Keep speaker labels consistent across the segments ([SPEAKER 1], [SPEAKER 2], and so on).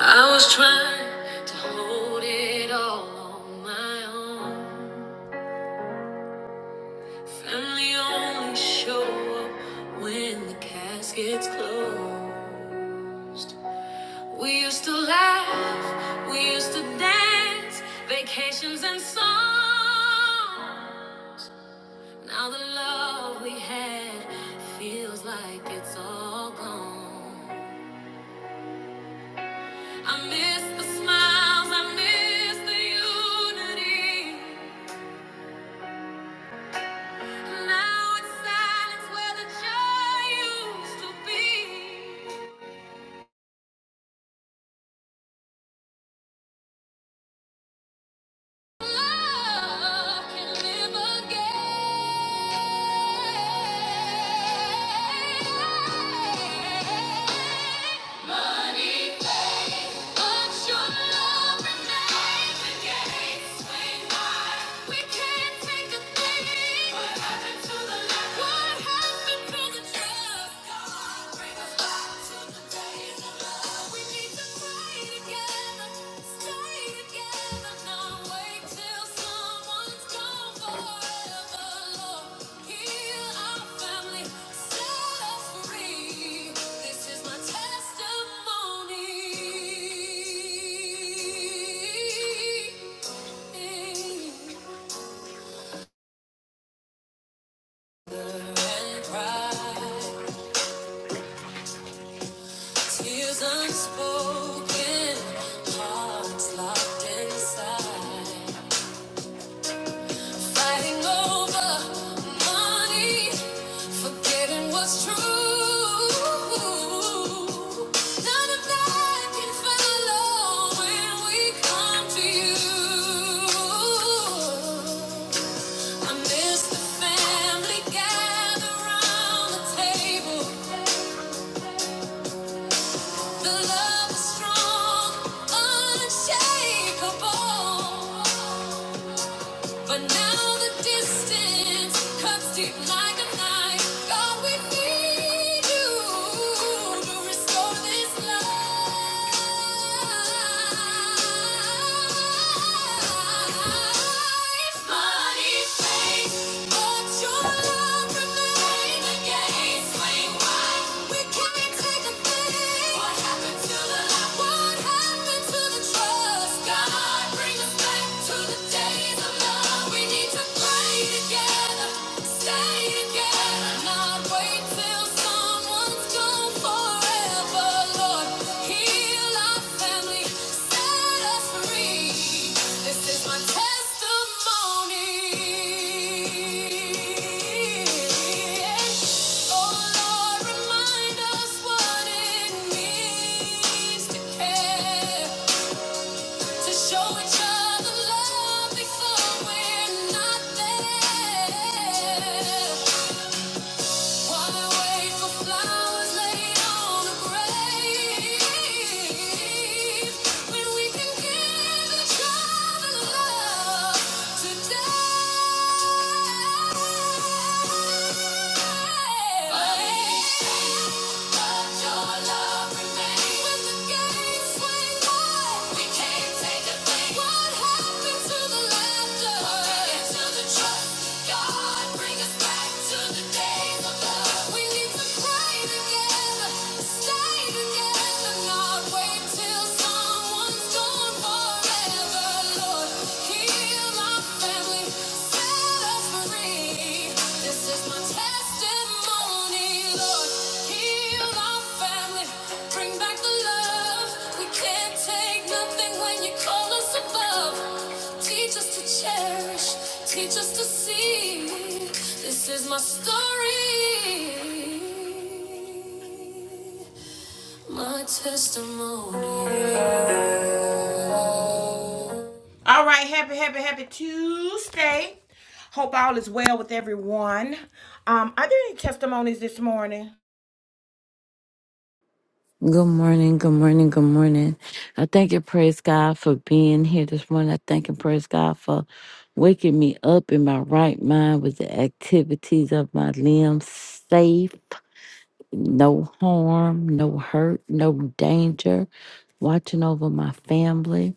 [SPEAKER 1] I was trying to hold it all on my own. Family only show up when the casket's closed. We used to laugh, we used to dance, vacations and songs. Now the love we had feels like it's all gone. I miss the smiles, I miss the unity. Now it's silence where the joy used to be. What happened to the love? What happened to the trust? And pride. Tears unspoken, hearts locked inside. Fighting over money, forgetting what's true. None of that can follow when we come to you. I miss the family gathered around the table. The love is strong, unshakable. But now the distance cuts deep like a knife. God, we need you to restore this life. Money fades, but your love remains. The gates swing wide. We can't take a thing. What happened to the love? What happened to the trust? God, bring Oh Lord, remind us what it means to care. To show each other love before we're not there. Why wait for flowers laid on a grave when we can give each other love today? Till someone's gone forever, Lord, heal my. Teach us to see this is my story. My testimony. All right, happy, happy, happy Tuesday. Hope all is well with everyone. Um, are there any testimonies this morning?
[SPEAKER 2] Good morning, good morning, good morning. I thank and praise God for being here this morning. I thank and praise God for waking me up in my right mind with the activities of my limbs safe, no harm, no hurt, no danger, watching over my family.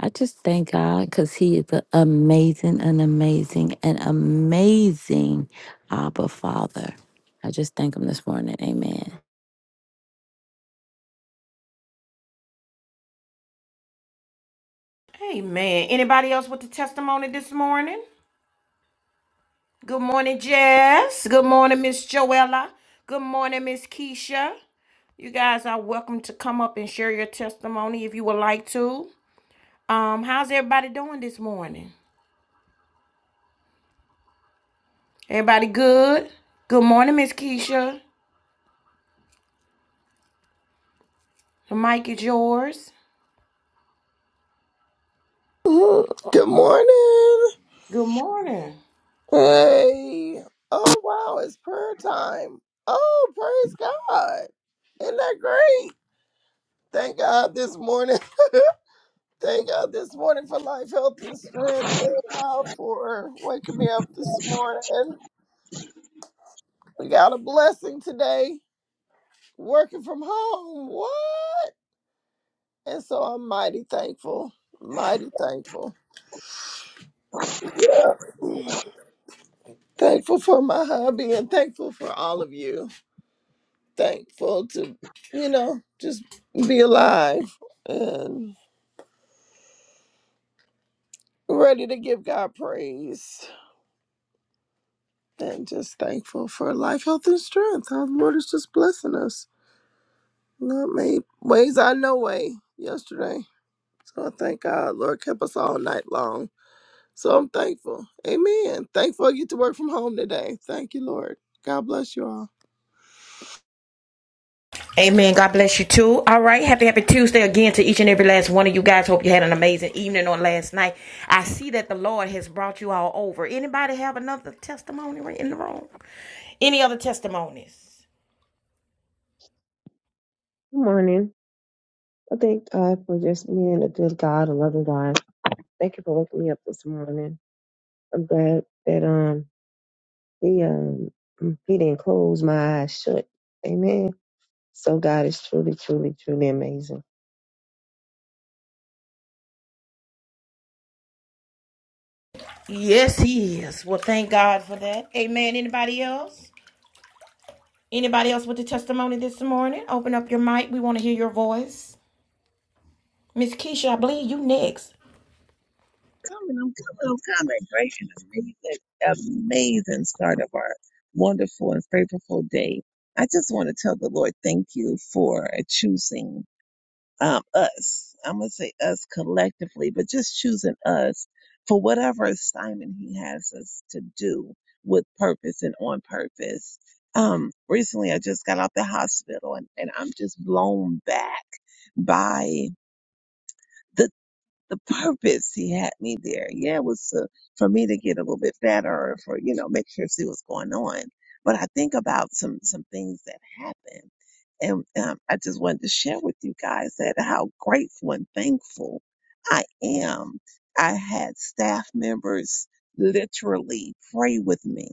[SPEAKER 2] I just thank God because He is an amazing, an amazing, an amazing Abba Father. I just thank Him this morning. Amen.
[SPEAKER 1] Amen. Anybody else with the testimony this morning? Good morning, Jess. Good morning, Miss Joella. Good morning, Miss Keisha. You guys are welcome to come up and share your testimony if you would like to. Um, how's everybody doing this morning? Everybody good? Good morning, Miss Keisha. The mic is yours.
[SPEAKER 3] Good morning.
[SPEAKER 1] Good morning.
[SPEAKER 3] Hey. Oh wow, it's prayer time. Oh, praise God. Isn't that great? Thank God this morning. Thank God this morning for life, health, and strength. Thank God for waking me up this morning. We got a blessing today. Working from home. What? And so I'm mighty thankful. Mighty thankful. Yeah. Thankful for my hubby and thankful for all of you. thankful to, you know, just be alive and ready to give God praise and just thankful for life, health, and strength. Our Lord is just blessing us. Not made ways I know way yesterday. So I thank God, Lord kept us all night long. So I'm thankful. Amen. Thankful I get to work from home today. Thank you, Lord. God bless you all.
[SPEAKER 1] Amen. God bless you too. All right. Happy, happy Tuesday again to each and every last one of you guys. Hope you had an amazing evening on last night. I see that the Lord has brought you all over. Anybody have another testimony right in the room? Any other testimonies?
[SPEAKER 4] Good morning. I thank God for just being a good God, a loving God. Thank you for waking me up this morning. I'm glad that um he um he didn't close my eyes shut. Amen. So God is truly, truly, truly amazing.
[SPEAKER 1] Yes, he is. Well, thank God for that. Amen. Anybody else? Anybody else with a testimony this morning? Open up your mic. We want to hear your voice. Miss Keisha, I believe you next.
[SPEAKER 5] coming. I'm coming. I'm coming. Great and amazing, amazing start of our wonderful and favorable day. I just want to tell the Lord, thank you for choosing um, us. I'm going to say us collectively, but just choosing us for whatever assignment He has us to do with purpose and on purpose. Um, recently, I just got out the hospital and, and I'm just blown back by the the purpose he had me there. Yeah, it was to, for me to get a little bit fatter or for, you know, make sure see what's going on. But I think about some, some things that happened. And um, I just wanted to share with you guys that how grateful and thankful I am. I had staff members literally pray with me,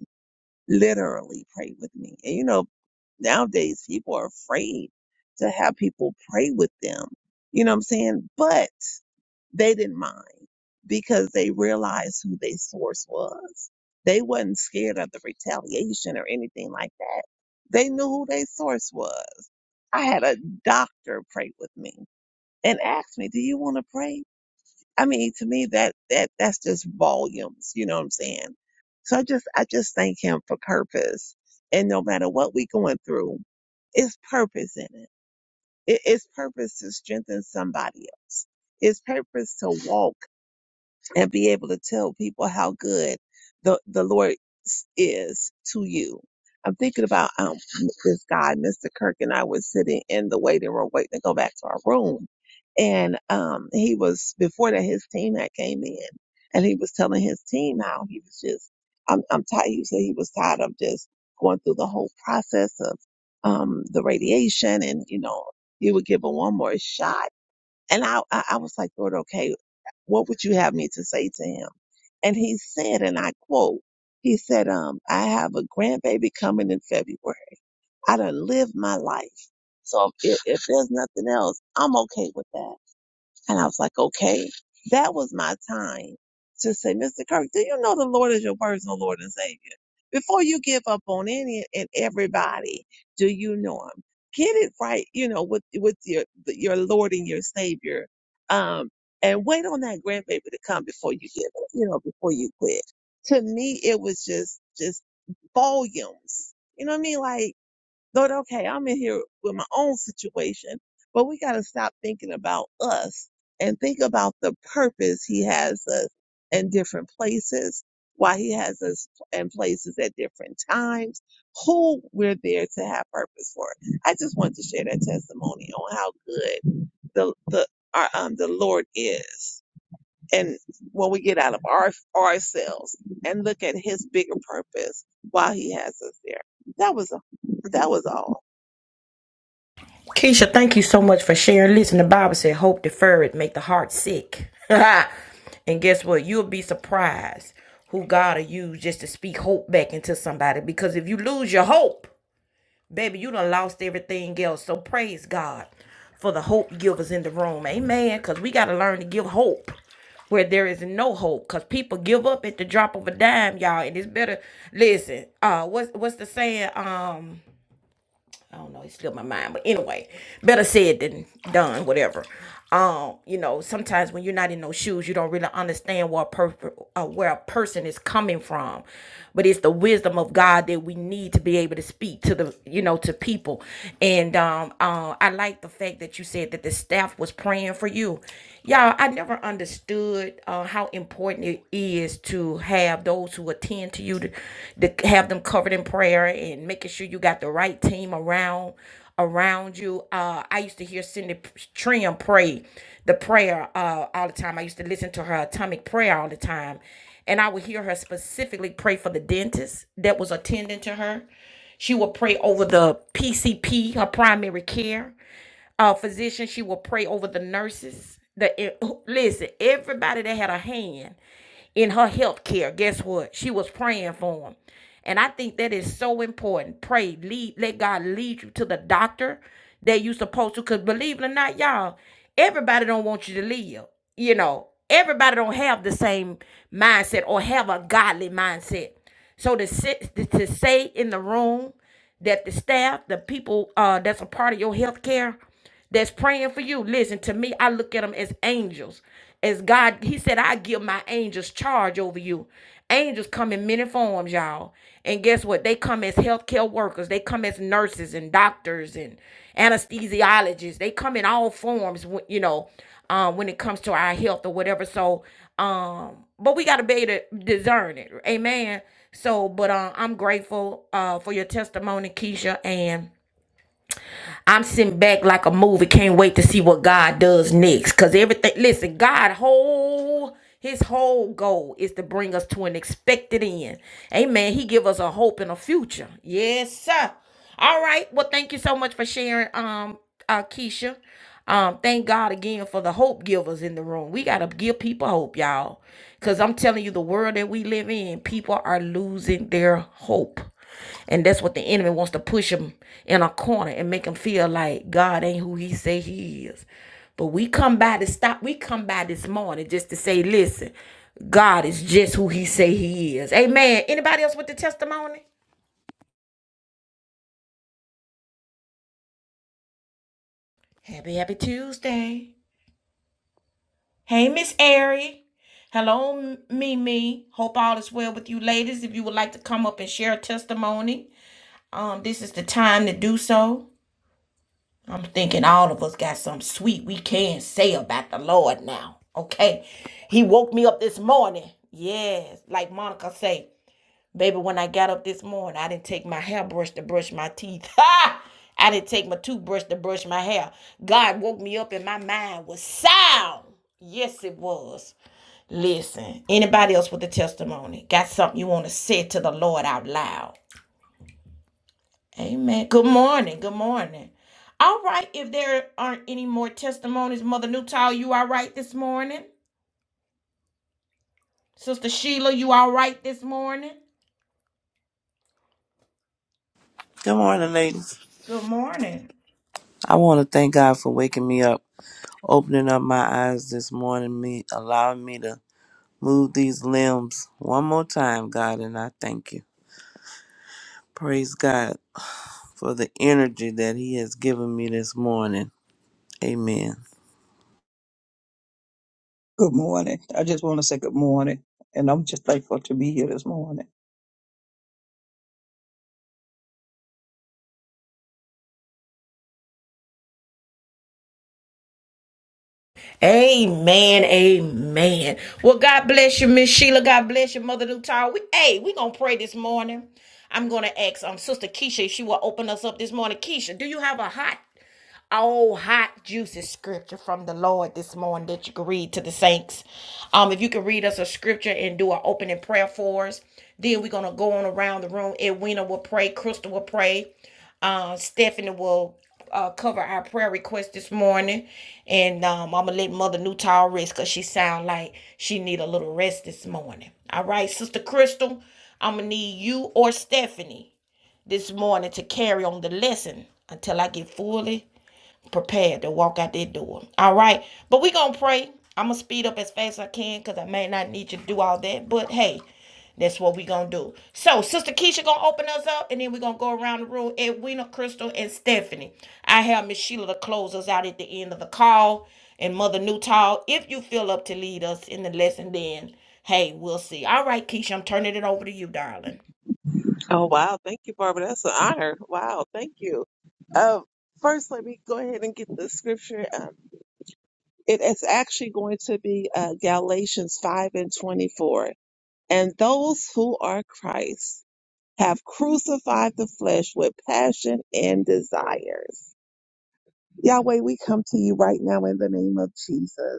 [SPEAKER 5] literally pray with me. And you know, nowadays people are afraid to have people pray with them. You know what I'm saying? But they didn't mind because they realized who their source was. They wasn't scared of the retaliation or anything like that. They knew who their source was. I had a doctor pray with me and ask me, "Do you want to pray?" I mean, to me, that that that's just volumes. You know what I'm saying? So I just I just thank him for purpose. And no matter what we going through, it's purpose in it. it it's purpose to strengthen somebody else. It's purpose to walk and be able to tell people how good the, the Lord s- is to you. I'm thinking about um, this guy, Mr. Kirk, and I was sitting in the waiting room waiting to go back to our room. And um, he was, before that, his team had came in and he was telling his team how he was just, I'm, I'm tired. He said he was tired of just going through the whole process of um, the radiation and, you know, he would give him one more shot. And I, I I was like, Lord, okay, what would you have me to say to him? And he said, and I quote, he said, um, I have a grandbaby coming in February. I done lived my life. So if, if there's nothing else, I'm okay with that. And I was like, okay, that was my time to say, Mr. Kirk, do you know the Lord is your personal Lord and Savior? Before you give up on any and everybody, do you know Him? Get it right, you know, with with your your Lord and your Savior, um, and wait on that grandbaby to come before you give it, you know, before you quit. To me, it was just just volumes. You know what I mean? Like Lord, okay, I'm in here with my own situation, but we got to stop thinking about us and think about the purpose He has us in different places, why He has us in places at different times, who we're there to have purpose for. I just wanted to share that testimony on how good the the our, um the Lord is, and when we get out of our ourselves and look at His bigger purpose, why He has us there. That was that was all.
[SPEAKER 1] Keisha, thank you so much for sharing. Listen, the Bible said, "Hope deferred make the heart sick." and guess what? You'll be surprised who God will use just to speak hope back into somebody. Because if you lose your hope, baby, you done lost everything else. So praise God for the hope givers in the room, amen. Because we got to learn to give hope where there is no hope because people give up at the drop of a dime y'all and it's better listen uh what's what's the saying Um. I don't know, it slipped my mind. But anyway, better said than done, whatever. Um, you know, sometimes when you're not in those shoes, you don't really understand where a, per- uh, where a person is coming from. But it's the wisdom of God that we need to be able to speak to the, you know, to people. And um, uh, I like the fact that you said that the staff was praying for you. Y'all, I never understood uh, how important it is to have those who attend to you to, to have them covered in prayer and making sure you got the right team around around you. Uh, I used to hear Cindy Trim pray the prayer uh, all the time. I used to listen to her atomic prayer all the time, and I would hear her specifically pray for the dentist that was attending to her. She would pray over the PCP, her primary care uh, physician. She will pray over the nurses. The e, listen, everybody that had a hand in her health care. Guess what? She was praying for them. And I think that is so important. Pray, lead, let God lead you to the doctor that you supposed to. Cause believe it or not, y'all, everybody don't want you to live. You know, everybody don't have the same mindset or have a godly mindset. So to sit to say in the room that the staff, the people uh, that's a part of your health care, that's praying for you. Listen to me. I look at them as angels, as God. He said, "I give my angels charge over you." Angels come in many forms, y'all. And guess what? They come as healthcare workers. They come as nurses and doctors and anesthesiologists. They come in all forms, wh- you know, um, when it comes to our health or whatever. So, um, but we got to be able to discern it. Amen. So, but uh, I'm grateful uh, for your testimony, Keisha, and I'm sitting back like a movie. Can't wait to see what God does next. Cause everything, listen, God whole His whole goal is to bring us to an expected end. Amen. He give us a hope and a future. Yes, sir. All right. Well, thank you so much for sharing, um, uh, Keisha. Um, thank God again for the hope givers in the room. We gotta give people hope, y'all. Cause I'm telling you, the world that we live in, people are losing their hope. And that's what the enemy wants to push them in a corner and make them feel like God ain't who he say he is. But we come by to stop. We come by this morning just to say, listen, God is just who he say he is. Amen. Anybody else with the testimony? Happy, happy Tuesday. Hey, Miss Airy. Hello, Mimi. Hope all is well with you, ladies. If you would like to come up and share a testimony, um, this is the time to do so. I'm thinking all of us got something sweet we can say about the Lord now. Okay, He woke me up this morning. Yes, like Monica say. Baby, when I got up this morning, I didn't take my hairbrush to brush my teeth. Ha! I didn't take my toothbrush to brush my hair. God woke me up and my mind was sound. Yes, it was. Listen, anybody else with a testimony? Got something you want to say to the Lord out loud? Amen. Good morning. Good morning. All right, if there aren't any more testimonies, Mother Newtall, you all right this morning? Sister Sheila, you all right this morning?
[SPEAKER 6] Good morning, ladies.
[SPEAKER 1] Good morning.
[SPEAKER 6] I want to thank God for waking me up, opening up my eyes this morning, me allowing me to move these limbs one more time, God, and I thank you. Praise God for the energy that He has given me this morning. Amen.
[SPEAKER 7] Good morning. I just want to say good morning, and I'm just thankful to be here this morning.
[SPEAKER 1] Amen. Amen. Well, God bless you, Miss Sheila. God bless you, Mother Nutall. We hey, we gonna pray this morning. I'm gonna ask um Sister Keisha if she will open us up this morning. Keisha, do you have a hot, oh hot, juicy scripture from the Lord this morning that you can read to the saints? Um, if you can read us a scripture and do an opening prayer for us, then we're gonna go on around the room. Edwina will pray, Crystal will pray, uh, Stephanie will uh, cover our prayer request this morning, and um, I'm gonna let Mother Newtall rest because she sound like she need a little rest this morning. All right, Sister Crystal, I'm gonna need you or Stephanie this morning to carry on the lesson until I get fully prepared to walk out that door. All right. But we going to pray. I'm going to speed up as fast as I can because I may not need you to do all that. But hey, that's what we going to do. So, Sister Keisha going to open us up and then we going to go around the room. Edwina, Crystal, and Stephanie. I have Miss Sheila to close us out at the end of the call. And Mother Newtall, if you feel up to lead us in the lesson, then hey, we'll see. All right, Keisha, I'm turning it over to you, darling.
[SPEAKER 5] Oh wow, thank you, Barbara. That's an honor. Wow, thank you. Um, first, let me go ahead and get the scripture. Um, it is actually going to be uh, Galatians five and twenty-four. And those who are Christ have crucified the flesh with passion and desires. Yahweh, we come to you right now in the name of Jesus.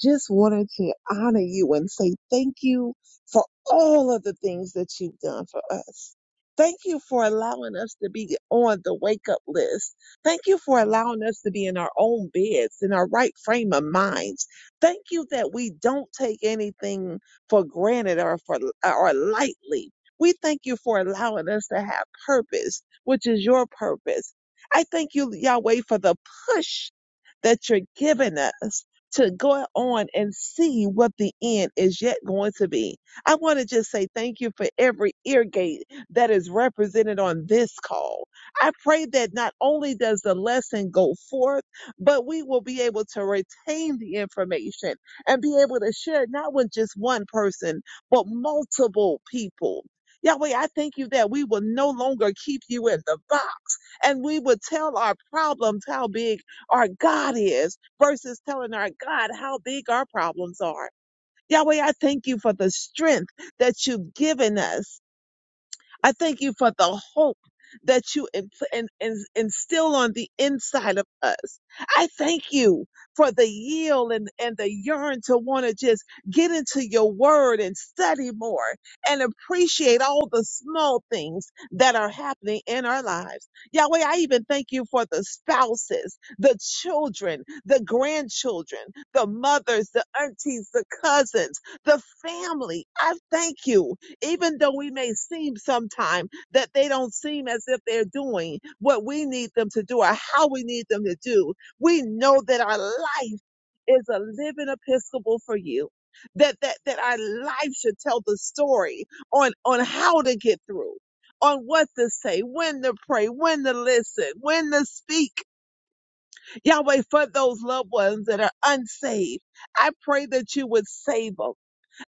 [SPEAKER 5] Just wanted to honor you and say thank you for all of the things that you've done for us. Thank you for allowing us to be on the wake up list. Thank you for allowing us to be in our own beds, in our right frame of minds. Thank you that we don't take anything for granted or for or lightly. We thank you for allowing us to have purpose, which is your purpose. I thank you, Yahweh, for the push that you're giving us to go on and see what the end is yet going to be. I want to just say thank you for every ear gate that is represented on this call. I pray that not only does the lesson go forth, but we will be able to retain the information and be able to share it not with just one person, but multiple people. Yahweh, I thank you that we will no longer keep you in the box and we will tell our problems how big our God is versus telling our God how big our problems are. Yahweh, I thank you for the strength that you've given us I thank you for the hope that you in, in, in- instill on the inside of us. I thank you for the yield and, and the yearn to want to just get into your word and study more and appreciate all the small things that are happening in our lives. Yahweh, I even thank you for the spouses, the children, the grandchildren, the mothers, the aunties, the cousins, the family. I thank you even though we may seem sometime that they don't seem as if they're doing what we need them to do or how we need them to do, we know that our life is a living episcopal for you. That that that our life should tell the story on on how to get through. On what to say, when to pray, when to listen, when to speak. Yahweh, for those loved ones that are unsaved, I pray that you would save them.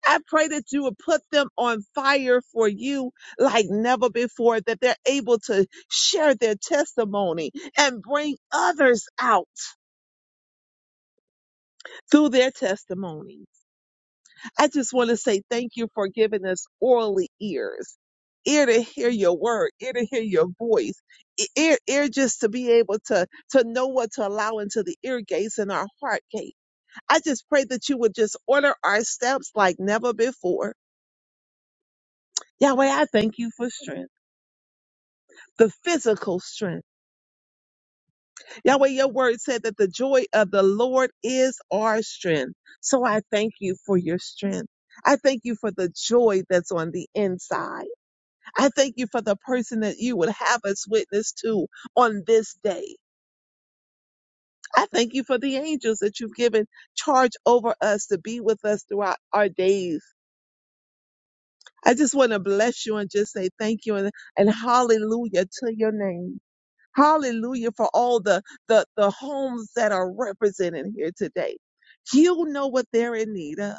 [SPEAKER 5] I pray that you would put them on fire for you like never before, that they're able to share their testimony and bring others out through their testimony. I just want to say thank you for giving us orally ears, ear to hear your word, ear to hear your voice, e- ear, ear just to be able to, to know what to allow into the ear gates and our heart gate. I just pray that you would just order our steps like never before. Yahweh, I thank you for strength. the physical strength. Yahweh, your word said that the joy of the Lord is our strength. So I thank you for your strength. I thank you for the joy that's on the inside. I thank you for the person that you would have us witness to on this day. I thank you for the angels that you've given charge over us to be with us throughout our days. I just want to bless you and just say thank you and, and hallelujah to your name. Hallelujah for all the, the, the homes that are represented here today. You know what they're in need of.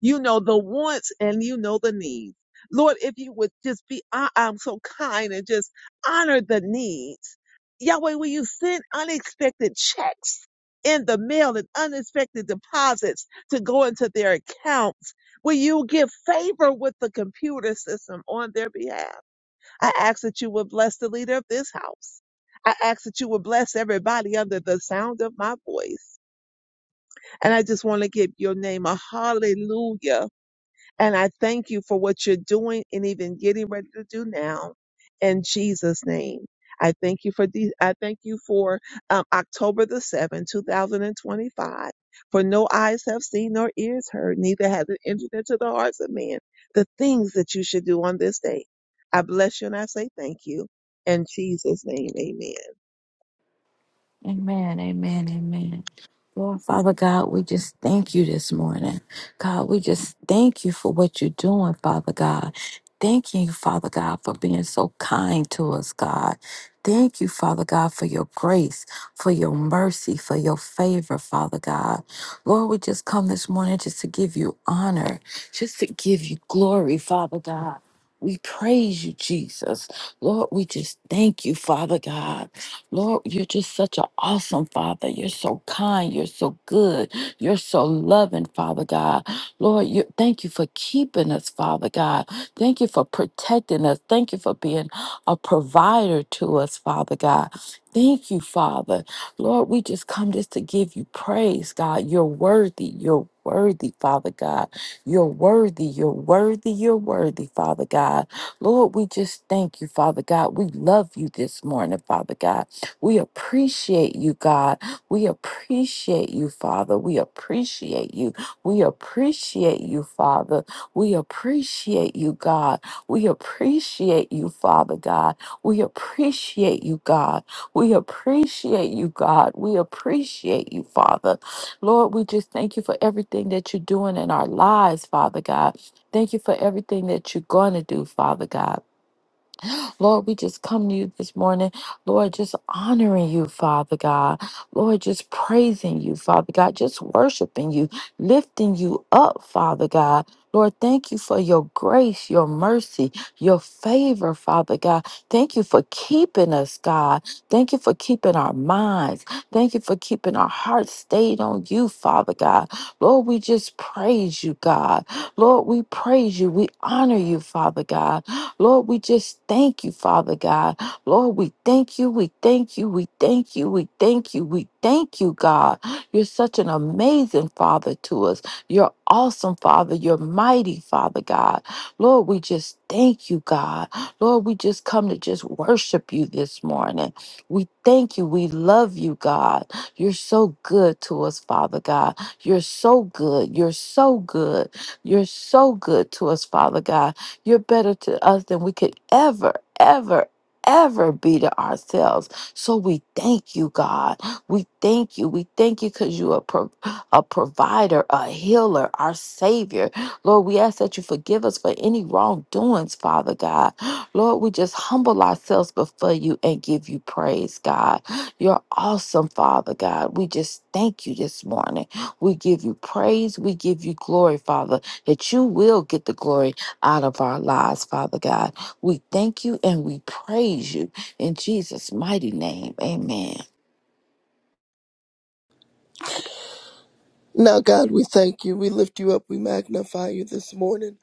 [SPEAKER 5] You know the wants and you know the needs. Lord, if you would just be, I, I'm so kind and just honor the needs. Yahweh, will you send unexpected checks in the mail and unexpected deposits to go into their accounts? Will you give favor with the computer system on their behalf? I ask that you would bless the leader of this house. I ask that you would bless everybody under the sound of my voice. And I just want to give your name a hallelujah and I thank you for what you're doing and even getting ready to do now in Jesus' name. I thank you for the, I thank you for um, October the 7th, 2025. For no eyes have seen nor ears heard, neither has it entered into the hearts of men the things that you should do on this day. I bless you and I say thank you. In Jesus' name, amen.
[SPEAKER 2] Amen, amen, amen. Lord Father God, we just thank you this morning. God, we just thank you for what you're doing, Father God. Thank you, Father God, for being so kind to us, God. Thank you, Father God, for your grace, for your mercy, for your favor, Father God. Lord, we just come this morning just to give you honor, just to give you glory, Father God. We praise you, Jesus. Lord, we just thank you, Father God. Lord, you're just such an awesome Father. You're so kind. You're so good. You're so loving, Father God. Lord, you thank you for keeping us, Father God. Thank you for protecting us. Thank you for being a provider to us, Father God. Thank you, Father. Lord, we just come just to give you praise, God. You're worthy. You're worthy, Father God. You're worthy. You're worthy. You're worthy, Father God. Lord, we just thank you, Father God. We love you this morning, Father God. We appreciate you, God. We appreciate you, Father. We appreciate you. We appreciate you, Father. We appreciate you, God. We appreciate you, Father God. We appreciate you, God. We appreciate you, God. We appreciate you, Father. Lord, we just thank you for everything that you're doing in our lives, Father God. Thank you for everything that you're going to do, Father God. Lord, we just come to you this morning, Lord, just honoring you, Father God. Lord, just praising you, Father God, just worshiping you, lifting you up, Father God. Lord, thank you for your grace, your mercy, your favor, Father God. Thank you for keeping us, God. Thank you for keeping our minds. Thank you for keeping our hearts stayed on you, Father God. Lord, we just praise you, God. Lord, we praise you. We honor you, Father God. Lord, we just thank you, Father God. Lord, we thank you, we thank you, we thank you, we thank you, we thank you, God. You're such an amazing Father to us. You're awesome, Father. You're mighty, Father God. Lord, we just thank you, God. Lord, we just come to just worship you this morning. We thank you. We love you, God. You're so good to us, Father God. You're so good. You're so good. You're so good to us, Father God. You're better to us than we could ever, ever, ever be to ourselves. So we thank you, God. We thank you. We thank you because you are pro- a provider, a healer, our Savior. Lord, we ask that you forgive us for any wrongdoings, Father God. Lord, we just humble ourselves before you and give you praise, God. You're awesome, Father God. We just thank you this morning. We give you praise. We give you glory, Father, that you will get the glory out of our lives, Father God. We thank you and we praise you in Jesus' mighty name. Amen.
[SPEAKER 3] Now, God, we thank you. We lift you up. We magnify you this morning.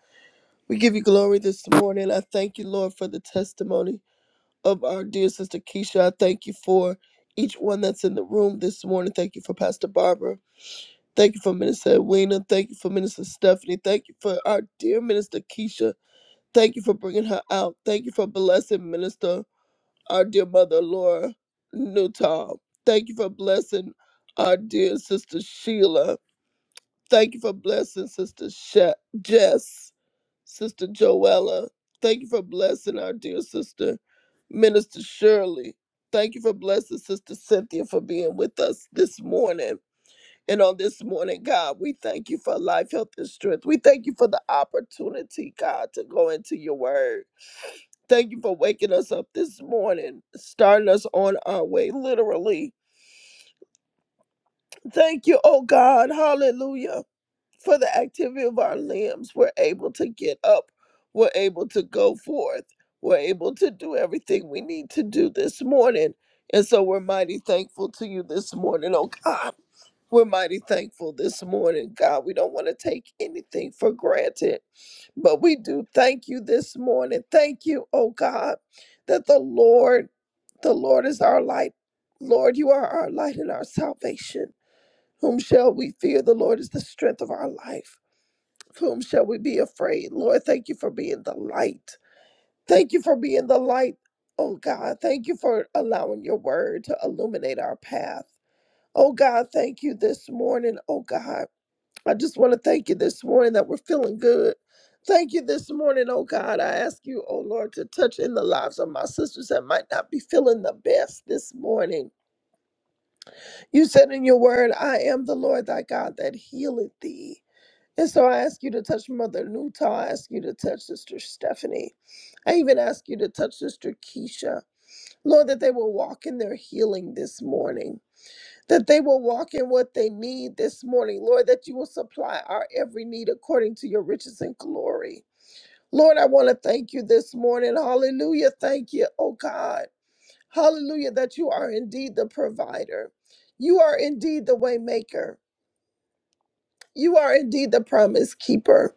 [SPEAKER 3] We give you glory this morning. I thank you, Lord, for the testimony of our dear sister Keisha. I thank you for each one that's in the room this morning. Thank you for Pastor Barbara. Thank you for Minister Edwina. Thank you for Minister Stephanie. Thank you for our dear Minister Keisha. Thank you for bringing her out. Thank you for blessing Minister, our dear mother, Laura Newtall. Thank you for blessing our dear sister Sheila. Thank you for blessing Sister Sha- Jess. Sister Joella. Thank you for blessing our dear sister, Minister Shirley. Thank you for blessing Sister Cynthia for being with us this morning. And on this morning, God, we thank you for life, health, and strength. We thank you for the opportunity, God, to go into your word. Thank you for waking us up this morning, starting us on our way, literally. Thank you, oh God. Hallelujah for the activity of our limbs, we're able to get up, we're able to go forth, we're able to do everything we need to do this morning. And so we're mighty thankful to you this morning, oh God. We're mighty thankful this morning, God. We don't want to take anything for granted, but we do thank you this morning. Thank you, oh God, that the Lord, the Lord is our light. Lord, you are our light and our salvation. Whom shall we fear? The Lord is the strength of our life. Of whom shall we be afraid? Lord, thank you for being the light. Thank you for being the light, oh God. Thank you for allowing your word to illuminate our path. Oh God, thank you this morning, oh God. I just want to thank you this morning that we're feeling good. Thank you this morning, oh God. I ask you, oh Lord, to touch in the lives of my sisters that might not be feeling the best this morning. You said in your word, I am the Lord thy God that healeth thee. And so I ask you to touch Mother Nuta. I ask you to touch Sister Stephanie. I even ask you to touch Sister Keisha. Lord, that they will walk in their healing this morning, that they will walk in what they need this morning. Lord, that you will supply our every need according to your riches and glory. Lord, I want to thank you this morning. Hallelujah. Thank you, oh God. Hallelujah, that you are indeed the provider. You are indeed the way maker. You are indeed the promise keeper.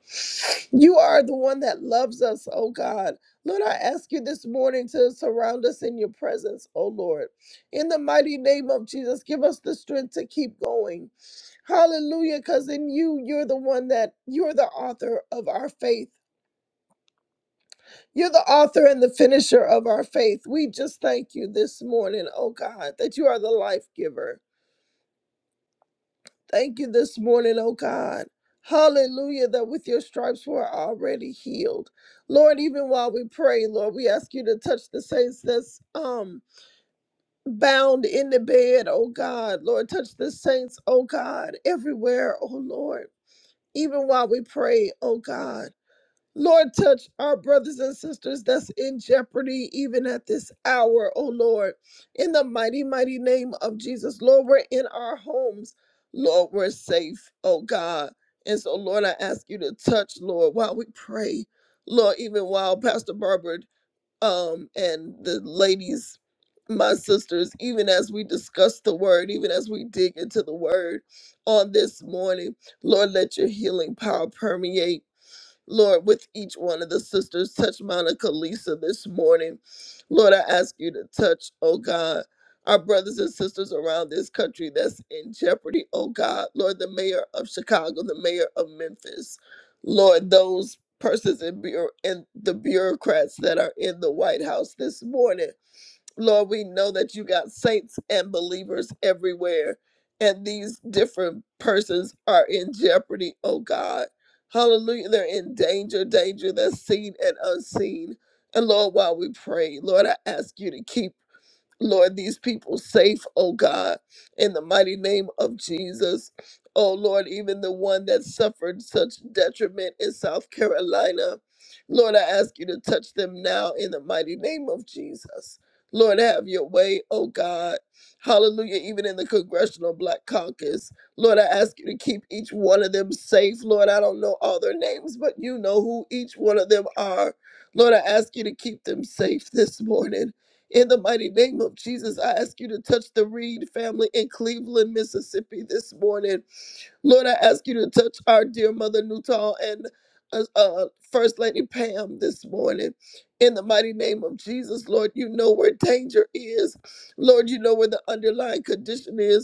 [SPEAKER 3] You are the one that loves us, oh God. Lord, I ask you this morning to surround us in your presence, oh Lord. In the mighty name of Jesus, give us the strength to keep going. Hallelujah, because in you, you're the one that you're the author of our faith. You're the author and the finisher of our faith. We just thank you this morning, oh God, that you are the life giver. Thank you this morning, oh God. Hallelujah, that with your stripes we're already healed. Lord, even while we pray, Lord, we ask you to touch the saints that's um bound in the bed, oh God. Lord, touch the saints, oh God, everywhere, oh Lord. Even while we pray, oh God. Lord, touch our brothers and sisters that's in jeopardy even at this hour, oh Lord. In the mighty, mighty name of Jesus, Lord, we're in our homes. Lord, we're safe, oh God. And so, Lord, I ask you to touch, Lord, while we pray. Lord, even while Pastor Barbara um, and the ladies, my sisters, even as we discuss the word, even as we dig into the word on this morning, Lord, let your healing power permeate. Lord, with each one of the sisters, touch Monica Lisa this morning. Lord, I ask you to touch, oh God, our brothers and sisters around this country that's in jeopardy, oh God. Lord, the mayor of Chicago, the mayor of Memphis, Lord, those persons in, bureau- in the bureaucrats that are in the White House this morning. Lord, we know that you got saints and believers everywhere, and these different persons are in jeopardy, oh God. Hallelujah. They're in danger, danger that's seen and unseen. And Lord, while we pray, Lord, I ask you to keep Lord, these people safe, oh God, in the mighty name of Jesus. Oh Lord, even the one that suffered such detriment in South Carolina. Lord, I ask you to touch them now in the mighty name of Jesus. Lord, have your way, oh God. Hallelujah, even in the Congressional Black Caucus. Lord, I ask you to keep each one of them safe. Lord, I don't know all their names, but you know who each one of them are. Lord, I ask you to keep them safe this morning. In the mighty name of Jesus, I ask you to touch the Reed family in Cleveland, Mississippi this morning. Lord, I ask you to touch our dear mother Nuttall and uh, uh, First Lady Pam this morning. In the mighty name of Jesus, Lord, you know where danger is. Lord, you know where the underlying condition is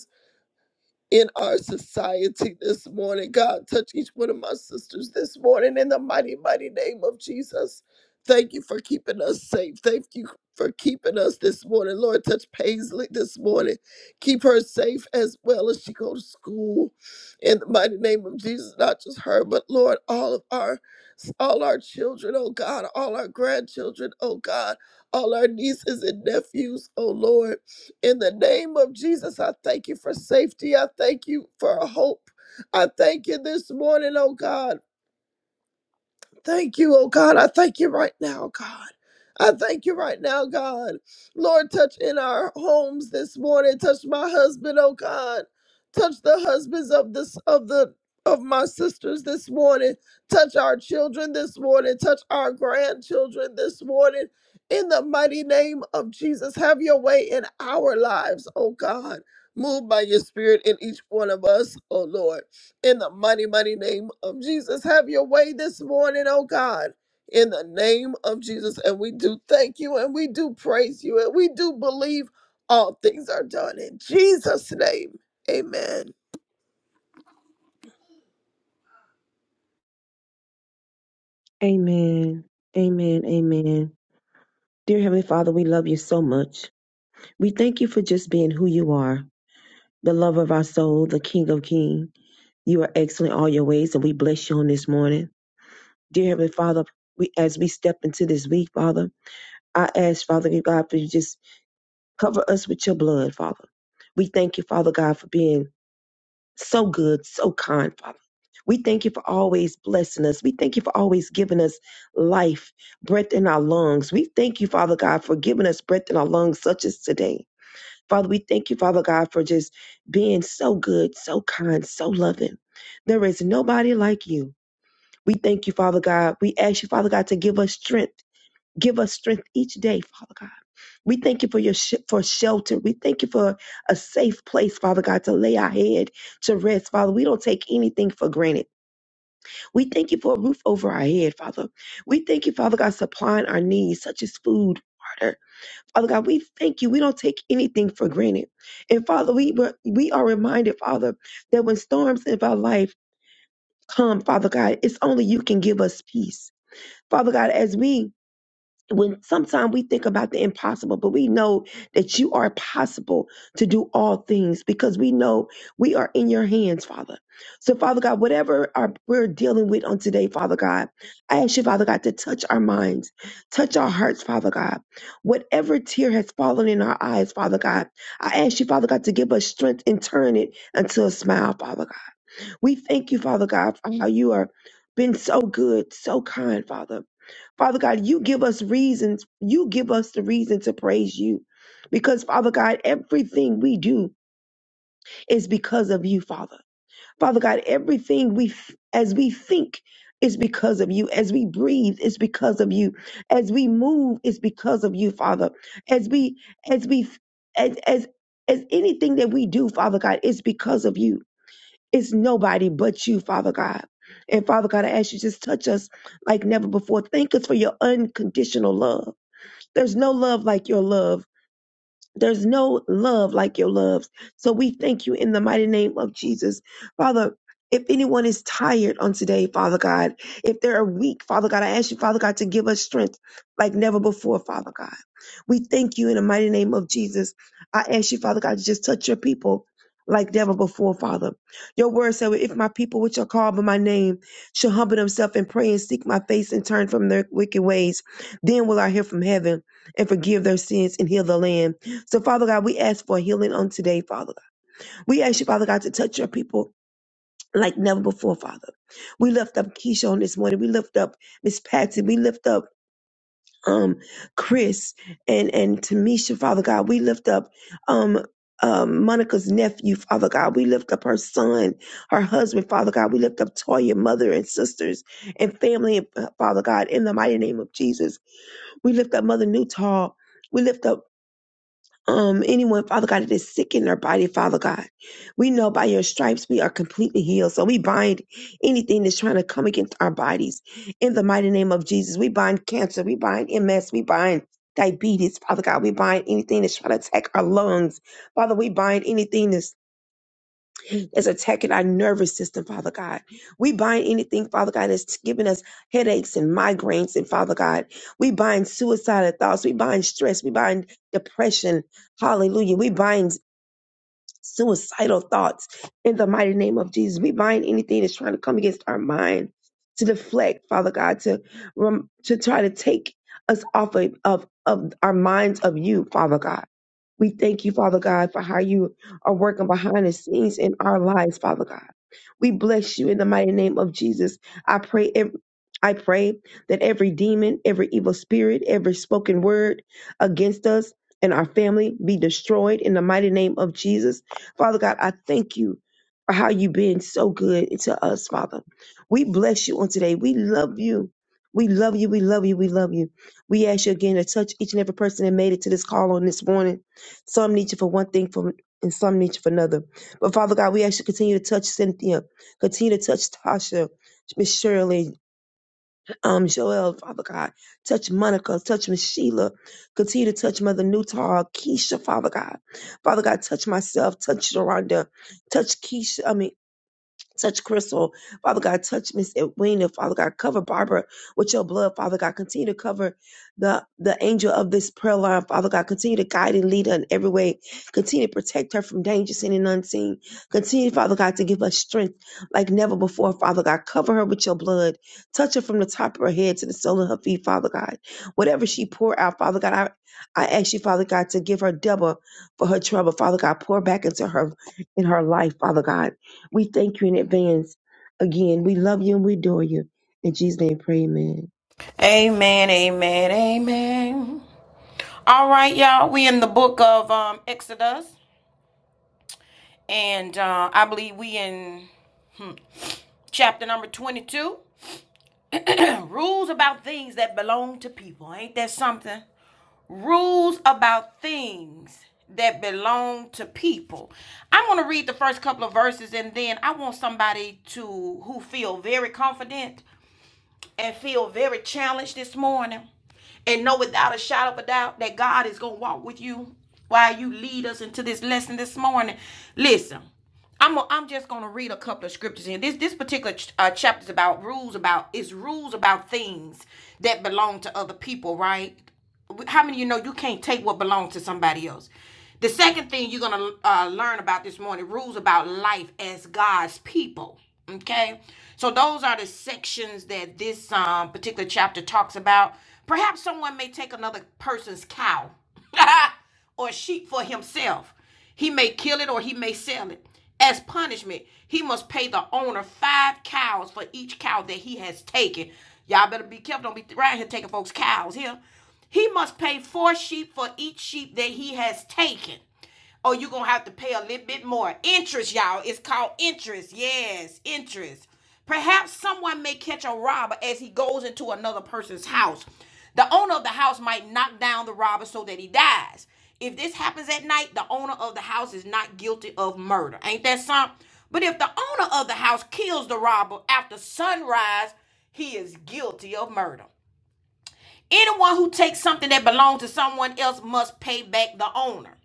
[SPEAKER 3] in our society this morning. God, touch each one of my sisters this morning in the mighty, mighty name of Jesus. Thank you for keeping us safe. Thank you for keeping us this morning. Lord, touch Paisley this morning. Keep her safe as well as she goes to school. In the mighty name of Jesus, not just her, but Lord, all of our all our children, oh God, all our grandchildren, oh God, all our nieces and nephews, oh Lord. In the name of Jesus, I thank you for safety. I thank you for hope. I thank you this morning, oh God. Thank you, oh God. I thank you right now, God. I thank you right now, God. Lord, touch in our homes this morning. Touch my husband, oh God. Touch the husbands of this of the of my sisters this morning. Touch our children this morning. Touch our grandchildren this morning. In the mighty name of Jesus, have your way in our lives, oh God. Move by your spirit in each one of us, oh Lord in the mighty, mighty name of Jesus. Have your way this morning, oh God, in the name of Jesus. And we do thank you and we do praise you and we do believe all things are done in Jesus' name. Amen.
[SPEAKER 4] Amen. Amen. Amen. Dear Heavenly Father, we love you so much. We thank you for just being who you are, the love of our soul, the King of Kings. You are excellent in all your ways, and we bless you on this morning. Dear Heavenly Father, we as we step into this week, Father. I ask, Father God, for you just cover us with your blood, Father. We thank you, Father God, for being so good, so kind, Father. We thank you for always blessing us. We thank you for always giving us life, breath in our lungs. We thank you, Father God, for giving us breath in our lungs, such as today. Father, we thank you, Father God, for just being so good, so kind, so loving. There is nobody like you. We thank you, Father God. We ask you, Father God, to give us strength. Give us strength each day, Father God. We thank you for your sh- for shelter. We thank you for a safe place, Father God, to lay our head to rest, Father. We don't take anything for granted. We thank you for a roof over our head, Father. We thank you, Father God, supplying our needs such as food, water. Father God, we thank you. We don't take anything for granted. And Father, we were- we are reminded, Father, that when storms of our life come, Father God, it's only you can give us peace. Father God, as we when sometimes we think about the impossible, but we know that you are possible to do all things because we know we are in your hands, Father. So, Father God, whatever our, we're dealing with on today, Father God, I ask you, Father God, to touch our minds, touch our hearts, Father God. Whatever tear has fallen in our eyes, Father God, I ask you, Father God, to give us strength and turn it into a smile, Father we thank you, Father God, for how you are been so good, so kind, Father. Father God, you give us reasons. You give us the reason to praise you. Because, Father God, everything we do is because of you, Father. Father God, everything we, as we think, is because of you. As we breathe, it's because of you. As we move, it's because of you, Father. As we, as we, as, as, as anything that we do, Father God, it's because of you. It's nobody but you, Father God. And Father God, I ask you just touch us like never before. Thank us for your unconditional love. There's no love like your love. There's no love like your love. So we thank you in the mighty name of Jesus. Father, if anyone is tired on today, Father God, if they're weak, Father God, I ask you, Father God, to give us strength like never before, Father God. We thank you in the mighty name of Jesus. I ask you, Father God, to just touch your people like never before, Father. Your word said, if my people which are called by my name shall humble themselves and pray and seek my face and turn from their wicked ways, then will I hear from heaven and forgive their sins and heal the land. So, Father God, we ask for healing on today, Father God. We ask you, Father God, to touch your people like never before, Father. We lift up Keisha on this morning. We lift up Miss Patsy. We lift up um Chris and and Tamisha, Father God. We lift up um um, Monica's nephew, Father God. We lift up her son, her husband, Father God. We lift up Toya, mother and sisters and family, uh, Father God, in the mighty name of Jesus. We lift up Mother Newtall. We lift up um, anyone, Father God, that is sick in their body, Father God. We know by your stripes we are completely healed. So we bind anything that's trying to come against our bodies in the mighty name of Jesus. We bind cancer, we bind MS, we bind diabetes, Father God. We bind anything that's trying to attack our lungs. Father, we bind anything that's that's attacking our nervous system, Father God. We bind anything, Father God, that's giving us headaches and migraines, and Father God, we bind suicidal thoughts, we bind stress, we bind depression. Hallelujah. We bind suicidal thoughts in the mighty name of Jesus. We bind anything that's trying to come against our mind to deflect, Father God, to rem- to try to take us off of, of of our minds of you, Father God. We thank you, Father God, for how you are working behind the scenes in our lives, Father God. We bless you in the mighty name of Jesus. I pray ev- I pray that every demon, every evil spirit, every spoken word against us and our family be destroyed in the mighty name of Jesus. Father God, I thank you for how you've been so good to us, Father. We bless you on today. We love you. We love you. We love you. We love you. We ask you again to touch each and every person that made it to this call on this morning. Some need you for one thing, for and some need you for another. But Father God, we ask you to continue to touch Cynthia. Continue to touch Tasha, Miss Shirley, um, Joel, Father God. Touch Monica, touch Miss Sheila. Continue to touch Mother Newtall, Keisha, Father God. Father God, touch myself, touch Sharonda, touch Keisha, I mean, Touch Crystal, Father God. Touch Miss Edwina, Father God. Cover Barbara with your blood, Father God. Continue to cover the the angel of this prayer line, Father God. Continue to guide and lead her in every way. Continue to protect her from danger seen and unseen. Continue, Father God, to give her strength like never before, Father God. Cover her with your blood. Touch her from the top of her head to the sole of her feet, Father God. Whatever she pour out, Father God, I I ask you, Father God, to give her double for her trouble, Father God. Pour back into her in her life, Father God. We thank you in advance. Again, we love you and we adore you. In Jesus' name, pray, amen.
[SPEAKER 1] Amen, amen, amen. All right, y'all, we in the book of um, Exodus. and uh, I believe we in chapter number 22. Rules about things that belong to people. Ain't that something? Rules about things that belong to people. I'm going to read the first couple of verses and then I want somebody to who feel very confident and feel very challenged this morning and know without a shadow of a doubt that God is going to walk with you while you lead us into this lesson this morning. Listen, I'm, i am i am just going to read a couple of scriptures in this this particular ch- uh, chapter is about rules about it's rules about things that belong to other people, right? how many of you know you can't take what belongs to somebody else? The second thing you're going to uh, learn about this morning rules about life as God's people. Okay? So, those are the sections that this um, particular chapter talks about. Perhaps someone may take another person's cow or sheep for himself. He may kill it or he may sell it. As punishment, he must pay the owner five cows for each cow that he has taken. Y'all better be careful. Don't be around here taking folks' cows here. He must pay four sheep for each sheep that he has taken. Or you're going to have to pay a little bit more. Interest, y'all. It's called interest. Yes, interest. Perhaps someone may catch a robber as he goes into another person's house. The owner of the house might knock down the robber so that he dies. If this happens at night, the owner of the house is not guilty of murder. Ain't that something? But if the owner of the house kills the robber after sunrise, he is guilty of murder. Anyone who takes something that belongs to someone else must pay back the owner.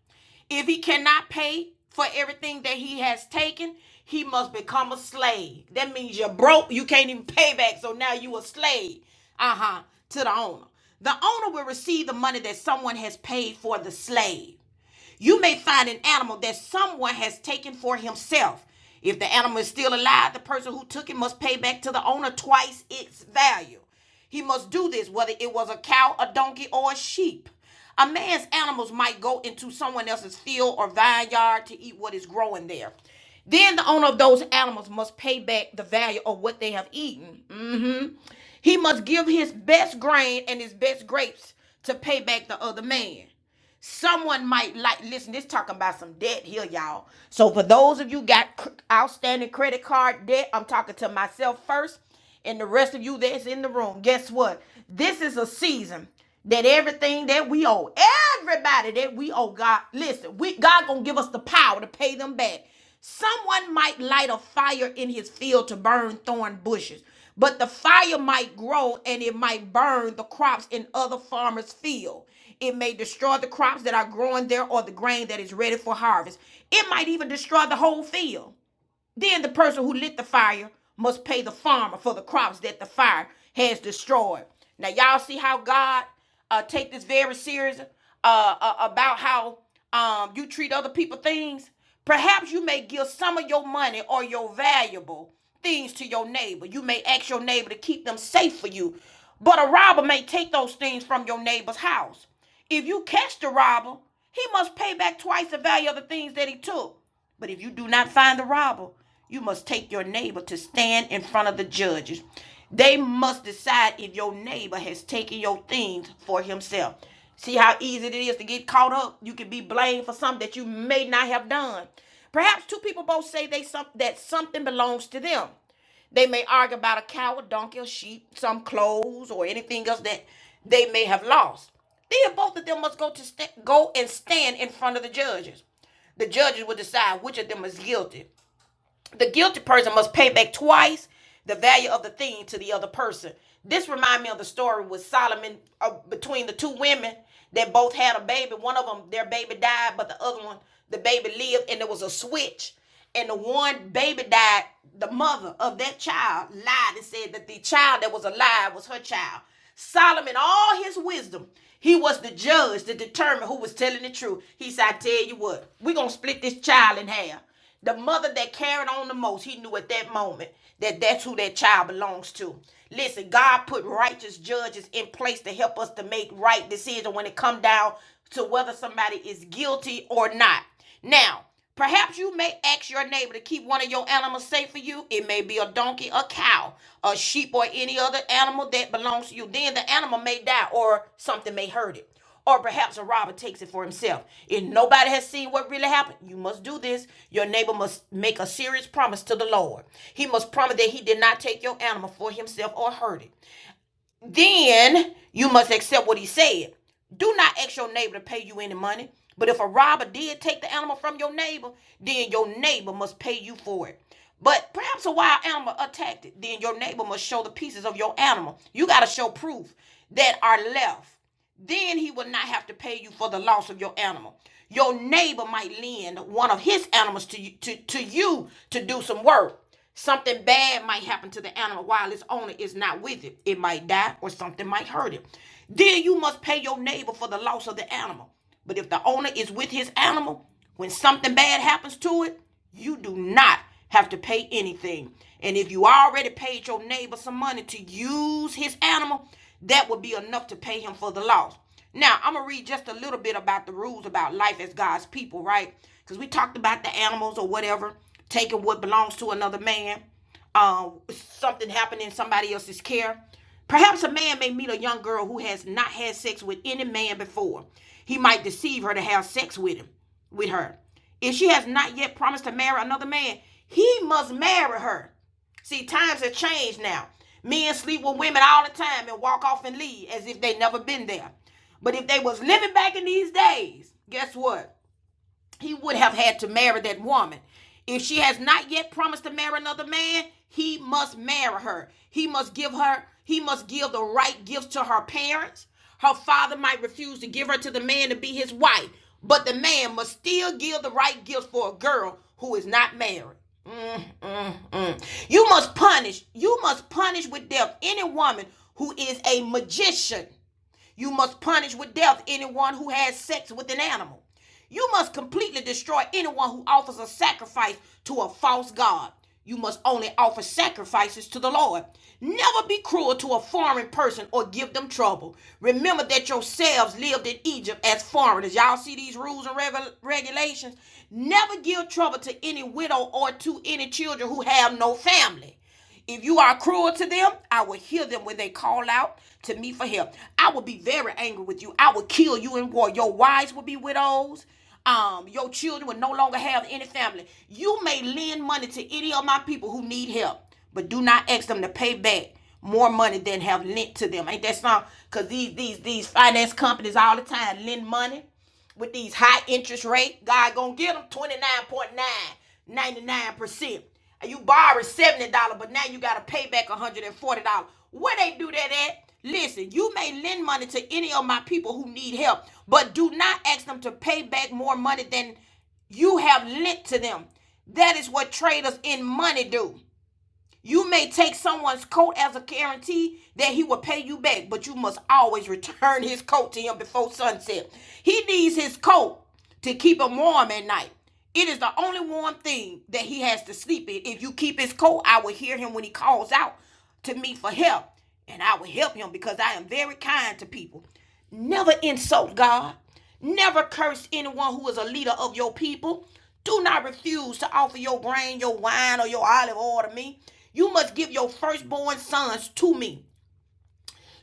[SPEAKER 1] If he cannot pay for everything that he has taken, he must become a slave. That means you're broke, you can't even pay back, so now you a slave. Uh-huh. To the owner. The owner will receive the money that someone has paid for the slave. You may find an animal that someone has taken for himself. If the animal is still alive, the person who took it must pay back to the owner twice its value. He must do this whether it was a cow, a donkey, or a sheep. A man's animals might go into someone else's field or vineyard to eat what is growing there. Then the owner of those animals must pay back the value of what they have eaten. hmm He must give his best grain and his best grapes to pay back the other man. Someone might like listen. This talking about some debt here, y'all. So for those of you got outstanding credit card debt, I'm talking to myself first, and the rest of you that's in the room. Guess what? This is a season that everything that we owe, everybody that we owe, God. Listen, we God gonna give us the power to pay them back. Someone might light a fire in his field to burn thorn bushes. But the fire might grow and it might burn the crops in other farmers' field. It may destroy the crops that are growing there or the grain that is ready for harvest. It might even destroy the whole field. Then the person who lit the fire must pay the farmer for the crops that the fire has destroyed. Now y'all see how God uh, take this very serious uh, uh, about how um, you treat other people things. Perhaps you may give some of your money or your valuable things to your neighbor. You may ask your neighbor to keep them safe for you, but a robber may take those things from your neighbor's house. If you catch the robber, he must pay back twice the value of the things that he took. But if you do not find the robber, you must take your neighbor to stand in front of the judges. They must decide if your neighbor has taken your things for himself. See how easy it is to get caught up? You can be blamed for something that you may not have done. Perhaps two people both say they some, that something belongs to them. They may argue about a cow, a donkey, a sheep, some clothes, or anything else that they may have lost. Then both of them must go to sta go and stand in front of the judges. The judges will decide which of them is guilty. The guilty person must pay back twice the value of the thing to the other person. This reminds me of the story with Solomon uh, between the two women that both had a baby. One of them, their baby died, but the other one, the baby lived, and there was a switch. And the one baby died, the mother of that child lied and said that the child that was alive was her child. Solomon, all his wisdom, he was the judge to determine who was telling the truth. He said, I tell you what, we're going to split this child in half. The mother that carried on the most, he knew at that moment that that's who that child belongs to. Listen, God put righteous judges in place to help us to make right decisions when it come down to whether somebody is guilty or not. Now, perhaps you may ask your neighbor to keep one of your animals safe for you. It may be a donkey, a cow, a sheep, or any other animal that belongs to you. Then the animal may die or something may hurt it. Or perhaps a robber takes it for himself. If nobody has seen what really happened, you must do this. Your neighbor must make a serious promise to the Lord. He must promise that he did not take your animal for himself or hurt it. Then you must accept what he said. Do not ask your neighbor to pay you any money. But if a robber did take the animal from your neighbor, then your neighbor must pay you for it. But perhaps a wild animal attacked it, then your neighbor must show the pieces of your animal. You got to show proof that are left. Then he will not have to pay you for the loss of your animal. Your neighbor might lend one of his animals to you to, to you to do some work. Something bad might happen to the animal while its owner is not with it. It might die or something might hurt it. Then you must pay your neighbor for the loss of the animal. But if the owner is with his animal, when something bad happens to it, you do not have to pay anything. And if you already paid your neighbor some money to use his animal, that would be enough to pay him for the loss. Now, I'm going to read just a little bit about the rules about life as God's people, right? Because we talked about the animals or whatever, taking what belongs to another man, um, something happening in somebody else's care. Perhaps a man may meet a young girl who has not had sex with any man before. He might deceive her to have sex with him, with her. If she has not yet promised to marry another man, he must marry her. See, times have changed now. Men sleep with women all the time and walk off and leave as if they never been there. But if they was living back in these days, guess what? he would have had to marry that woman. If she has not yet promised to marry another man, he must marry her. He must give her, he must give the right gifts to her parents. Her father might refuse to give her to the man to be his wife, but the man must still give the right gifts for a girl who is not married. Mm-mm. You must punish, you must punish with death any woman who is a magician you must punish with death anyone who has sex with an animal. You must completely destroy anyone who offers a sacrifice to a false god. You must only offer sacrifices to the Lord. Never be cruel to a foreign person or give them trouble. Remember that yourselves lived in Egypt as foreigners. Y'all see these rules and regu- regulations? Never give trouble to any widow or to any children who have no family. If you are cruel to them, I will hear them when they call out to me for help. I will be very angry with you. I will kill you in war. Your wives will be widows. Um, your children will no longer have any family. You may lend money to any of my people who need help, but do not ask them to pay back more money than have lent to them. Ain't that something? Cause these these these finance companies all the time lend money with these high interest rate, God gonna get them 29.999%. And you borrowed $70, but now you gotta pay back $140. Where they do that at? Listen, you may lend money to any of my people who need help, but do not ask them to pay back more money than you have lent to them. That is what traders in money do. You may take someone's coat as a guarantee that he will pay you back, but you must always return his coat to him before sunset. He needs his coat to keep him warm at night. It is the only warm thing that he has to sleep in. If you keep his coat, I will hear him when he calls out to me for help, and I will help him because I am very kind to people. Never insult God. Never curse anyone who is a leader of your people. Do not refuse to offer your grain, your wine, or your olive oil to me. You must give your firstborn sons to me.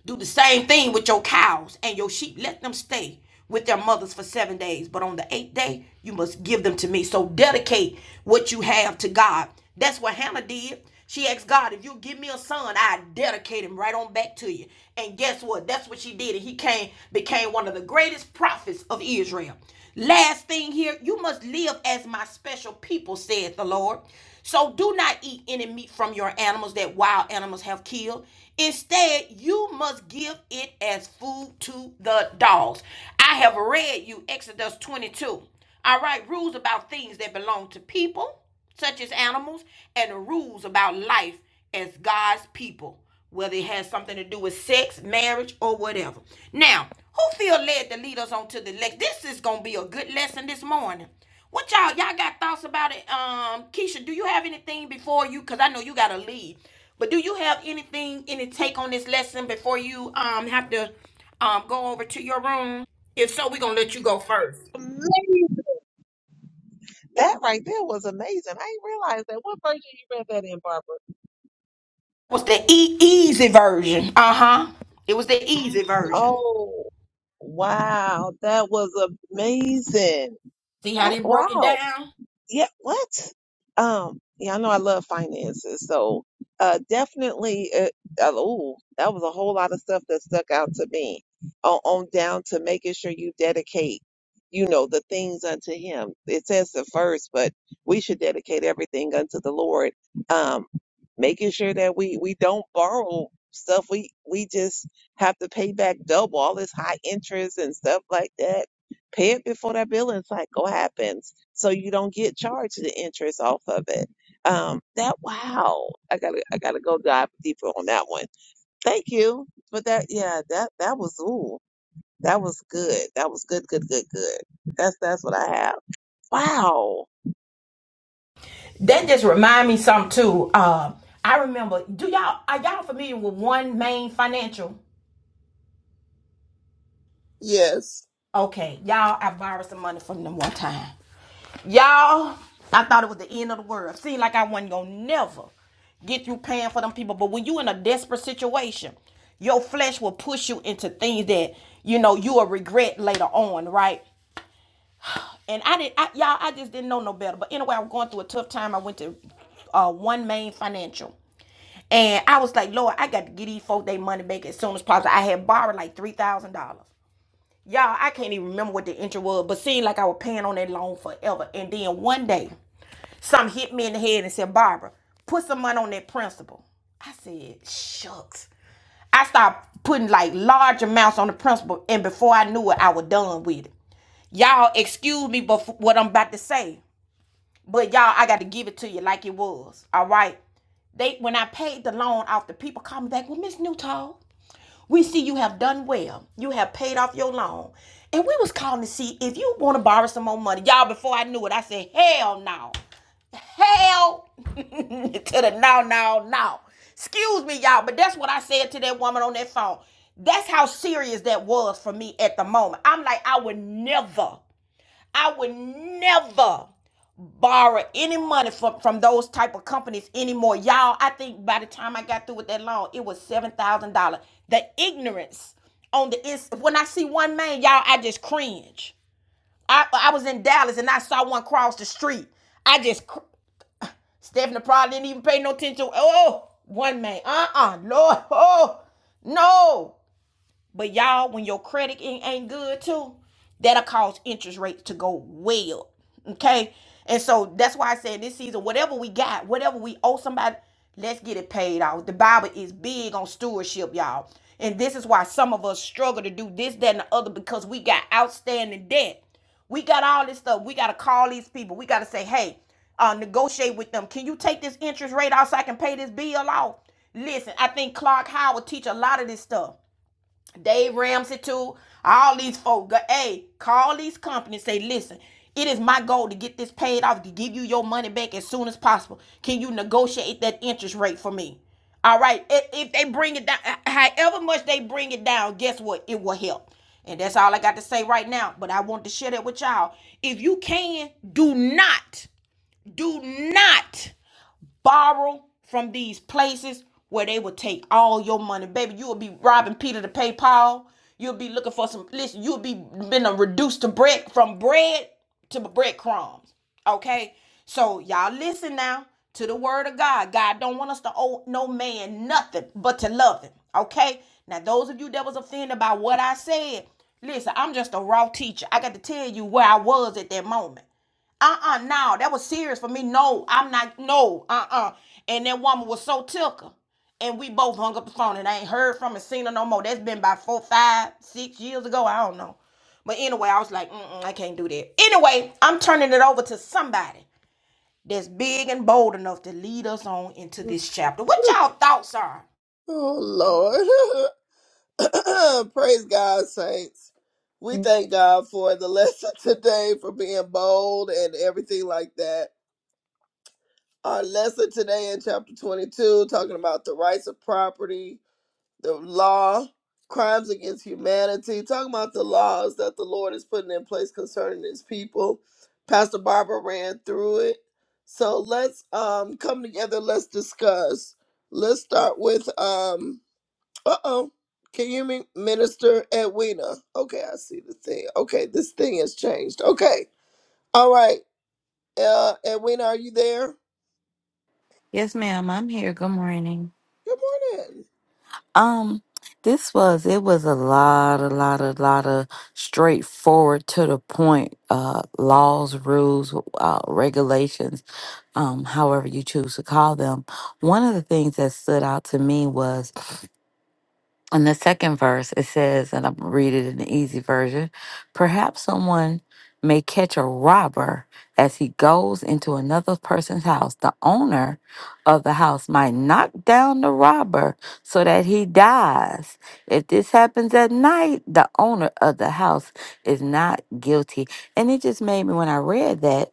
[SPEAKER 1] Do the same thing with your cows and your sheep. Let them stay with their mothers for seven days. But on the eighth day, you must give them to me. So dedicate what you have to God. That's what Hannah did. She asked God, if you give me a son, I dedicate him right on back to you. And guess what? That's what she did. And he came, became one of the greatest prophets of Israel. Last thing here, you must live as my special people, said the Lord. So do not eat any meat from your animals that wild animals have killed. Instead, you must give it as food to the dogs. I have read you Exodus 22. All right, rules about things that belong to people, such as animals, and rules about life as God's people, whether it has something to do with sex, marriage, or whatever. Now, who feel led to lead us on to the next? This is going to be a good lesson this morning. What y'all y'all got thoughts about it? Um, Keisha, do you have anything before you? Cause I know you gotta leave, but do you have anything any take on this lesson before you um have to um go over to your room? If so, we're gonna let you go first.
[SPEAKER 5] That right there was amazing. I didn't realize that. What version you read that in, Barbara?
[SPEAKER 1] Was the e- easy version? Uh huh. It was the easy version.
[SPEAKER 5] Oh, wow. That was amazing.
[SPEAKER 1] See how
[SPEAKER 5] I-
[SPEAKER 1] they broke it
[SPEAKER 5] wow.
[SPEAKER 1] down?
[SPEAKER 5] yeah, what? Um, yeah, I know I love finances, so uh, definitely. Uh, oh, that was a whole lot of stuff that stuck out to me. On, on down to making sure you dedicate, you know, the things unto Him. It says the first, but we should dedicate everything unto the Lord. Um, making sure that we we don't borrow stuff. We we just have to pay back double all this high interest and stuff like that Pay it before that billing cycle happens so you don't get charged the interest off of it. Um, that wow. I gotta I gotta go dive deeper on that one. Thank you. But that yeah, that that was ooh. That was good. That was good, good, good, good. That's that's what I have. Wow.
[SPEAKER 1] That just remind me something too. Um, I remember. Do y'all are y'all familiar with One Main Financial?
[SPEAKER 3] Yes.
[SPEAKER 1] Okay, y'all, I borrowed some money from them one time. Y'all, I thought it was the end of the world. Seemed like I wasn't gonna never get through paying for them people. But when you in a desperate situation, your flesh will push you into things that you know you will regret later on, right? And I didn't, I, y'all, I just didn't know no better. But anyway, I was going through a tough time. I went to uh, One Main Financial, and I was like, Lord, I got to get these folks their money back as soon as possible. I had borrowed like three thousand dollars. Y'all, I can't even remember what the interest was, but seemed like I was paying on that loan forever. And then one day. Some hit me in the head and said, Barbara, put some money on that principal. I said, shucks. I started putting like large amounts on the principal, and before I knew it, I was done with it. Y'all, excuse me for what I'm about to say, but y'all, I got to give it to you like it was. All right. They when I paid the loan off, the people called me back. Well, Miss Newtall, we see you have done well. You have paid off your loan, and we was calling to see if you want to borrow some more money. Y'all, before I knew it, I said, hell no. Hell to the no, no, no. Excuse me, y'all, but that's what I said to that woman on that phone. That's how serious that was for me at the moment. I'm like, I would never, I would never borrow any money from, from those type of companies anymore. Y'all, I think by the time I got through with that loan, it was $7,000. The ignorance on the ins- when I see one man, y'all, I just cringe. I I was in Dallas and I saw one cross the street. I just cr- Stephen the Prod didn't even pay no attention. Oh, oh, one man. Uh-uh. Lord. Oh, no. But y'all, when your credit ain't good too, that'll cause interest rates to go way up. Okay. And so that's why I said this season, whatever we got, whatever we owe somebody, let's get it paid off. The Bible is big on stewardship, y'all. And this is why some of us struggle to do this, that, and the other because we got outstanding debt. We got all this stuff. We got to call these people. We got to say, hey, uh, negotiate with them. Can you take this interest rate off so I can pay this bill off? Listen, I think Clark Howard teach a lot of this stuff. Dave Ramsey too. All these folks, hey, call these companies. Say, listen, it is my goal to get this paid off to give you your money back as soon as possible. Can you negotiate that interest rate for me? All right. if they bring it down, however much they bring it down, guess what? It will help. And that's all I got to say right now. But I want to share that with y'all. If you can, do not, do not borrow from these places where they will take all your money. Baby, you will be robbing Peter to pay Paul. You'll be looking for some, listen, you'll be been uh, reduced to bread, from bread to breadcrumbs. Okay? So y'all listen now to the word of God. God don't want us to owe no man nothing but to love him. Okay? Now those of you that was offended by what I said, listen, I'm just a raw teacher. I got to tell you where I was at that moment uh-uh no that was serious for me no i'm not no uh-uh and that woman was so tickled and we both hung up the phone and i ain't heard from her seen her no more that's been about four five six years ago i don't know but anyway i was like Mm-mm, i can't do that anyway i'm turning it over to somebody that's big and bold enough to lead us on into this chapter what y'all thoughts are
[SPEAKER 3] Oh, Lord. praise God, saints. We thank God for the lesson today, for being bold and everything like that. Our lesson today in chapter 22, talking about the rights of property the law, crimes against humanity, talking about the laws that the Lord is putting in place concerning his people. Pastor Barbara ran through it. So let's um come together, let's discuss. Let's start with um uh-oh. Can you hear me? Minister Edwina? Okay, I see the thing. Okay, this thing has changed. Okay. All right. Uh Edwina, are you there?
[SPEAKER 2] Yes, ma'am. I'm here. Good morning.
[SPEAKER 3] Good morning.
[SPEAKER 2] Um, this was it was a lot, a lot, a lot of straightforward to the point uh laws, rules, uh regulations, um, however you choose to call them. One of the things that stood out to me was In the second verse, it says, and I'm gonna read it in the easy version perhaps someone may catch a robber as he goes into another person's house. The owner of the house might knock down the robber so that he dies. If this happens at night, the owner of the house is not guilty. And it just made me, when I read that,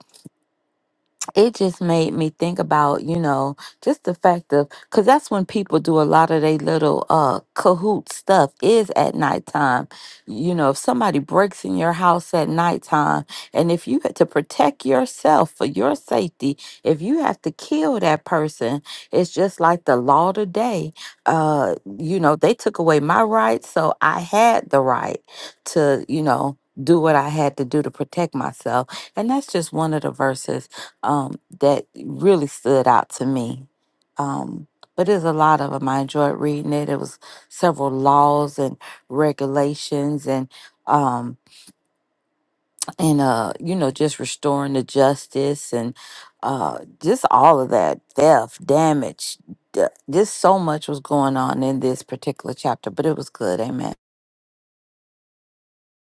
[SPEAKER 2] it just made me think about you know just the fact of because that's when people do a lot of their little uh cahoot stuff is at nighttime you know if somebody breaks in your house at nighttime and if you had to protect yourself for your safety if you have to kill that person it's just like the law today uh you know they took away my rights so i had the right to you know do what I had to do to protect myself. And that's just one of the verses um, that really stood out to me. Um, but there's a lot of them. I enjoyed reading it. It was several laws and regulations and um and uh you know just restoring the justice and uh just all of that theft damage d- just so much was going on in this particular chapter but it was good amen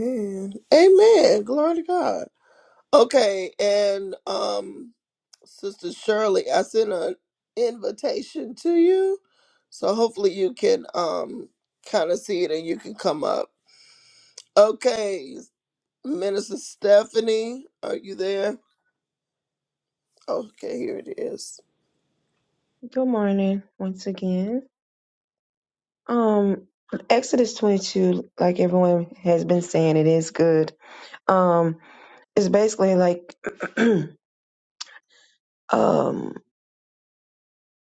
[SPEAKER 3] Amen. amen. Glory to God. Okay, and um Sister Shirley, I sent an invitation to you. So hopefully you can um kind of see it and you can come up. Okay, Minister Stephanie, are you there? Oh, Okay, here it is.
[SPEAKER 4] Good morning once again. Um Exodus 22 like everyone has been saying it is good. Um it's basically like um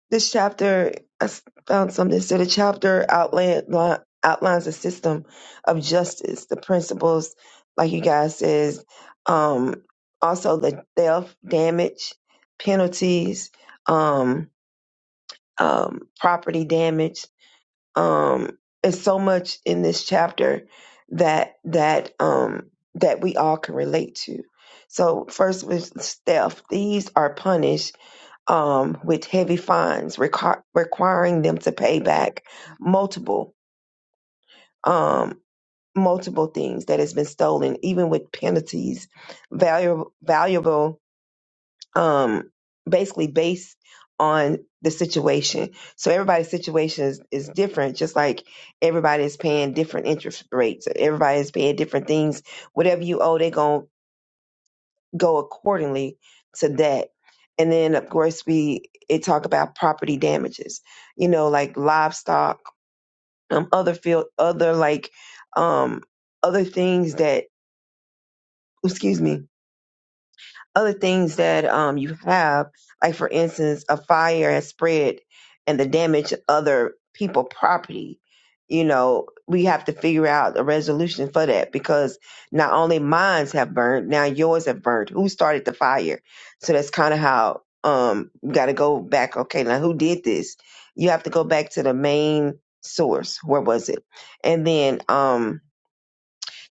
[SPEAKER 4] This chapter, I s- found something. So the chapter outline, li- outlines a system of justice, the principles, like you guys says, um, also the theft, damage, penalties, um, um, property damage. Um, it's so much in this chapter that that um, that we all can relate to. So first was theft. Thieves are punished um, with heavy fines requ- requiring them to pay back multiple um, multiple things that has been stolen, even with penalties, valuable valuable um, basically based on the situation. So everybody's situation is, is different, just like everybody is paying different interest rates. Everybody is paying different things. Whatever you owe, they're going go accordingly to that. And then of course we it talk about property damages, you know, like livestock, um, other field, other like um other things that excuse me other things that um, you have, like for instance, a fire has spread and the damage to other people property. You know, we have to figure out a resolution for that because not only mines have burned, now yours have burned. Who started the fire? So that's kind of how um you got to go back. Okay, now who did this? You have to go back to the main source. Where was it? And then um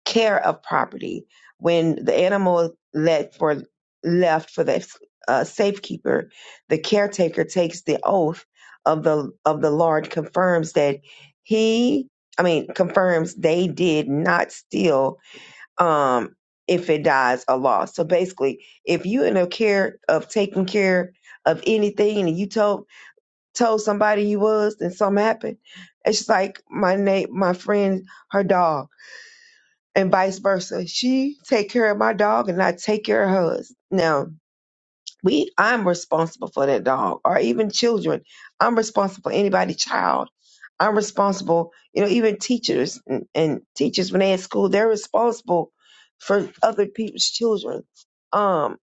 [SPEAKER 4] care of property when the animal let for left for the uh, safekeeper the caretaker takes the oath of the of the lord confirms that he i mean confirms they did not steal um if it dies a loss so basically if you in a care of taking care of anything and you told told somebody you was and something happened it's just like my name my friend her dog and vice versa. She take care of my dog and I take care of hers. Now, we I'm responsible for that dog or even children. I'm responsible for anybody child. I'm responsible, you know, even teachers and, and teachers when they at school, they're responsible for other people's children. Um,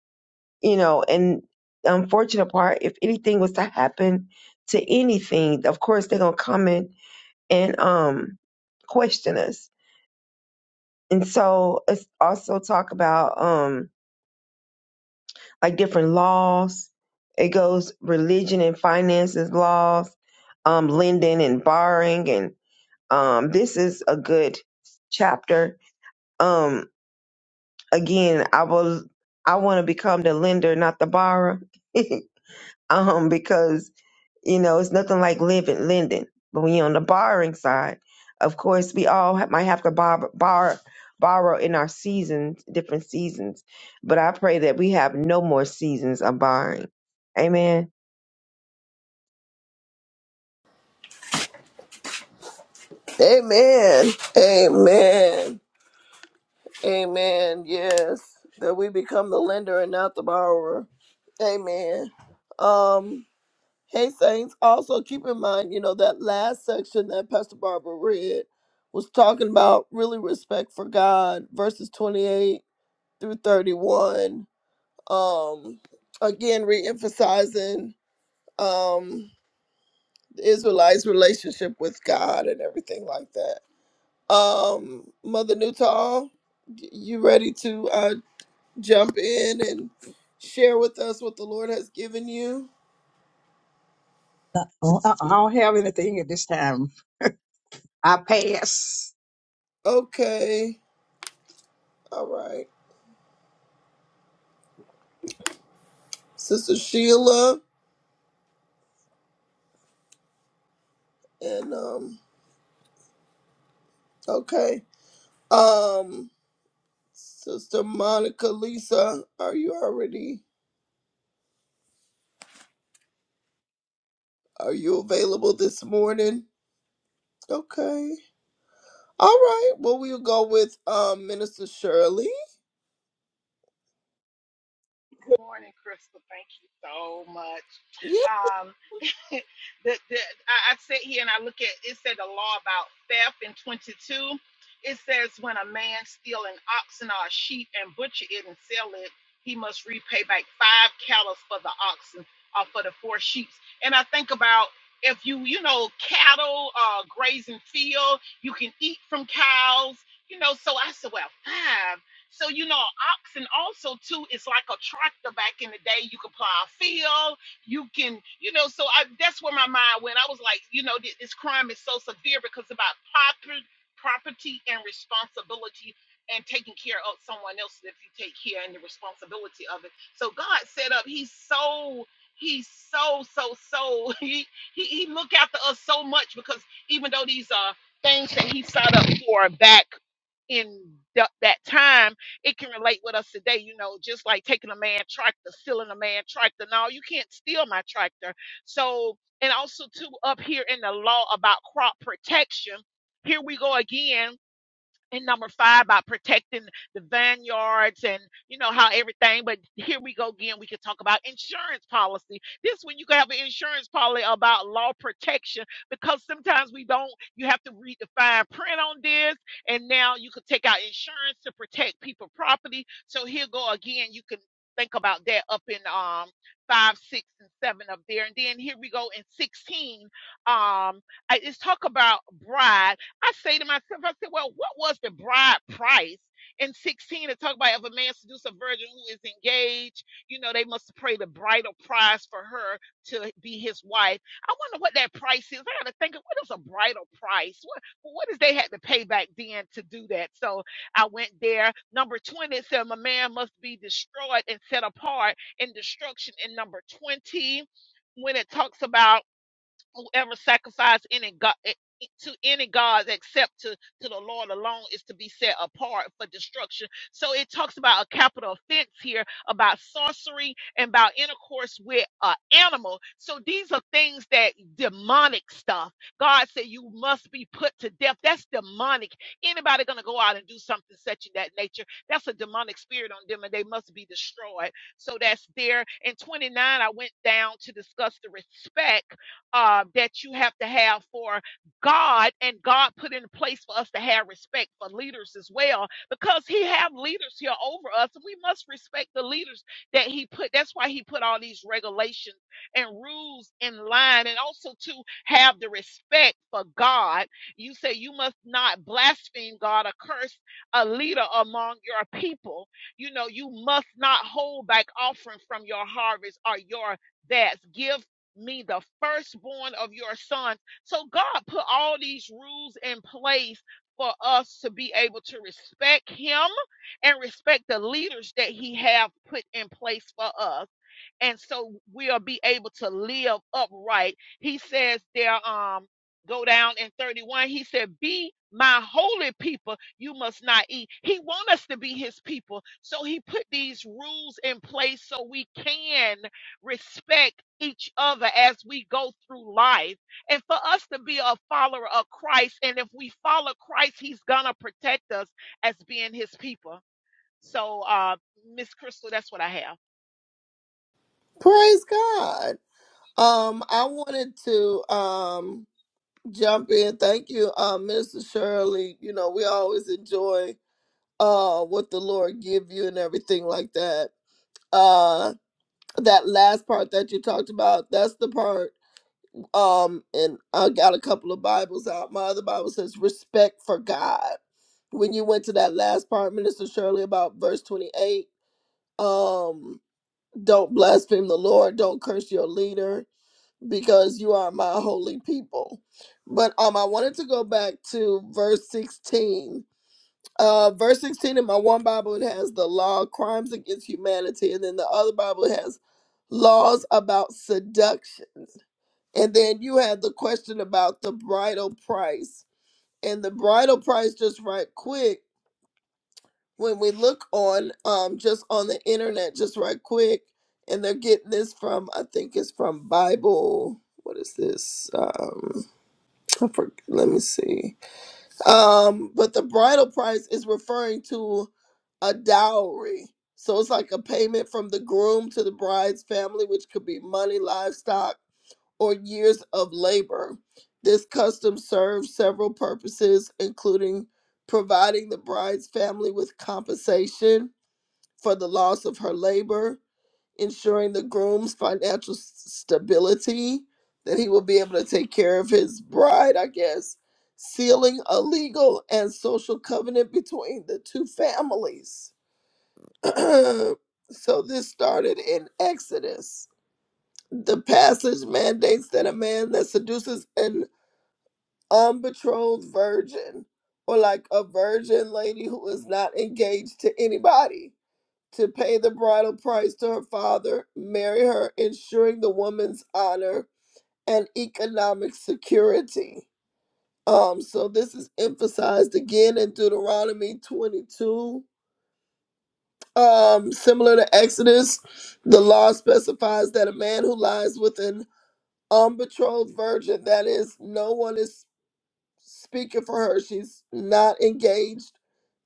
[SPEAKER 4] you know, and the unfortunate part, if anything was to happen to anything, of course they're gonna come in and um question us and so it's also talk about um like different laws it goes religion and finances laws um lending and borrowing and um this is a good chapter um again i will i want to become the lender not the borrower um because You know, it's nothing like living, lending. But when you're on the borrowing side, of course, we all ha- might have to borrow, borrow, borrow in our seasons, different seasons. But I pray that we have no more seasons of borrowing. Amen.
[SPEAKER 3] Amen. Amen. Amen. Yes. That we become the lender and not the borrower. Amen. Um Hey Saints, also keep in mind, you know, that last section that Pastor Barbara read was talking about really respect for God, verses 28 through 31. Um, again, re-emphasizing um, the Israelites' relationship with God and everything like that. Um, Mother Newtall, y- you ready to uh, jump in and share with us what the Lord has given you?
[SPEAKER 7] uh I I don't have anything at this time. I pass.
[SPEAKER 3] Okay, all right. Sister Sheila, and um, okay, um, Sister Monica, Lisa, are you already are you available this morning? Okay, all right. Well, we'll go with um Minister Shirley.
[SPEAKER 8] Good morning, Crystal. Thank you so much.
[SPEAKER 3] Yeah,
[SPEAKER 8] Um, the, the, I, I sit here and I look at it said the law about theft in 22. It says when a man steal an oxen or a sheep and butcher it and sell it, he must repay back five cattle for the oxen or for the four sheep. And I think about if you you know cattle uh, grazing field, you can eat from cows. You know, so I said, well, five. So you know, oxen also too is like a tractor back in the day. You could plow a field you can you know so i that's where my mind went i was like you know th- this crime is so severe because about proper, property and responsibility and taking care of someone else if you take care and the responsibility of it so god set up he's so he's so so so he he, he look after us so much because even though these are things that he set up for back in the, that time it can relate with us today, you know, just like taking a man tractor, stealing a man tractor. No, you can't steal my tractor. So, and also too, up here in the law about crop protection, here we go again and number five about protecting the vineyards and you know how everything but here we go again we could talk about insurance policy this one you can have an insurance policy about law protection because sometimes we don't you have to read the fine print on this and now you could take out insurance to protect people property so here go again you can think about that up in um five six and seven up there and then here we go in 16 um I- it's talk about bride I say to myself, I said, well, what was the bride price in 16 to talk about if a man seduce a virgin who is engaged, you know, they must pay the bridal price for her to be his wife. I wonder what that price is. I got to think of what is a bridal price? What, what is they had to pay back then to do that? So I went there. Number 20 it said, a man must be destroyed and set apart in destruction in number 20 when it talks about whoever sacrifice any god to any gods except to, to the Lord alone is to be set apart for destruction. So it talks about a capital offense here about sorcery and about intercourse with an animal. So these are things that demonic stuff. God said you must be put to death. That's demonic. Anybody gonna go out and do something such in that nature? That's a demonic spirit on them and they must be destroyed. So that's there. In 29, I went down to discuss the respect uh, that you have to have for God and God put in place for us to have respect for leaders as well because he have leaders here over us and we must respect the leaders that he put that's why he put all these regulations and rules in line and also to have the respect for God you say you must not blaspheme God or curse a leader among your people you know you must not hold back offering from your harvest or your that's give me the firstborn of your sons. So God put all these rules in place for us to be able to respect him and respect the leaders that he have put in place for us and so we'll be able to live upright. He says there, um, go down in 31. He said, Be my holy people, you must not eat. He want us to be his people. So he put these rules in place so we can respect each other as we go through life. And for us to be a follower of Christ, and if we follow Christ, he's gonna protect us as being his people. So uh Miss Crystal, that's what I
[SPEAKER 3] praise God. Um, I wanted to um jump in. Thank you, um, Minister Shirley. You know, we always enjoy uh what the Lord give you and everything like that Uh, that last part that you talked about that's the part um and i got a couple of bibles out my other bible says respect for god when you went to that last part minister shirley about verse 28 um don't blaspheme the lord don't curse your leader because you are my holy people but um i wanted to go back to verse 16 uh, verse 16 in my one Bible, it has the law, crimes against humanity, and then the other Bible has laws about seduction. And then you had the question about the bridal price. And the bridal price, just right quick, when we look on um just on the internet, just right quick, and they're getting this from I think it's from Bible. What is this? Um, I forget, let me see. Um, but the bridal price is referring to a dowry. So it's like a payment from the groom to the bride's family, which could be money, livestock, or years of labor. This custom serves several purposes, including providing the bride's family with compensation for the loss of her labor, ensuring the groom's financial s- stability, that he will be able to take care of his bride, I guess, sealing a legal and social covenant between the two families. so this started in Exodus. The passage mandates that a man that seduces an unbetrothed virgin, or like a virgin lady who is not engaged to anybody, to pay the bridal price to her father, marry her, ensuring the woman's honor and economic security. Um, so this is emphasized again in Deuteronomy 22. Um, similar to Exodus, the law specifies that a man who lies with an unbetrothed virgin, that is, no one is speaking for her, she's not engaged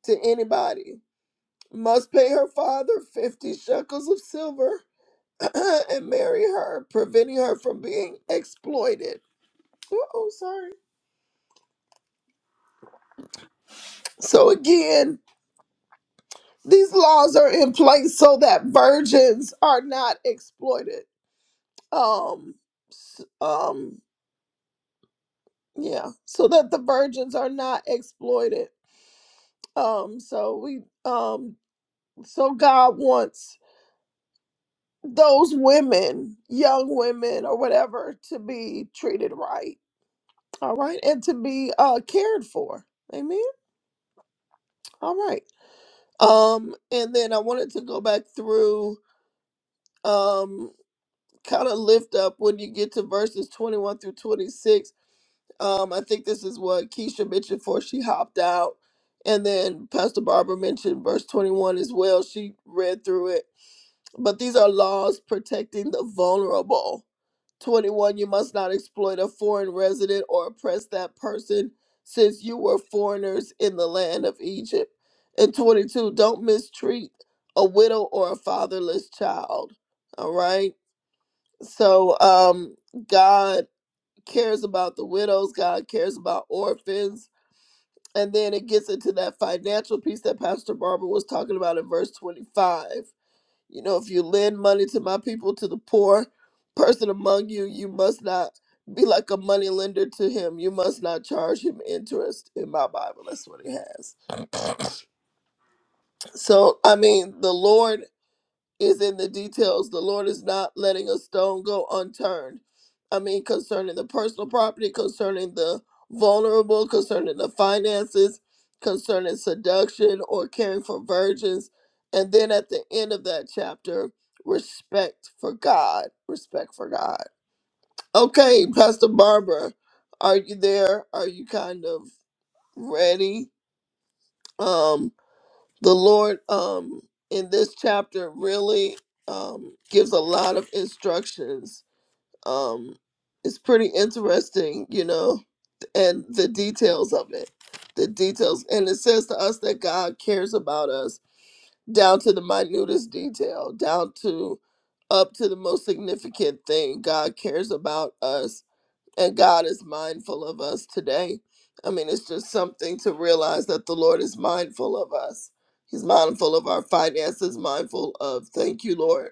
[SPEAKER 3] to anybody, must pay her father 50 shekels of silver and marry her, preventing her from being exploited. Oh, sorry. So again, these laws are in place so that virgins are not exploited. Um, s- um, yeah, so that the virgins are not exploited. Um, so we, um, so God wants those women, young women or whatever, to be treated right. All right, and to be uh cared for. Amen. All right. Um, and then I wanted to go back through, um, kind of lift up when you get to verses 21 through 26. Um, I think this is what Keisha mentioned before she hopped out. And then Pastor Barbara mentioned verse 21 as well. She read through it. But these are laws protecting the vulnerable. 21 you must not exploit a foreign resident or oppress that person since you were foreigners in the land of egypt and 22 don't mistreat a widow or a fatherless child all right so um god cares about the widows god cares about orphans and then it gets into that financial piece that pastor barbara was talking about in verse 25 you know, if you lend money to my people, to the poor person among you, you must not be like a money lender to him. You must not charge him interest in my Bible. That's what it has. So, I mean, the Lord is in the details. The Lord is not letting a stone go unturned. I mean, concerning the personal property, concerning the vulnerable, concerning the finances, concerning seduction or caring for virgins. And then at the end of that chapter, respect for God. Respect for God. Okay, Pastor Barbara, are you there? Are you kind of ready? Um, the Lord um, in this chapter really um, gives a lot of instructions. Um, it's pretty interesting, you know, and the details of it. The details. And it says to us that God cares about us down to the minutest detail, down to up to the most significant thing. God cares about us and God is mindful of us today. I mean, it's just something to realize that the Lord is mindful of us. He's mindful of our finances, mindful of, thank you, Lord,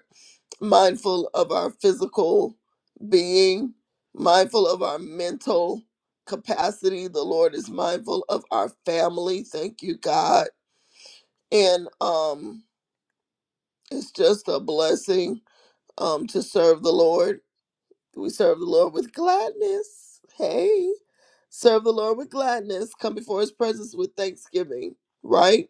[SPEAKER 3] mindful of our physical being, mindful of our mental capacity. The Lord is mindful of our family. Thank you, God. And um, it's just a blessing um, to serve the Lord we serve the Lord with gladness. Hey, serve the Lord with gladness. Come before his presence with thanksgiving, right?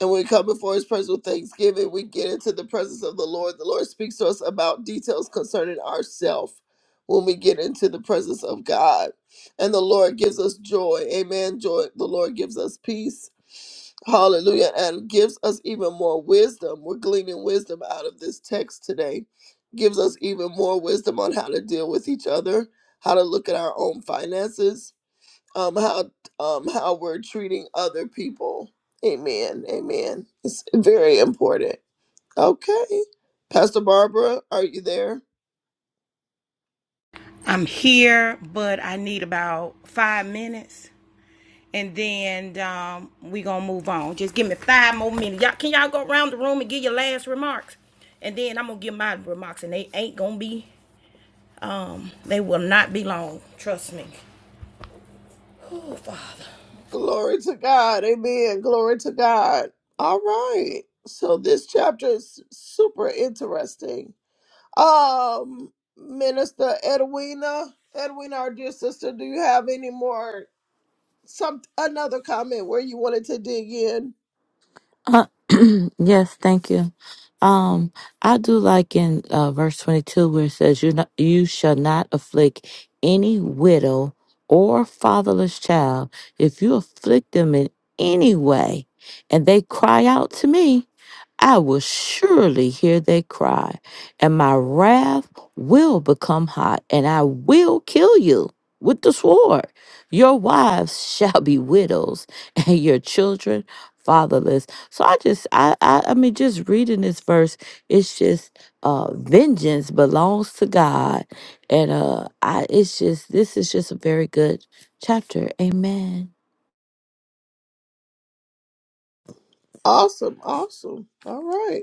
[SPEAKER 3] And when we come before his presence with thanksgiving, we get into the presence of the Lord. The Lord speaks to us about details concerning ourselves when we get into the presence of God. And the Lord gives us joy. Amen. Joy. The Lord gives us peace. Hallelujah. And gives us even more wisdom. We're gleaning wisdom out of this text today. Gives us even more wisdom on how to deal with each other, how to look at our own finances, um how um how we're treating other people. Amen. Amen. It's very important. Okay. Pastor Barbara, are you there?
[SPEAKER 1] i'm here but i need about five minutes and then um, we gonna move on. Just give me five more minutes. Y'all, can y'all go around the room and give your last remarks? And then I'm gonna give my remarks, and they ain't gonna be, um, they will not be long. Trust me. Oh, Father.
[SPEAKER 3] Glory to God. Amen. Glory to God. All right. So this chapter is super interesting. Um Minister Edwina, Edwina, our dear sister, do you have any more some another comment where you wanted to dig in?
[SPEAKER 2] Uh, yes, thank you. Um, I do like in uh, verse 22 where it says, you, not, you shall not afflict any widow or fatherless child. If you afflict them in any way and they cry out to me, I will surely hear their cry, and my wrath will become hot, and I will kill you with the sword. Your wives shall be widows, and your children fatherless so I just, I, I, I mean, just reading this verse, it's just, uh, vengeance belongs to God, and uh, I, it's just, this is just a very good chapter. Amen.
[SPEAKER 3] Awesome. Awesome. All right.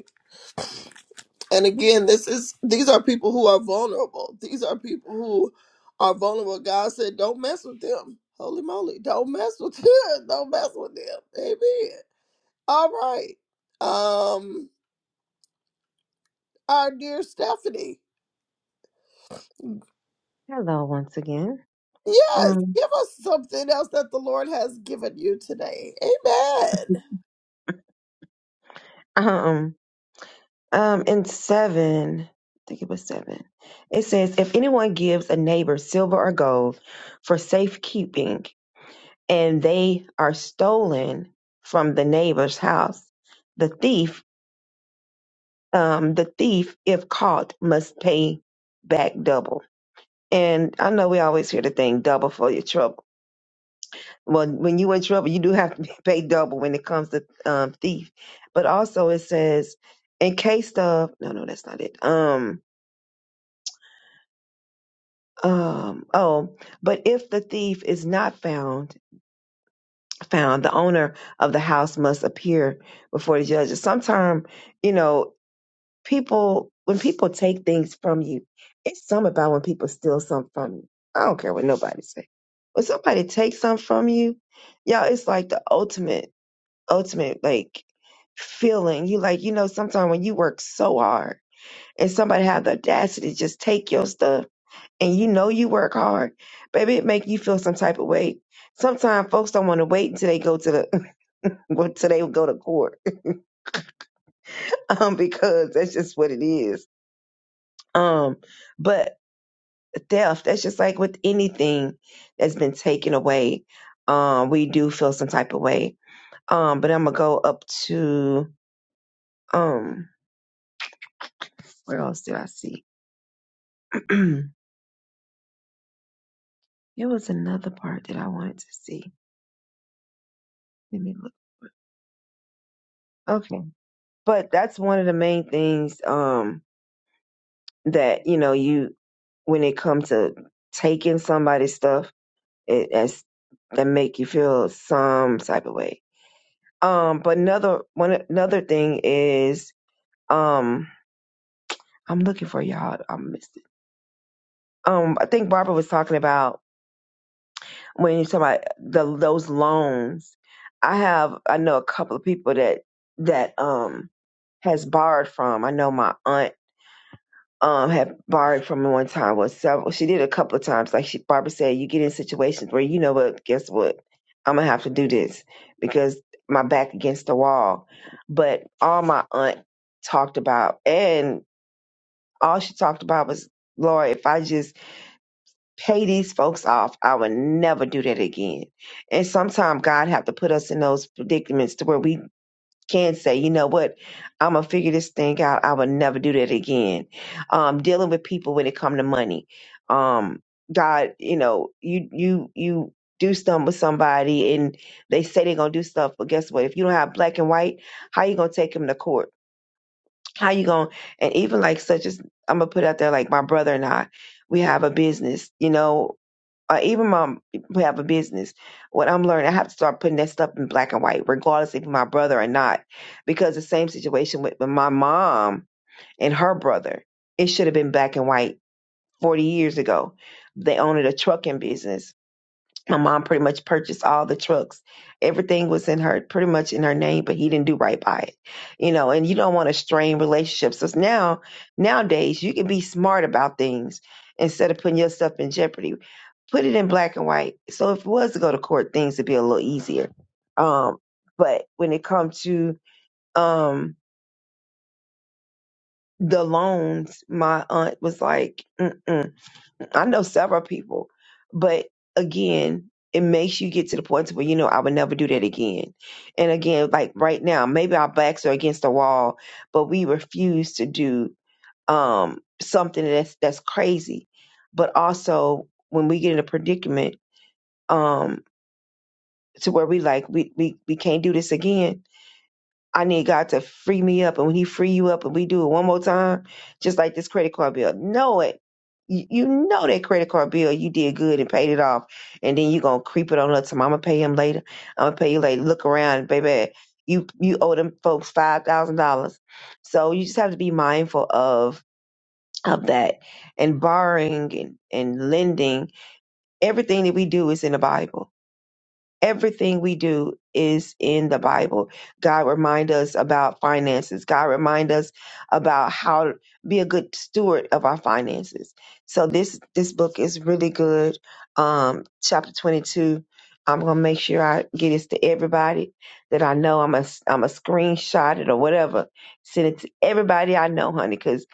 [SPEAKER 3] And again, this is these are people who are vulnerable. These are people who are vulnerable. God said, "Don't mess with them." Holy moly, don't mess with them. Don't mess with them. Amen. All right, um, our dear Stephanie,
[SPEAKER 4] Hello, once again.
[SPEAKER 3] yes,
[SPEAKER 4] Um,
[SPEAKER 3] give us something else that the Lord has given you today. Amen.
[SPEAKER 4] um, um, in seven, I think it was seven. It says, if anyone gives a neighbor silver or gold for safekeeping, and they are stolen from the neighbor's house. The thief, um, the thief, if caught, must pay back double. And I know we always hear the thing double for your trouble. Well, when you in trouble, you do have to pay double when it comes to um, thief. But also it says, in case of no, no, that's not it. Um, um, oh, but if the thief is not found, found the owner of the house must appear before the judges. Sometime you know, people when people take things from you, it's something about when people steal something from you. I don't care what nobody say. When somebody takes something from you, y'all, it's like the ultimate, ultimate like feeling. You like, you know, sometimes when you work so hard and somebody have the audacity to just take your stuff and you know you work hard, baby, it make you feel some type of way. Sometimes folks don't want to wait until they go to the until they go to court um, because that's just what it is. Um, but death. That's just like with anything that's been taken away. Um, we do feel some type of way. Um, but I'm gonna go up to um where else did I see? there was another part that I wanted to see. Let me look. Okay. But that's one of the main things um that, you know, you when it comes to taking somebody's stuff, it as that make you feel some type of way. Um, but another one another thing is um I'm looking for y'all. I missed it. Um, I think Barbara was talking about when you talk about the those loans. I have I know a couple of people that that um has borrowed from. I know my aunt um had borrowed from one time was several she did a couple of times. Like she Barbara said, you get in situations where you know what, guess what? I'm gonna have to do this because my back against the wall. But all my aunt talked about and all she talked about was Lord, if I just pay these folks off. I would never do that again. And sometimes God have to put us in those predicaments to where we can say, you know what, I'm gonna figure this thing out. I would never do that again. Um, dealing with people when it come to money, um, God, you know, you you you do something with somebody and they say they're gonna do stuff, but guess what? If you don't have black and white, how you gonna take them to court? How you gonna and even like such as I'm gonna put out there like my brother and I, we have a business, you know, or even my, who have a business, what I'm learning, I have to start putting that stuff in black and white, regardless if my brother or not. Because the same situation with my mom and her brother, it should have been black and white 40 years ago. They owned a trucking business my mom pretty much purchased all the trucks. Everything was in her, pretty much in her name, but he didn't do right by it, you know. And you don't want to strain relationships. So now, nowadays, you can be smart about things instead of putting yourself in jeopardy. Put it in black and white. So if it was to go to court, things would be a little easier. Um, but when it comes to um the loans, my aunt was like, Mm-mm. I know several people, but again, it makes you get to the point where you know I would never do that again. And again, like right now, maybe our backs are against the wall, but we refuse to do um something that's that's crazy. But also when we get in a predicament um to where we like we we, we can't do this again, I need God to free me up. And when He free you up and we do it one more time, just like this credit card bill, know it. You you know that credit card bill you did good and paid it off, and then you gonna creep it on up to I'm gonna pay him later. I'm gonna pay you later. Look around, baby. You you owe them folks five thousand dollars, so you just have to be mindful of of that and borrowing and, and lending. Everything that we do is in the Bible everything we do is in the bible god remind us about finances god remind us about how to be a good steward of our finances so this this book is really good um chapter 22 i'm gonna make sure i get this to everybody that i know i'm a i'm a screenshot it or whatever send it to everybody i know honey because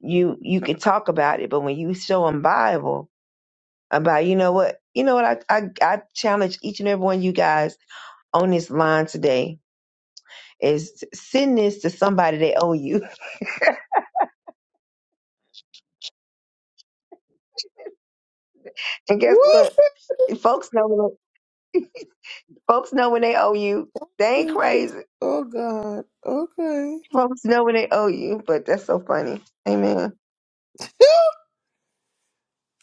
[SPEAKER 4] you you can talk about it but when you show them bible about you know what you know what I, I i challenge each and every one of you guys on this line today is send this to somebody they owe you. And guess what?
[SPEAKER 3] Woo!
[SPEAKER 4] Folks know when folks know when they owe you. They ain't crazy.
[SPEAKER 3] Oh God. Okay.
[SPEAKER 4] Folks know when they owe you, but that's so funny. Amen.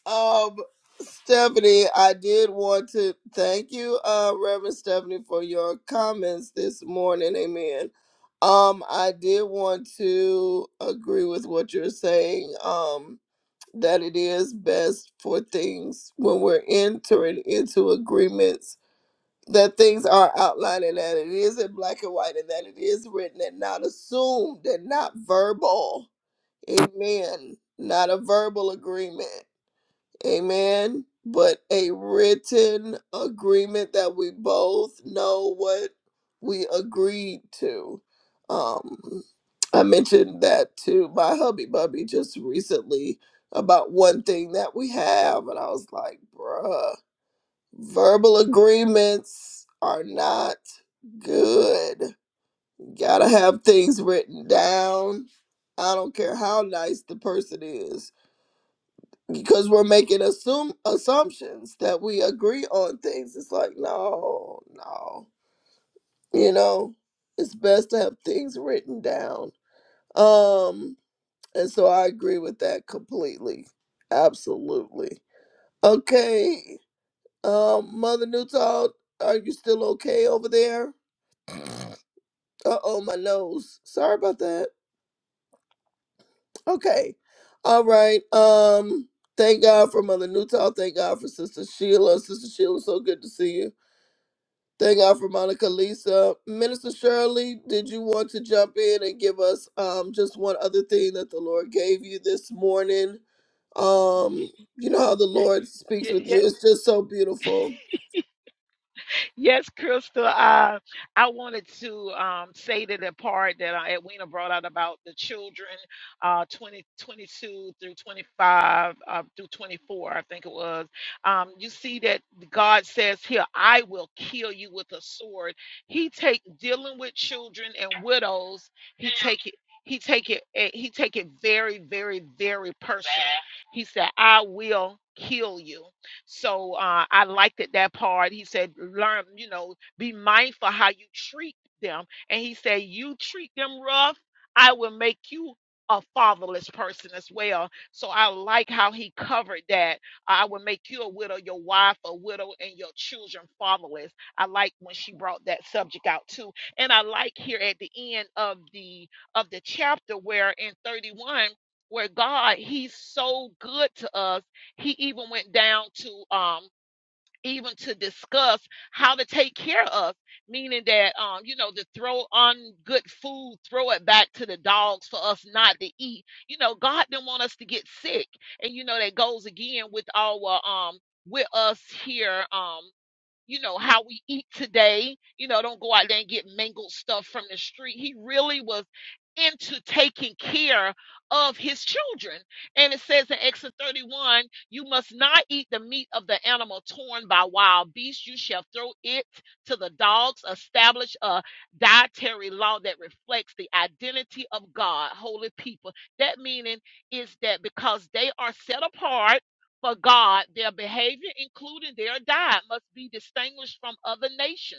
[SPEAKER 3] Um, Stephanie, I did want to thank you, uh, Reverend Stephanie, for your comments this morning. Amen. Um, I did want to agree with what you're saying. Um, that it is best for things when we're entering into agreements that things are outlined and that it is in black and white and that it is written and not assumed and not verbal. Amen. Not a verbal agreement Amen. But a written agreement that we both know what we agreed to. Um, I mentioned that to my hubby bubby just recently about one thing that we have, and I was like, bruh, verbal agreements are not good. Gotta have things written down. I don't care how nice the person is because we're making assume assumptions that we agree on things. It's like, no, no. You know, it's best to have things written down. Um, and so I agree with that completely. Absolutely. Okay. Um, Mother Newtall, are you still okay over there? Uh oh, my nose. Sorry about that. Okay. All right. Um, thank God for Mother Newtall. Thank God for Sister Sheila. Sister Sheila, so good to see you. Thank God for Monica Lisa. Minister Shirley, did you want to jump in and give us um just one other thing that the Lord gave you this morning? Um, you know how the Lord speaks with
[SPEAKER 8] have.
[SPEAKER 3] you. It's just so beautiful.
[SPEAKER 8] Yes, Crystal. Uh, I wanted to um, say to the part that uh, Edwina brought out about the children, uh, 20, twenty-two through 25, uh, through 24, I think it was. Um, you see that God says here, I will kill you with a sword. He take dealing with children and widows. He take it. He take it. eh, He take it very, very, very personal. He said, I will kill you. So uh, I liked it that part. He said, learn, you know, be mindful how you treat them. And he said, you treat them rough, I will make you a fatherless person as well. So I like how he covered that. I will make you a widow, your wife a widow, and your children fatherless. I like when she brought that subject out too. And I like here at the end of the of the chapter where in 31 where God he's so good to us he even went down to um even to discuss how to take care of meaning that um you know to throw on good food throw it back to the dogs for us not to eat you know god didn't want us to get sick and you know that goes again with our um with us here um you know, how we eat today. You know, don't go out there and get mangled stuff from the street. He really was into taking care of his children. And it says in Exodus 31, you must not eat the meat of the animal torn by wild beasts. You shall throw it to the dogs. Establish a dietary law that reflects the identity of God, holy people. That meaning is that because they are set apart for God, their behavior, including their diet, must be distinguished from other nations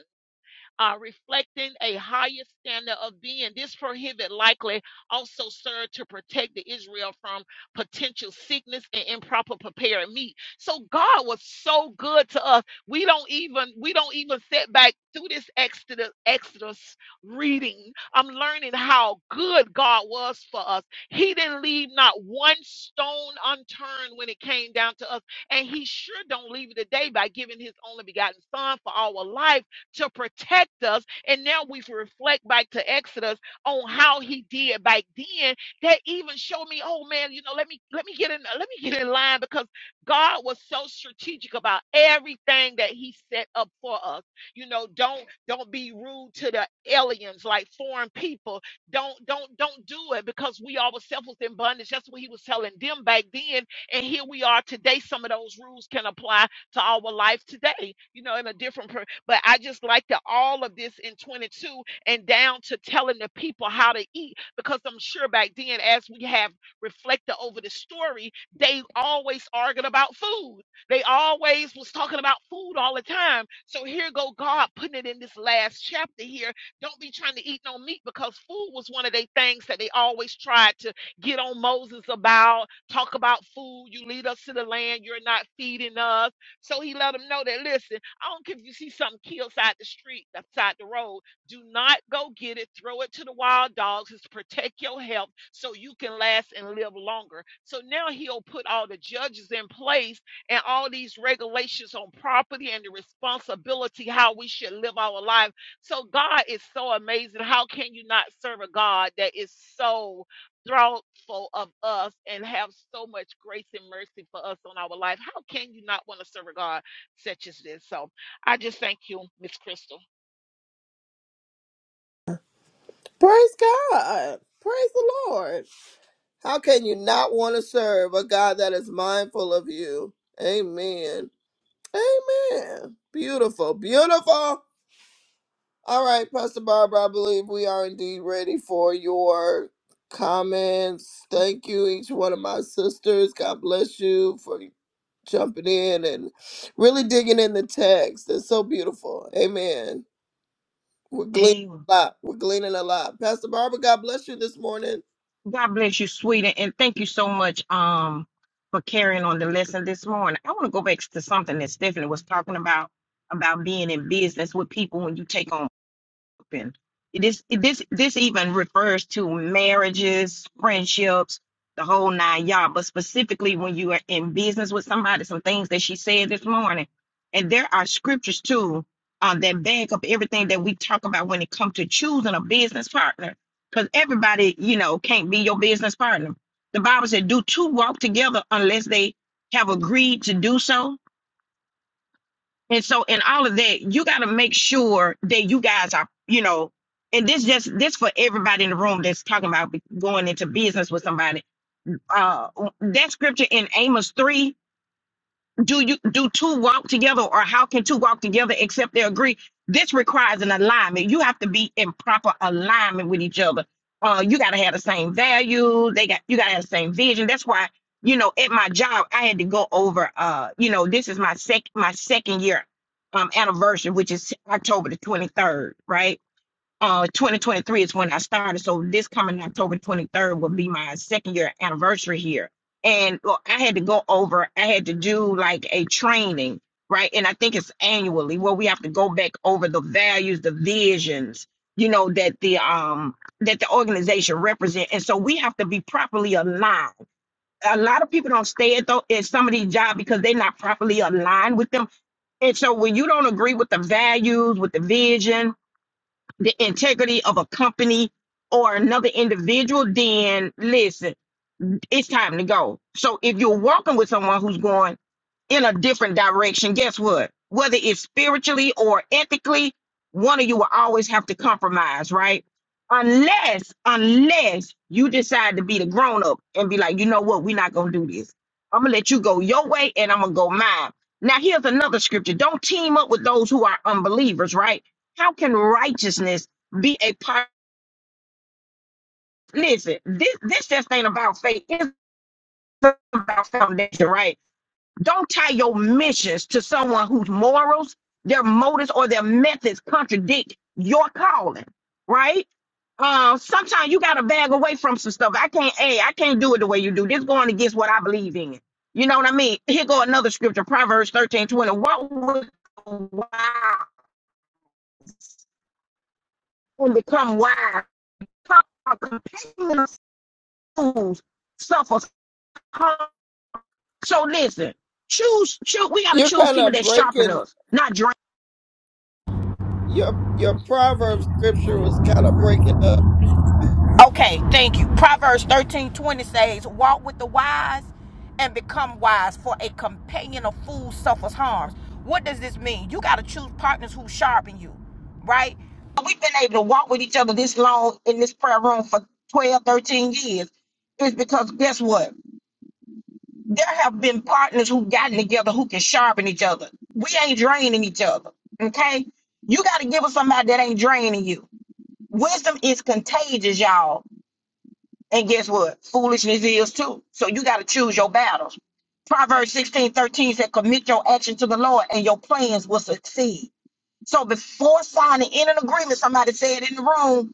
[SPEAKER 8] uh, reflecting a higher standard of being. This prohibit likely also served to protect the Israel from potential sickness and improper prepared meat. So God was so good to us. We don't even we don't even set back through this Exodus Exodus reading. I'm learning how good God was for us. He didn't leave not one stone unturned when it came down to us, and He sure don't leave it today by giving His only begotten Son for our life to protect us. And now we reflect back to Exodus on how he did back then. That even showed me, oh man, you know, let me let me get in, let me get in line because God was so strategic about everything that He set up for us. You know, don't don't be rude to the aliens like foreign people. Don't don't don't do it because we all were selfless in bondage. That's what He was telling them back then. And here we are today. Some of those rules can apply to our life today, you know, in a different perspective but I just like the all of this in 22 and down to telling the people how to eat because I'm sure back then, as we have reflected over the story, they always argued about food. They always was talking about food all the time. So here go God putting it in this last chapter here. Don't be trying to eat no meat because food was one of the things that they always tried to get on Moses about. Talk about food. You lead us to the land. You're not feeding us. So he let them know that listen. I don't care if you see something killed side the street, side the road. Do not go get it. Throw it to the wild dogs. It's to protect your health so you can last and live longer. So now he'll put all the judges in place and all these regulations on property and the responsibility how we should live our life. So God is so amazing. How can you not serve a God that is so thoughtful of us and have so much grace and mercy for us on our life? How can you not want to serve a God such as this? So. I just thank you, Miss Crystal.
[SPEAKER 3] Praise God. Praise the Lord. How can you not want to serve a God that is mindful of you? Amen. Amen. Beautiful. Beautiful. All right, Pastor Barbara, I believe we are indeed ready for your comments. Thank you, each one of my sisters. God bless you for jumping in and really digging in the text. It's so beautiful. Amen. We're gleaning
[SPEAKER 1] Amen.
[SPEAKER 3] a lot. We're gleaning a lot. Pastor Barbara, God bless you this morning.
[SPEAKER 1] God bless you, sweetie, and thank you so much um for carrying on the lesson this morning. I want to go back to something that Stephanie was talking about about being in business with people when you take on open. This this this even refers to marriages, friendships, the whole nine yard. But specifically, when you are in business with somebody, some things that she said this morning, and there are scriptures too uh, that back up everything that we talk about when it comes to choosing a business partner. Because everybody, you know, can't be your business partner. The Bible said, "Do two walk together unless they have agreed to do so?" And so in all of that, you got to make sure that you guys are, you know, and this just this for everybody in the room that's talking about going into business with somebody. Uh that scripture in Amos 3 do you do two walk together or how can two walk together except they agree this requires an alignment you have to be in proper alignment with each other uh you got to have the same values. they got you got to have the same vision that's why you know at my job i had to go over uh you know this is my sec my second year um anniversary which is october the 23rd right uh, 2023 is when I started, so this coming October 23rd will be my second year anniversary here. And well, I had to go over. I had to do like a training, right? And I think it's annually where we have to go back over the values, the visions, you know, that the um that the organization represent. And so we have to be properly aligned. A lot of people don't stay at though at some of these jobs because they're not properly aligned with them. And so when you don't agree with the values, with the vision, the integrity of a company or another individual, then listen, it's time to go. So if you're walking with someone who's going, in a different direction, guess what? Whether it's spiritually or ethically, one of you will always have to compromise, right? Unless, unless you decide to be the grown up and be like, you know what, we're not gonna do this. I'm gonna let you go your way and I'm gonna go mine. Now, here's another scripture. Don't team up with those who are unbelievers, right? How can righteousness be a part? Listen, this this just ain't about faith. It's about foundation, right? Don't tie your missions to someone whose morals, their motives, or their methods contradict your calling, right? Uh, sometimes you gotta bag away from some stuff. I can't, hey, I can't do it the way you do. This going against what I believe in. You know what I mean? Here go another scripture, Proverbs thirteen twenty. What would wow and become wise? A companion of fools suffers harm. So listen, choose, choose. We gotta
[SPEAKER 3] You're
[SPEAKER 1] choose
[SPEAKER 3] kind
[SPEAKER 1] people
[SPEAKER 3] of
[SPEAKER 1] that sharpen
[SPEAKER 3] breaking
[SPEAKER 1] us, not drown.
[SPEAKER 3] your your proverb scripture was kind of breaking up.
[SPEAKER 1] Okay, thank you. Proverbs thirteen twenty says, Walk with the wise and become wise, for a companion of fools suffers harms. What does this mean? You got to choose partners who sharpen you, right? We've been able to walk with each other this long in this prayer room for 12, 13 years. It's because guess what? There have been partners who've gotten together who can sharpen each other. We ain't draining each other, okay? You got to give us somebody that ain't draining you. Wisdom is contagious, y'all. And guess what? Foolishness is too. So you got to choose your battles. Proverbs 16 13 said, Commit your action to the Lord, and your plans will succeed. So before signing in an agreement, somebody said in the room,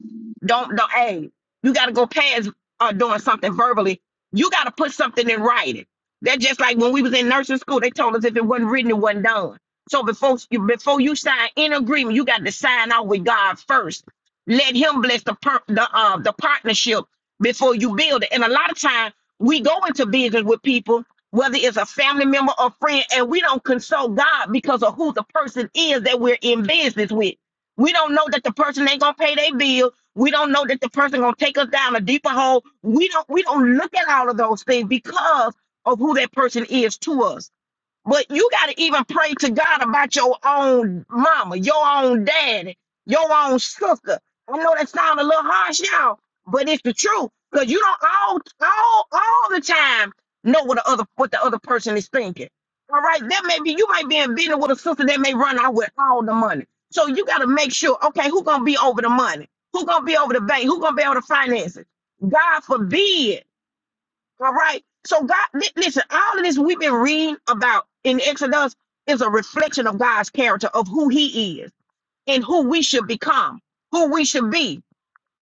[SPEAKER 1] don't don't hey, you gotta go past uh, doing something verbally. You gotta put something in writing. That's just like when we was in nursing school, they told us if it wasn't written, it wasn't done. So before you before you sign in agreement, you got to sign out with God first. Let him bless the per, the uh, the partnership before you build it. And a lot of time we go into business with people whether it's a family member or friend, and we don't consult God because of who the person is that we're in business with. We don't know that the person ain't gonna pay their bill. We don't know that the person gonna take us down a deeper hole. We don't we don't look at all of those things because of who that person is to us. But you got to even pray to God about your own mama, your own daddy, your own sister. I know that sounds a little harsh, y'all, but it's the truth. Cause you don't all all all the time know what the other what the other person is thinking. All right, that may be you might be in business with a sister that may run out with all the money. So you got to make sure, okay, who gonna be over the money? Who gonna be over the bank? Who gonna be over the finances? God forbid all right. So God, li- listen, all of this we've been reading about in Exodus is a reflection of God's character, of who he is and who we should become, who we should be.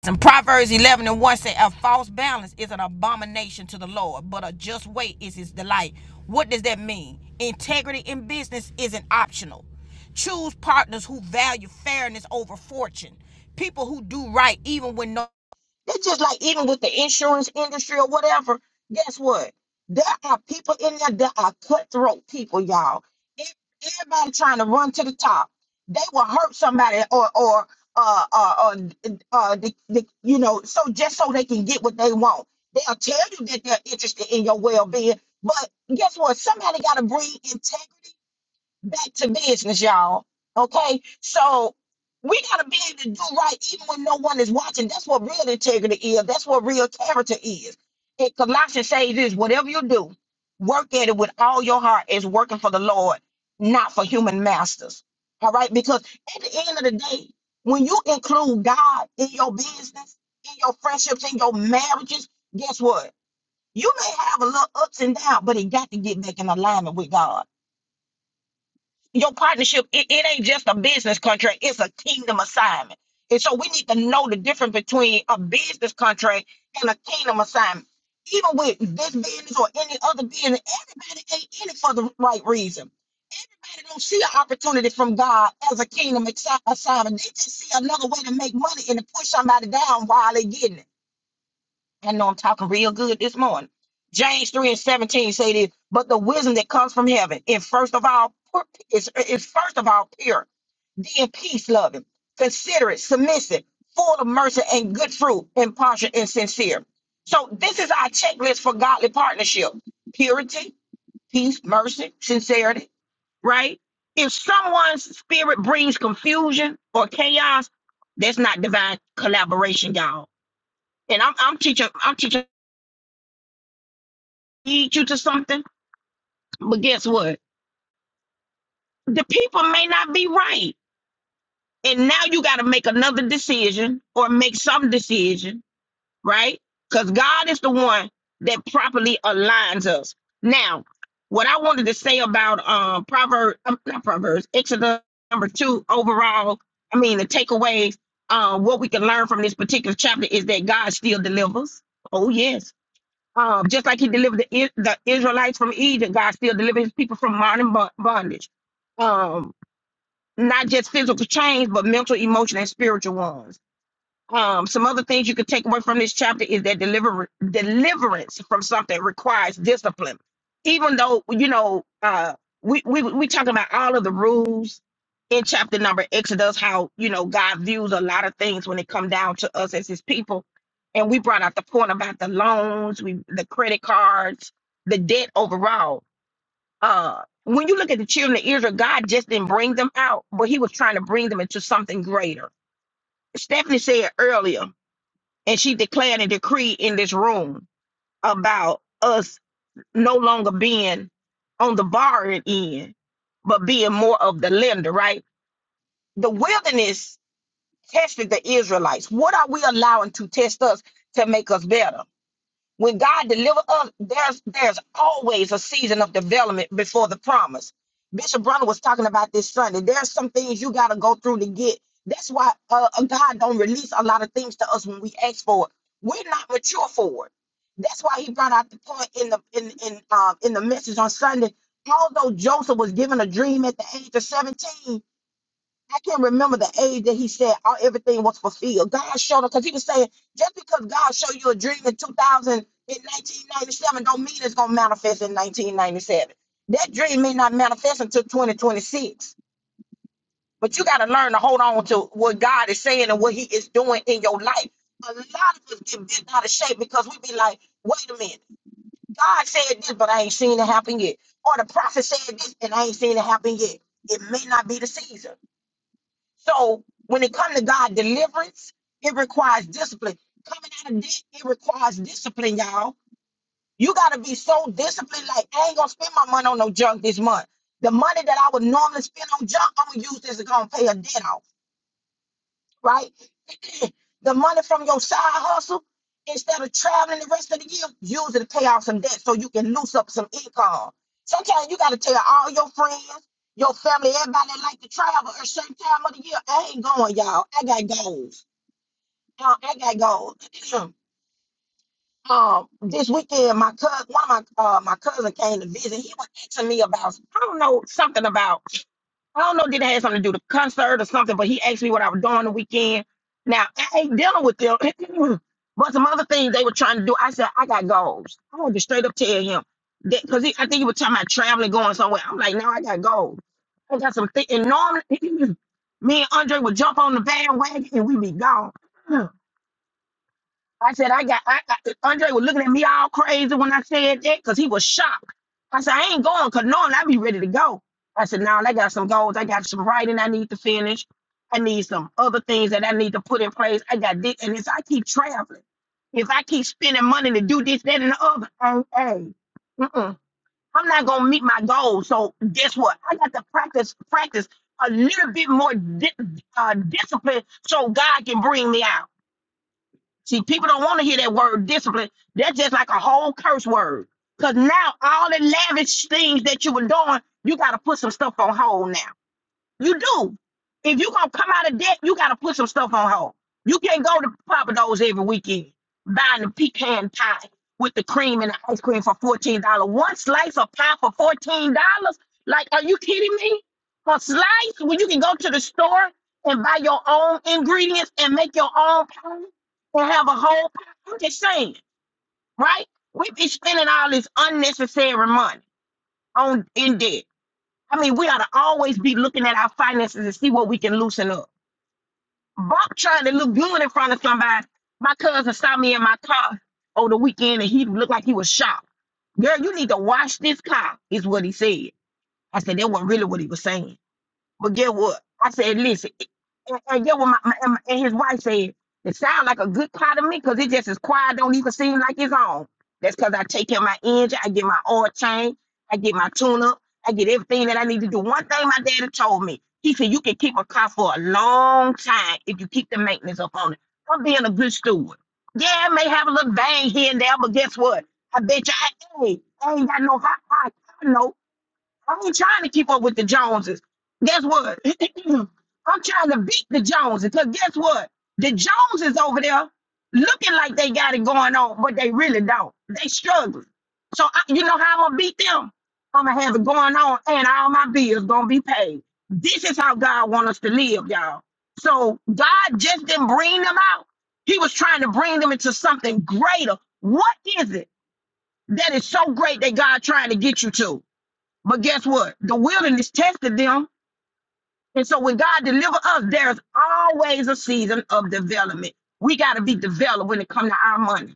[SPEAKER 1] And Proverbs 11 and 1 say, A false balance is an abomination to the Lord, but a just weight is his delight. What does that mean? Integrity in business isn't optional. Choose partners who value fairness over fortune, people who do right even when no that's just like even with the insurance industry or whatever. Guess what? There are people in there that are cutthroat people, y'all. Ev- Everybody trying to run to the top. They will hurt somebody or or uh uh, uh, uh the, the, you know so just so they can get what they want. They'll tell you that they're interested in your well being, but guess what? Somebody got to bring integrity back to business, y'all. Okay, so we gotta be able to do right even when no one is watching. That's what real integrity is. That's what real character is. It Colossians says this: whatever you do, work at it with all your heart as working for the Lord, not for human masters. All right, because at the end of the day, when you include God in your business, in your friendships, in your marriages, guess what? You may have a little ups and downs, but it got to get back in alignment with God your partnership, it, it ain't just a business contract, it's a kingdom assignment. And so we need to know the difference between a business contract and a kingdom assignment. Even with this business or any other business, everybody ain't in it for the right reason. Everybody don't see an opportunity from God as a kingdom assi- assignment. They just see another way to make money and to push somebody down while they getting it. I know I'm talking real good this morning. James 3 and 17 say this, but the wisdom that comes from heaven, and first of all, pu- is, is first of all pure being peace loving, considerate, submissive, full of mercy and good fruit, impartial and sincere. So this is our checklist for godly partnership: purity, peace, mercy, sincerity. Right? If someone's spirit brings confusion or chaos, that's not divine collaboration, y'all. And I'm, I'm teaching, I'm teaching lead you to something. But guess what? The people may not be right, and now you got to make another decision or make some decision right? Because God is the one that properly aligns us. Now, what I wanted to say about um Proverbs, um, not Proverbs, Exodus number two overall, I mean the takeaways, um, what we can learn from this particular chapter is that God still delivers. Oh yes. Um, just like he delivered the, I- the Israelites from Egypt, God still delivers his people from modern bo- bondage. Um, not just physical chains, but mental, emotional, and spiritual ones um, some other things you could take away from this chapter is that deliver deliverance from something requires discipline. Even though you know, uh, we we we talking about all of the rules in chapter number Exodus, how you know God views a lot of things when it come down to us as His people, and we brought out the point about the loans, we the credit cards, the debt overall. Uh, when you look at the children of Israel, God just didn't bring them out, but He was trying to bring them into something greater. Stephanie said earlier and she declared a decree in this room about us no longer being on the borrowing end, but being more of the lender, right? The wilderness tested the Israelites. What are we allowing to test us to make us better? When God delivers us, there's there's always a season of development before the promise. Bishop Brunner was talking about this Sunday. There's some things you got to go through to get. That's why uh, uh, God don't release a lot of things to us when we ask for it. We're not mature for it. That's why He brought out the point in the in in um, in the message on Sunday. Although Joseph was given a dream at the age of 17, I can't remember the age that he said all everything was fulfilled. God showed him because he was saying just because God showed you a dream in 2000 in 1997 don't mean it's gonna manifest in 1997. That dream may not manifest until 2026. But you gotta learn to hold on to what God is saying and what He is doing in your life. A lot of us get bent out of shape because we be like, wait a minute, God said this, but I ain't seen it happen yet. Or the prophet said this and I ain't seen it happen yet. It may not be the season. So when it comes to God deliverance, it requires discipline. Coming out of debt, it requires discipline, y'all. You gotta be so disciplined, like I ain't gonna spend my money on no junk this month. The money that I would normally spend on junk, I'm gonna use this to go and pay a debt off right? the money from your side hustle, instead of traveling the rest of the year, use it to pay off some debt so you can loose up some income. Sometimes you gotta tell all your friends, your family, everybody that like to travel at a certain time of the year, I ain't going, y'all. I got goals. Uh, I got goals. um, this weekend, my cousin, one of my uh, my cousin came to visit. He was asking me about I don't know something about. I don't know, did it have something to do with the concert or something, but he asked me what I was doing the weekend. Now, I ain't dealing with them. but some other things they were trying to do, I said, I got goals. I wanted to straight up tell him that because I think he was talking about traveling, going somewhere. I'm like, no, I got goals. I got some things. And normally, me and Andre would jump on the bandwagon and we be gone. I said, I got, I got, Andre and me all crazy when I said that because he was shocked. I said, I ain't going because knowing I be ready to go. I said, now I got some goals. I got some writing I need to finish. I need some other things that I need to put in place. I got this. And if I keep traveling, if I keep spending money, this, that, and the other, hey, hey, mm-mm, I'm not going to meet my goals. So guess what? I got to practice, practice a little bit more di- uh, discipline so God can bring me out. See, people don't want to hear that word discipline. That's just like a whole curse word. Because now all the lavish things that you were doing, you got to put some stuff on hold now. You do. If you gonna come out of debt, you gotta put some stuff on hold. You can't go to Papa Do's every weekend buying the pecan pie with the cream and the ice cream for fourteen dollars. One slice of pie for fourteen dollars? Like, are you kidding me? A slice when you can go to the store and buy your own ingredients and make your own pie and have a whole pie. I'm just saying, right? We be spending all this unnecessary money on in debt. I mean, we ought to always be looking at our finances and see what we can loosen up. Bump trying to look good in front of somebody. My cousin saw me in my car over the weekend and he looked like he was shocked. Girl, you need to wash this car, is what he said. I said, that wasn't really what he was saying. But get what? I said, listen, and, and get what my, my and my- and his wife said. It sounds like a good part of me because it just is quiet. Don't even seem like it's on. That's because I take care of my engine. I get my oil change. I get my tune up. I get everything that I need to do. One thing my daddy told me, he said, you can keep a car for a long time if you keep the maintenance up on it. I'm being a good steward. Yeah, I may have a little bang here and there, but guess what? I bet you I, hey, I ain't got no hot pot. I know I ain't trying to keep up with the Joneses. Guess what? I'm trying to beat the Joneses. Cause guess what? The Joneses over there looking like they got it going on, but they really don't. They struggling. So I, you know how I'm gonna beat them? I'm gonna have it going on, and all my bills gonna be paid. This is how God want us to live, y'all. So God just didn't bring them out. He was trying to bring them into something greater. What is it that is so great that God trying to get you to? But guess what? The wilderness tested them. And so when God delivers us, there's always a season of development. We got to be developed when it comes to our money.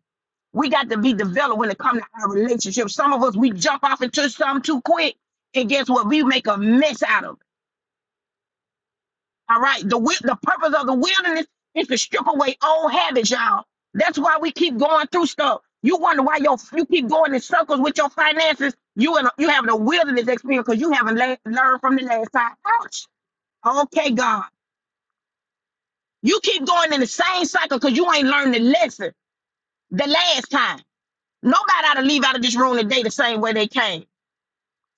[SPEAKER 1] We got to be developed when it comes to our relationships. Some of us, we jump off into something too quick. And guess what? We make a mess out of it. All right. The, wi- the purpose of the wilderness is to strip away old habits, y'all. That's why we keep going through stuff. You wonder why your you keep going in circles with your finances. You in a, you having a wilderness experience because you haven't la- learned from the last time. Ouch Okay, God. You keep going in the same cycle because you ain't learned the lesson the last time. Nobody ought to leave out of this room today the same way they came.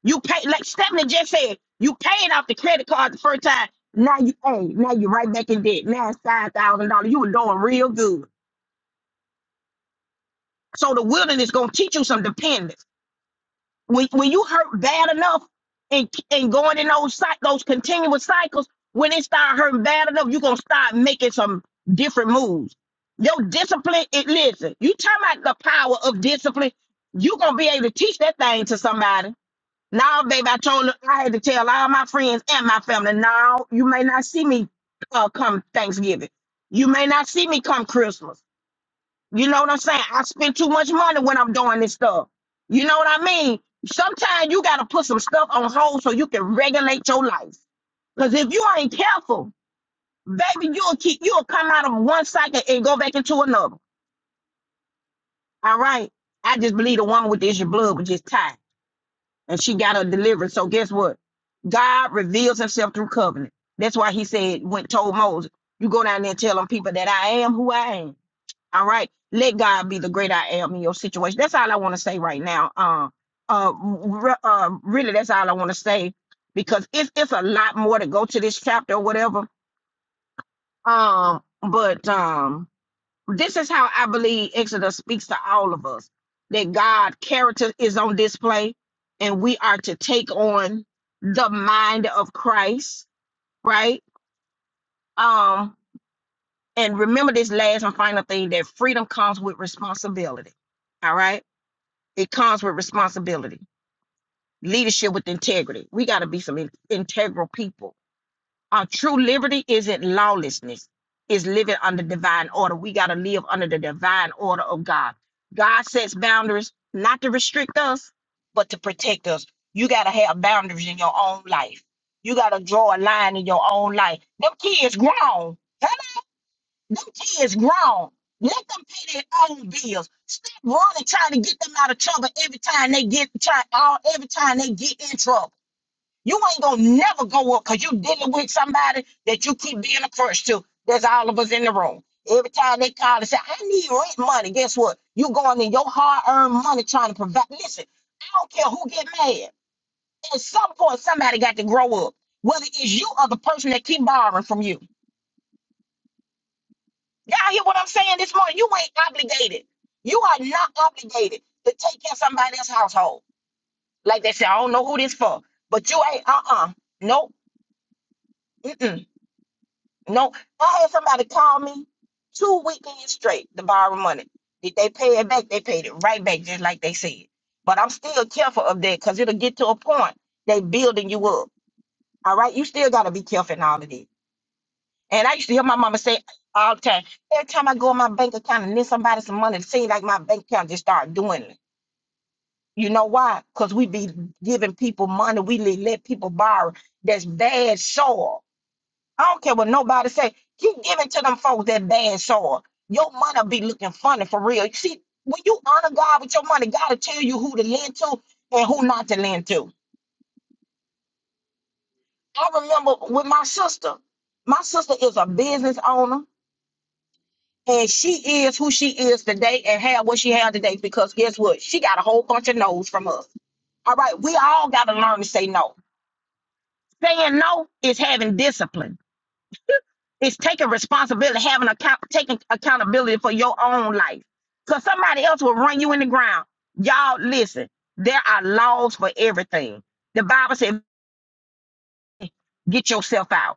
[SPEAKER 1] You pay like Stephanie just said, you paid off the credit card the first time. Now you hey, now you're right back in debt. Now it's five thousand dollars. You were doing real good. So the wilderness gonna teach you some dependence. when when you hurt bad enough and and going in those cy- those continuous cycles, when it start hurting bad enough, you're gonna start making some different moves. Your discipline, it listen, you talking about the power of discipline, you gonna be able to teach that thing to somebody. Now, baby, I told her I had to tell all my friends and my family, now you may not see me uh, come Thanksgiving. You may not see me come Christmas you know what I'm saying? I spend too much money when I'm doing this stuff. You know what I mean? Sometimes you gotta put some stuff on hold so you can regulate your life. Cause if you ain't careful, baby, you'll keep you'll come out of one cycle and go back into another. All right. I just believe the woman with the issue of blood was just tied and she got her deliverance. So guess what? God reveals himself through covenant. That's why he said, went told Moses, you go down there and tell them people that I am who I am. All right. Let God be the great I am in your situation. That's all I want to say right now. Uh, uh, re- uh, really, that's all I want to say because it's it's a lot more to go to this chapter or whatever. Um, but um, this is how I believe Exodus speaks to all of us that God character is on display, and we are to take on the mind of Christ, right? Um, and remember this last and final thing that freedom comes with responsibility. All right It comes with responsibility, leadership with integrity. We got to be some in- integral people. Our true liberty isn't lawlessness, it's living under divine order. We got to live under the divine order of God. God sets boundaries not to restrict us, but to protect us. You got to have boundaries in your own life. You got to draw a line in your own life. Them kids grown. Hello. Them kids grown. Let them pay their own bills. Stop running trying to get them out of trouble every time they get try all every time they get in trouble. You ain't gonna never go up because you dealing with somebody that you keep being a crush to. There's all of us in the room. Every time they call and say, I need rent money, guess what? You going in your hard-earned money trying to provide. Listen, I don't care who get mad. At some point, somebody got to grow up. Whether it's you or the person that keep borrowing from you. Y'all hear what I'm saying this morning? You ain't obligated. You are not obligated to take care of somebody else's household. Like they say, I don't know who this for, but you ain't, uh-uh. Nope. Mm-mm. No. I had somebody call me two weekends straight to borrow money. Did they pay it back? They paid it right back, just like they said. But I'm still careful of that because it'll get to a point they building you up. All right. You still gotta be careful in all of this. And I used to hear my mama say all the time, every time I go in my bank account and lend somebody some money, it seems like my bank account just start doing it. You know why? Because we be giving people money. We le- let people borrow. That's bad soil. I don't care what nobody say. Keep giving to them folks that bad soil. Your money be looking funny for real. You See, when you honor God with your money, God will tell you who to lend to and who not to lend to. I remember with my sister. My sister is a business owner And she is who she is today and have what she had today because guess what? She got a whole bunch of no's from us. All right, we all got to learn to say no. Saying no is having discipline. It's taking responsibility, having account, taking accountability for your own life. Cause somebody else will run you in the ground. Y'all listen. There are laws for everything. The Bible said, "Get yourself out."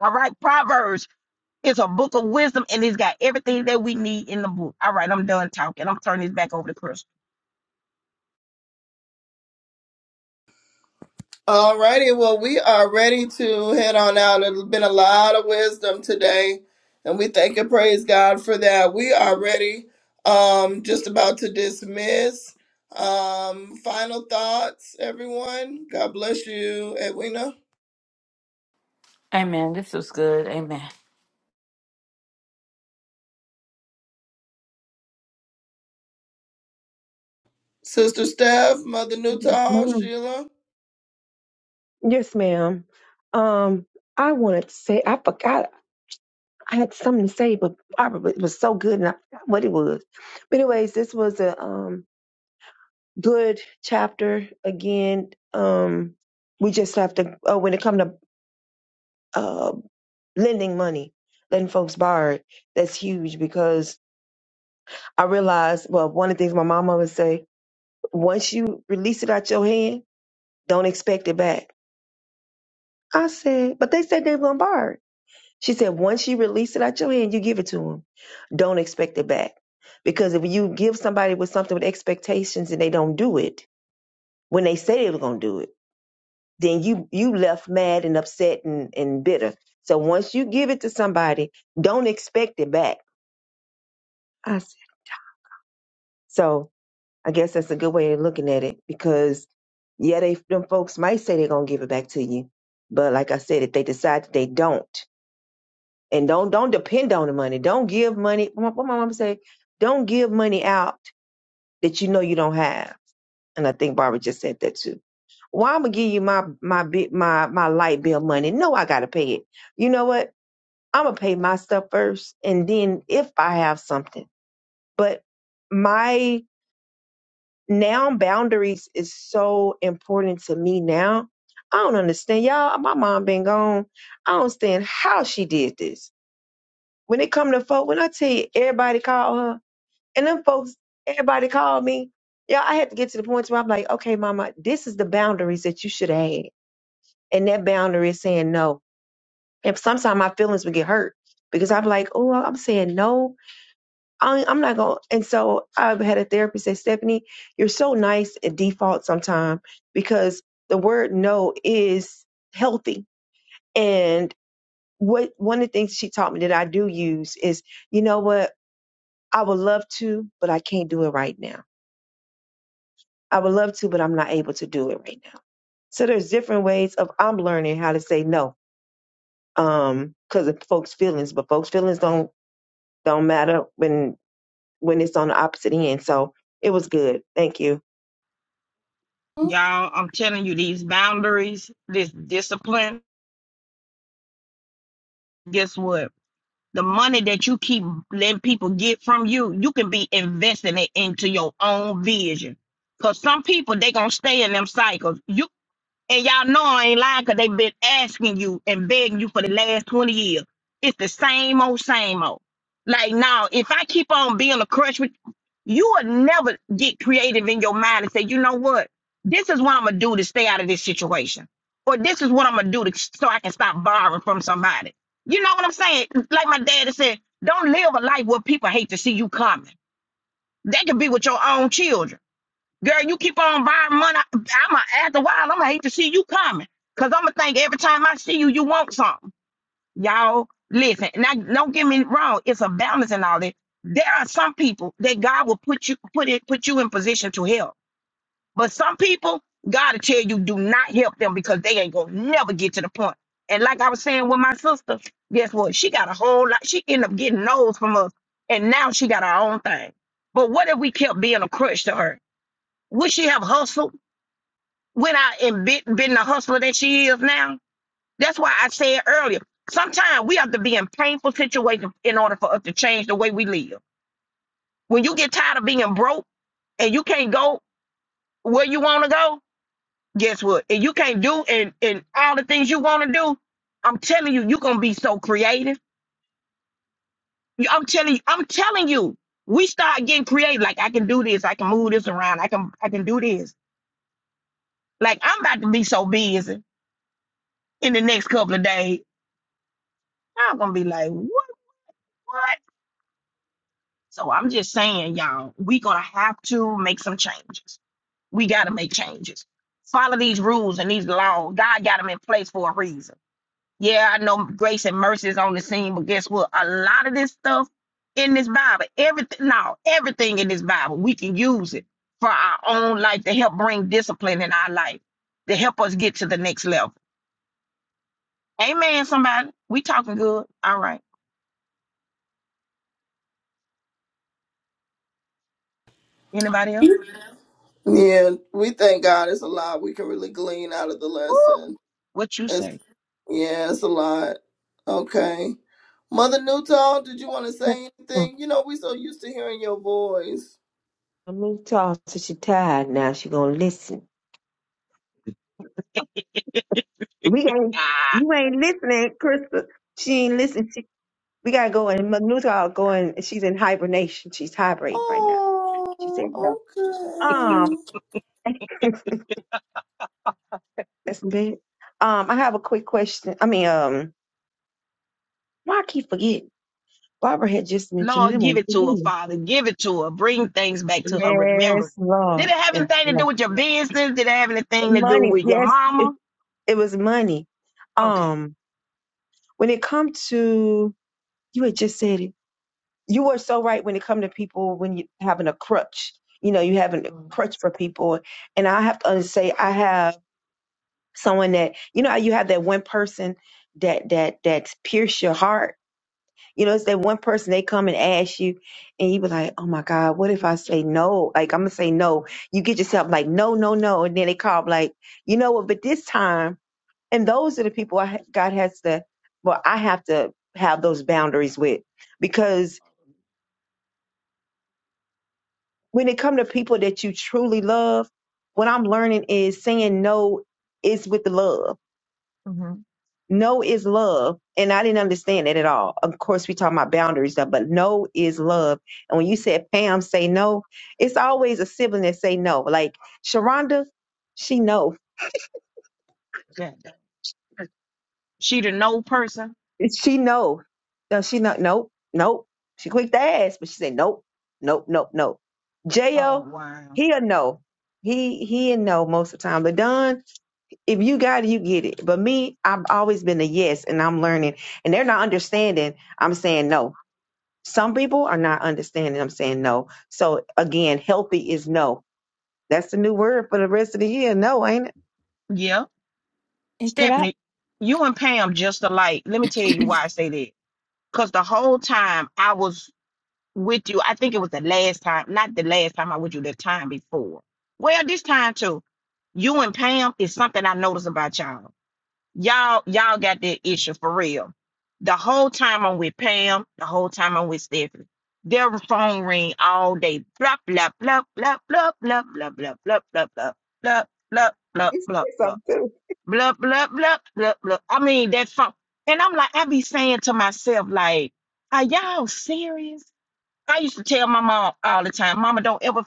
[SPEAKER 1] All right. Proverbs is a book of wisdom, and it's got everything that we need in the book. All right, I'm done talking. I'm turning this back over to Chris.
[SPEAKER 3] Alrighty, Well, we are ready to head on out. It's been a lot of wisdom today, and we thank and praise God for that. We are ready. Um, just about to dismiss. Um, final thoughts, everyone. God bless you, Edwina,
[SPEAKER 2] Amen. This was good. Amen.
[SPEAKER 3] Sister Steph, Mother
[SPEAKER 4] Yes,
[SPEAKER 3] Newtall,
[SPEAKER 4] ma'am.
[SPEAKER 3] Sheila.
[SPEAKER 4] Yes, ma'am. Um, I wanted to say I forgot I had something to say, but probably it was so good and I forgot what it was. But anyways, this was a um good chapter again. Um, we just have to uh, when it comes to uh lending money, letting folks borrow it. That's huge because I realized, well, one of the things my mom always say, once you release it out your hand, don't expect it back. I said, but they said they were going to borrow it. She said, once you release it out your hand, you give it to them. Don't expect it back. Because if you give somebody with something with expectations and they don't do it, when they say they were going to do it, then you, you left mad and upset and, and bitter. So once you give it to somebody, don't expect it back. I said, so I guess that's a good way of looking at it because yeah, they them folks might say they're gonna give it back to you, but like I said, if they decide that they don't, and don't don't depend on the money, don't give money. What what my mom say? Don't give money out that you know you don't have. And I think Barbara just said that too. Well, I'm gonna give you my my bit my my light bill money. No, I gotta pay it. You know what? I'm gonna pay my stuff first, and then if I have something, but my now boundaries is so important to me now. I don't understand. Y'all, my mom been gone. I don't understand how she did this. When it come to folk, when I tell you everybody called her, and them folks, everybody called me. Yeah, I had to get to the point where I'm like, okay, mama, this is the boundaries that you should have had. And that boundary is saying no. And sometimes my feelings would get hurt because I'm like, oh, I'm saying no I, I'm not going. to And so I've had a therapist say, Stephanie, you're so nice at default sometimes because the word no is healthy. And what one of the things she taught me that I do use is, you know what? I would love to, but I can't do it right now. I would love to, but I'm not able to do it right now. So there's different ways of I'm learning how to say no, um, because of folks' feelings, but folks' feelings don't don't matter when when it's on the opposite end. So it was good. Thank you.
[SPEAKER 1] out um, these boundaries, this discipline, guess what? The money that you keep letting people get from you, you can be investing it into your own vision. Cause some people they gonna stay in them cycles. You and y'all know I ain't lying because they've been asking you and begging you for the last 20 years. It's the same old, same old. Like now, if I keep on being a crush with You will never get creative in your mind and say, you know what? This is what I'm gonna do to stay out of this situation. Or this is what I'm gonna do to so I can stop borrowing from somebody. You know what I'm saying? Like my daddy said, don't live a life where people hate to see you coming. That could be with your own children. Girl, you keep on borrowing money. I'm a, after a while, I'm gonna hate to see you coming. Cause I'm gonna think every time I see you, you want something. Y'all, listen, now don't get me wrong, it's a balance and all that. There are some people that God will put you put it put you in position to help. But some people, God will tell you do not help them because they ain't gonna never get to the point. And like I was saying with my sister, guess what? She got a whole lot, she ended up getting those from us, and now she got her own thing. But what if we kept being a crutch to her? Would she have hustled? Went out and been, been the hustler that she is now? That's why I said earlier, sometimes we have to be in painful situations in order for us to change the way we live. When you get tired of being broke and you can't go where you want to go, guess what? And you can't do and, and all the things you want to do, I'm telling you, you're gonna be so creative. You- I'm telling you, I'm telling you, we start getting creative. Like I can do this, I can move this around, I can I can do this. Like I'm about to be so busy in the next couple of days. I'm gonna be like, what what? So I'm just saying, y'all, we gonna have to make some changes. We gotta make changes. Follow these rules and these laws. God got them in place for a reason. Yeah, I know grace and mercy is on the scene, but guess what? A lot of this stuff in this Bible, everything, no, everything in this Bible, we can use it for our own life to help bring discipline in our life, to help us get to the next level. Amen, somebody. We talking good. All right. Anybody else?
[SPEAKER 3] Yeah, we thank God. It's a lot we can really glean out of the
[SPEAKER 1] Woo,
[SPEAKER 3] lesson.
[SPEAKER 1] what you
[SPEAKER 3] It's,
[SPEAKER 1] say?
[SPEAKER 3] yeah, it's a lot. Okay. Mother Newton, did you want to say anything? You know, we so used to hearing your voice.
[SPEAKER 4] Let me talk to she tired now. She gonna listen. We ain't you ain't listening, Krista. She ain't listening. She, we gotta go and Manuta going she's in hibernation. She's hibernating right now. She said
[SPEAKER 3] Oh,
[SPEAKER 4] no. Um
[SPEAKER 3] okay.
[SPEAKER 4] that's bad. Um I have a quick question. I mean, um why I keep forgetting? Barbara had just mentioned it.
[SPEAKER 1] Lord,
[SPEAKER 4] It
[SPEAKER 1] give
[SPEAKER 4] won't
[SPEAKER 1] it
[SPEAKER 4] forget
[SPEAKER 1] to her,
[SPEAKER 4] me.
[SPEAKER 1] Father. Give it to her. Bring things back to her. Remember.
[SPEAKER 4] Yes,
[SPEAKER 1] Did it
[SPEAKER 4] Lord.
[SPEAKER 1] have
[SPEAKER 4] Yes,
[SPEAKER 1] anything to do
[SPEAKER 4] Lord.
[SPEAKER 1] with your business? Did it have anything to do
[SPEAKER 4] Money.
[SPEAKER 1] with your
[SPEAKER 4] Yes, it,
[SPEAKER 1] mama?
[SPEAKER 4] it was money. Um when it comes to you had just said it you are so right when it comes to people when you having a crutch you know you having a crutch for people and i have to say i have someone that you know how you have that one person that that that pierce your heart you know it's that one person they come and ask you and you be like oh my god what if i say no like i'm gonna say no you get yourself like no no no and then they call like you know what but this time and those are the people I, god has to well i have to have those boundaries with because when it come to people that you truly love, what I'm learning is saying no is with love.
[SPEAKER 1] hmm
[SPEAKER 4] No is love. And I didn't understand it at all. Of course, we talking about boundaries, though, but no is love. And when you said Pam say no, it's always a sibling that say no. Like Sharonda, she know.
[SPEAKER 1] Yeah. She the no person.
[SPEAKER 4] She know. No, she not. Nope. Nope. She quick to ask, but she said nope. Nope. Nope. Nope. J.O.,
[SPEAKER 1] Oh wow.
[SPEAKER 4] he a no. He, he a no most of the time. LaDon, if you got it, you get it. But me, I've always been a yes, and I'm learning. And they're not understanding. I'm saying no. Some people are not understanding. I'm saying no. So again, healthy is no. That's the new word for the rest of the year. No, ain't it?
[SPEAKER 1] Yep.
[SPEAKER 2] And could I
[SPEAKER 1] Stephanie, you and Pam just alike. Let me tell you why I say that. Because the whole time I was with you, I think it was the last time, not the last time I was with you, the time before. Well, this time too, you and Pam is something I noticed about y'all. Y'all, y'all got that issue for real. The whole time I'm with Pam, the whole time I'm with Stephanie, their phone ring all day. Blah blah blah blah blah blah blah blah blah blah blah blah blah blah blah
[SPEAKER 4] It's,
[SPEAKER 1] blah
[SPEAKER 4] it's
[SPEAKER 1] blah
[SPEAKER 4] something too.
[SPEAKER 1] blah blah blah blah blah. I mean that funk, and I'm like, I be saying to myself, like, are y'all serious? I use my mom all the time. Mom,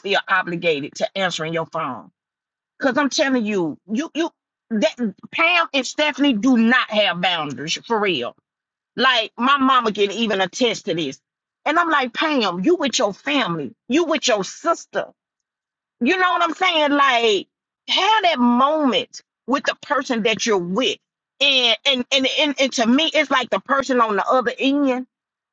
[SPEAKER 1] you're on your phone, cause I'm telling you, you you that Pam and Stephanie do not have boundaries for real. Like my mama can even attest to this, and I'm like, Pam, you with your family, you with your sister. You know what I'm saying? Like, have that moment with the person that you're with. And and and and, and to me, it's like the person on the other end.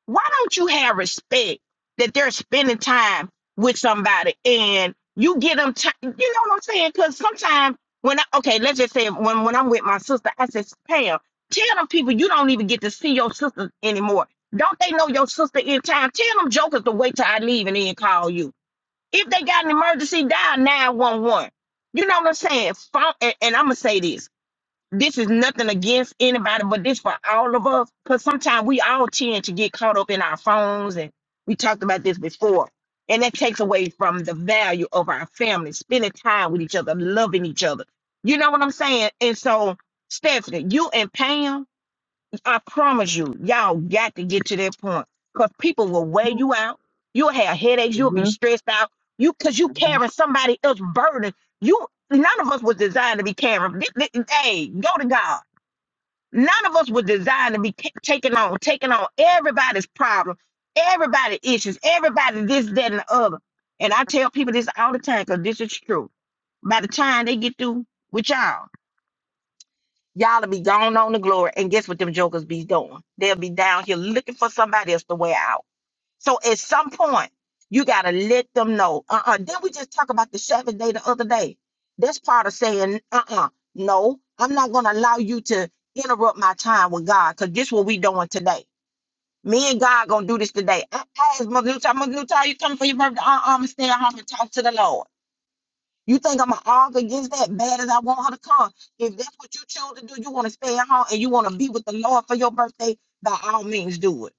[SPEAKER 1] Why don't you have respect that they're spending time with somebody and you get them time? You know what I'm saying? Because sometimes when I okay, let's just say when when I'm with my sister, I said, Pam, tell them people you don't even get to see your sister anymore. Don't they know your sister in time? Tell them jokers to wait till I leave and then call you if they got an emergency, dial 911. You know what I'm saying? Phone, and, and I'm going to say this. This is nothing against anybody, but this for all of us. Because sometimes we all tend to get caught up in our phones. And we talked about this before. And that takes away from the value of our family, spending time with each other, loving each other. You know what I'm saying? And so, Stephanie, you and Pam, I promise you, y'all got to get to that point because people will wear
[SPEAKER 4] You,
[SPEAKER 1] you out. You'll have headaches. You'll be
[SPEAKER 4] Mhm,
[SPEAKER 1] stressed out. You because you
[SPEAKER 4] mhm.
[SPEAKER 1] carrying somebody else's burden. You none of us was designed to be carrying. thi- thi- Hey, go to God. None of us was designed to be ca- taking on taking on everybody's problem, everybody's issues, everybody this, that, and the other. And I tell people this all the time because this is true. By the time they get through with y'all, Y'all'll be gone on to glory. And guess what them jokers be doing? They'll be down here looking for somebody else to wear out. So at some point, you gotta let them know. Uh-uh. Didn't we just talk about the Sabbath day the other day? That's part of saying, uh-uh, no, I'm not gonna allow you to interrupt my time with God, because this what we doing today. Me and God gonna do this today. I, I, I'm gonna leave her, uh-uh, I'm gonna stay at home and talk to the Lord. You think I'm gonna argue against that bad as I want her to come? If that's what you choose to do, you want to stay at home and you want to be with the Lord for your birthday, by all means do it.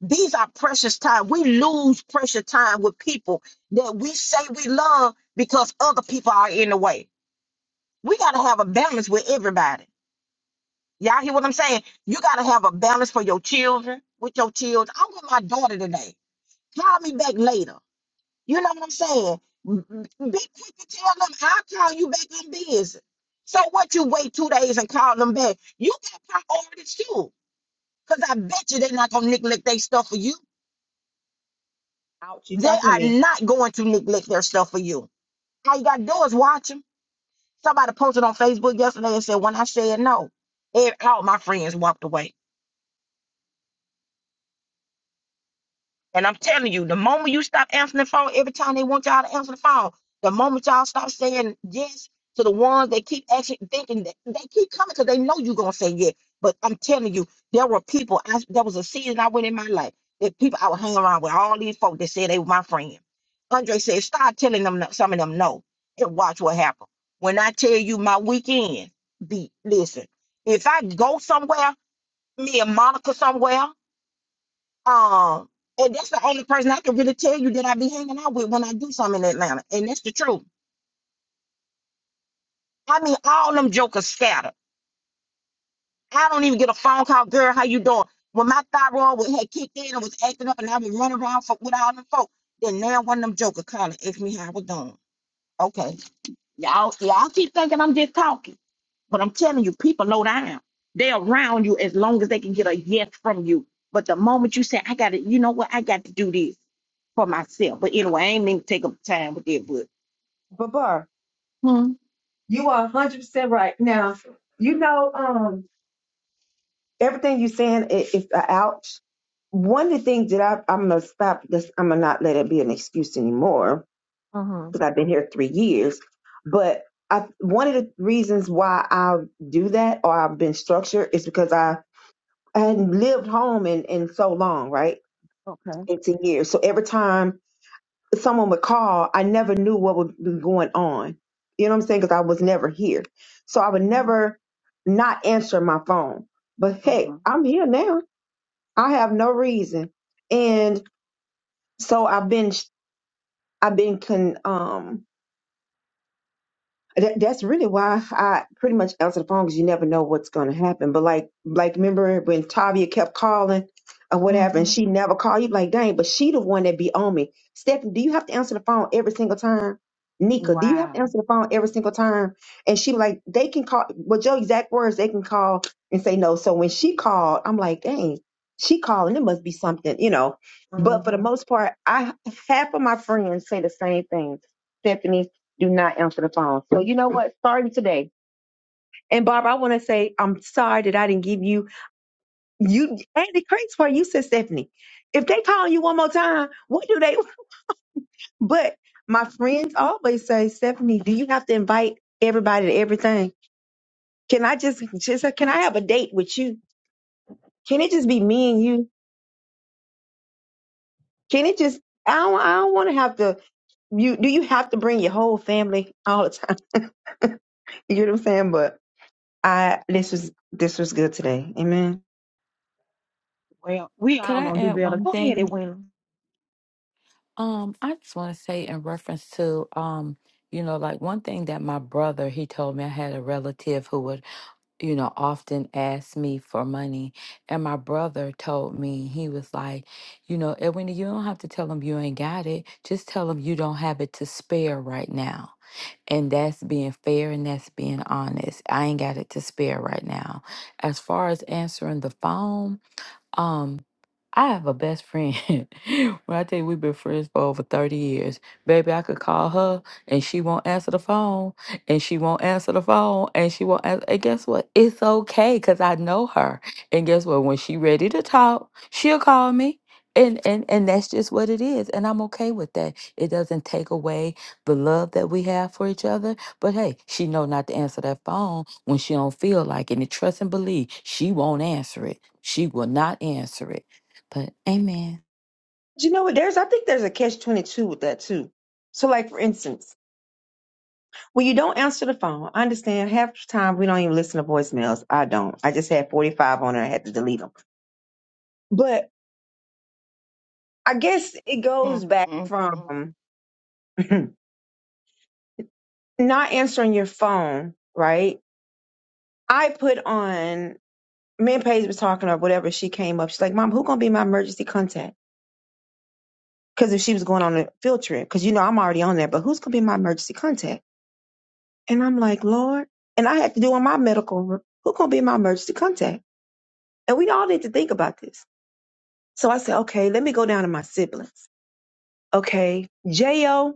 [SPEAKER 1] These are precious time. We lose precious time with people that we say we love because other people are in the way. We gotta have a balance with everybody. Y'all hear what I'm saying? You gotta have a balance for your children, with your children. I'm with my daughter today. Call me back later. You know what I'm saying? M- m- Be quick to tell them I'll call you back in business. So what you wait two days and call them back? You got priorities too. Because I bet you they're not gonna neglect their stuff for you.
[SPEAKER 4] Ouch! You
[SPEAKER 1] They
[SPEAKER 4] talking to
[SPEAKER 1] are
[SPEAKER 4] me,
[SPEAKER 1] not going to neglect their stuff for you. All you gotta do is watch them. Somebody posted on Facebook yesterday and said, when I said no, ev- all my friends walked away. And I'm telling you, the moment you stop answering the phone, every time they want y'all to answer the phone, the moment y'all stop saying yes to the ones they keep actually thinking that they keep coming because they know you're gonna say yes. But I'm telling you, there were people. I, there was a season I went in my life that people I would hang around with all these folk that said they were my friend. Andre said, start telling them no- some of them no, and watch what happens. When I tell you my weekend, be listen. If I go somewhere, me and Monica somewhere. Um, and that's the only person I can really tell you that I be hanging out with when I do something in Atlanta. And that's the truth. I mean, all them jokers scattered. I don't even get a phone call, girl, how you doing? When my thyroid was, had kicked in and was acting up and I was running around for, with all them folk, then now one of them jokers called and asked me how I was doing. Okay. Y'all, y'all keep thinking I'm just talking. But I'm telling you, people low down. They're around you as long as they can get a yes from you. But the moment you say, I got to, you know what, I got to do this. for myself. But anyway, I ain't mean to take up time with that, but
[SPEAKER 4] Babar?
[SPEAKER 1] hmm.
[SPEAKER 4] You are 100 percent right. Now, you know, um, everything you are saying i- is a ouch. One of the things that I, I'm gonna stop. This, I'm gonna not let it be an excuse anymore
[SPEAKER 1] Uh-huh.
[SPEAKER 4] because I've been here three years. But I, one of the reasons why I do that or I've been structured is because I, I hadn't lived home in, in so long, right?
[SPEAKER 1] Okay.
[SPEAKER 4] 18 years. So every time someone would call, I never knew what would be going on. You know what I'm saying? Because I was never here. So I would
[SPEAKER 1] Uh-huh.
[SPEAKER 4] never not answer my phone. But hey,
[SPEAKER 1] Uh-huh.
[SPEAKER 4] I'm here now. I have no reason. And so I've been, I've been con, um, That, that's really why I pretty much answered the phone because you never know what's going to happen. But like, like remember when Tavia kept calling or whatever, and
[SPEAKER 1] Mm-hmm.
[SPEAKER 4] she never called you? Like, dang, but she the one that be on me. Stephanie, do you have to answer the phone every single time? Nika, do you have to
[SPEAKER 1] Wow.
[SPEAKER 4] answer the phone every single time? And she like, they can call. Well, Joe, exact words, they can call and say no. So when she called, I'm like, dang, she calling. It must be something, you know. But for the
[SPEAKER 1] Mm-hmm.
[SPEAKER 4] most part, I half of my friends say the same thing. Stephanie do not answer the phone. So you know what? Starting today. And Barbara, I want to say I'm sorry that I didn't give you you Andy Craig's part. You said Stephanie. If they call you one more time, what do they? But my friends always say, Stephanie, do you have to invite everybody to everything? Can I just just can I have a date with you? Can it just be me and you? Can it just? I don't. I don't want to have to. You do you have to bring your whole family all the time? You know what I'm saying? But I this was this was good today. Amen.
[SPEAKER 1] Well, we
[SPEAKER 2] could
[SPEAKER 1] all
[SPEAKER 2] I
[SPEAKER 1] gonna do
[SPEAKER 2] add
[SPEAKER 1] better.
[SPEAKER 2] one
[SPEAKER 1] Go ahead,
[SPEAKER 2] thing?
[SPEAKER 1] Edwina.
[SPEAKER 2] Um, I just want to say in reference to um, you know, like one thing that my brother he told me I had a relative who would you know, often asked me for money. And my brother told me, he was like, you know, Edwina, you don't have to tell them you ain't got it. Just tell them you don't have it to spare right now. And that's being fair and that's being honest. I ain't got it to spare right now. As far as answering the phone, um, I have a best friend. when I tell you we've been friends for over 30 years, baby, I could call her and she won't answer the phone, and she won't answer the phone, and she won't answer. And guess what? It's okay because I know her. And guess what? When she ready to talk, she'll call me. And, and and that's just what it is. And I'm okay with that. It doesn't take away the love that we have for each other. But hey, she know not to answer that phone when she don't feel like it. And trust and believe, she won't answer it. She will not answer it. But amen.
[SPEAKER 4] Do you know what? There's, I think there's a catch 22 with that too. So, like, for instance, when you don't answer the phone, I understand half the time we don't even listen to voicemails. I don't. I just had 45 on it. I had to delete them. But I guess it
[SPEAKER 1] Mm,
[SPEAKER 4] goes back
[SPEAKER 1] mm, mm.
[SPEAKER 4] from not answering your phone, right? I put on, me and Paige was talking or whatever. She came up. She's like, Mom, who going to be my emergency contact? Because if she was going on a field trip, because you know I'm already on there, but who's going to be my emergency contact? And I'm like, Lord, and I had to do on my medical, re- who gonna be my emergency contact? And we all need to think about this. So I said, okay, let me go down to my siblings. Okay, JL,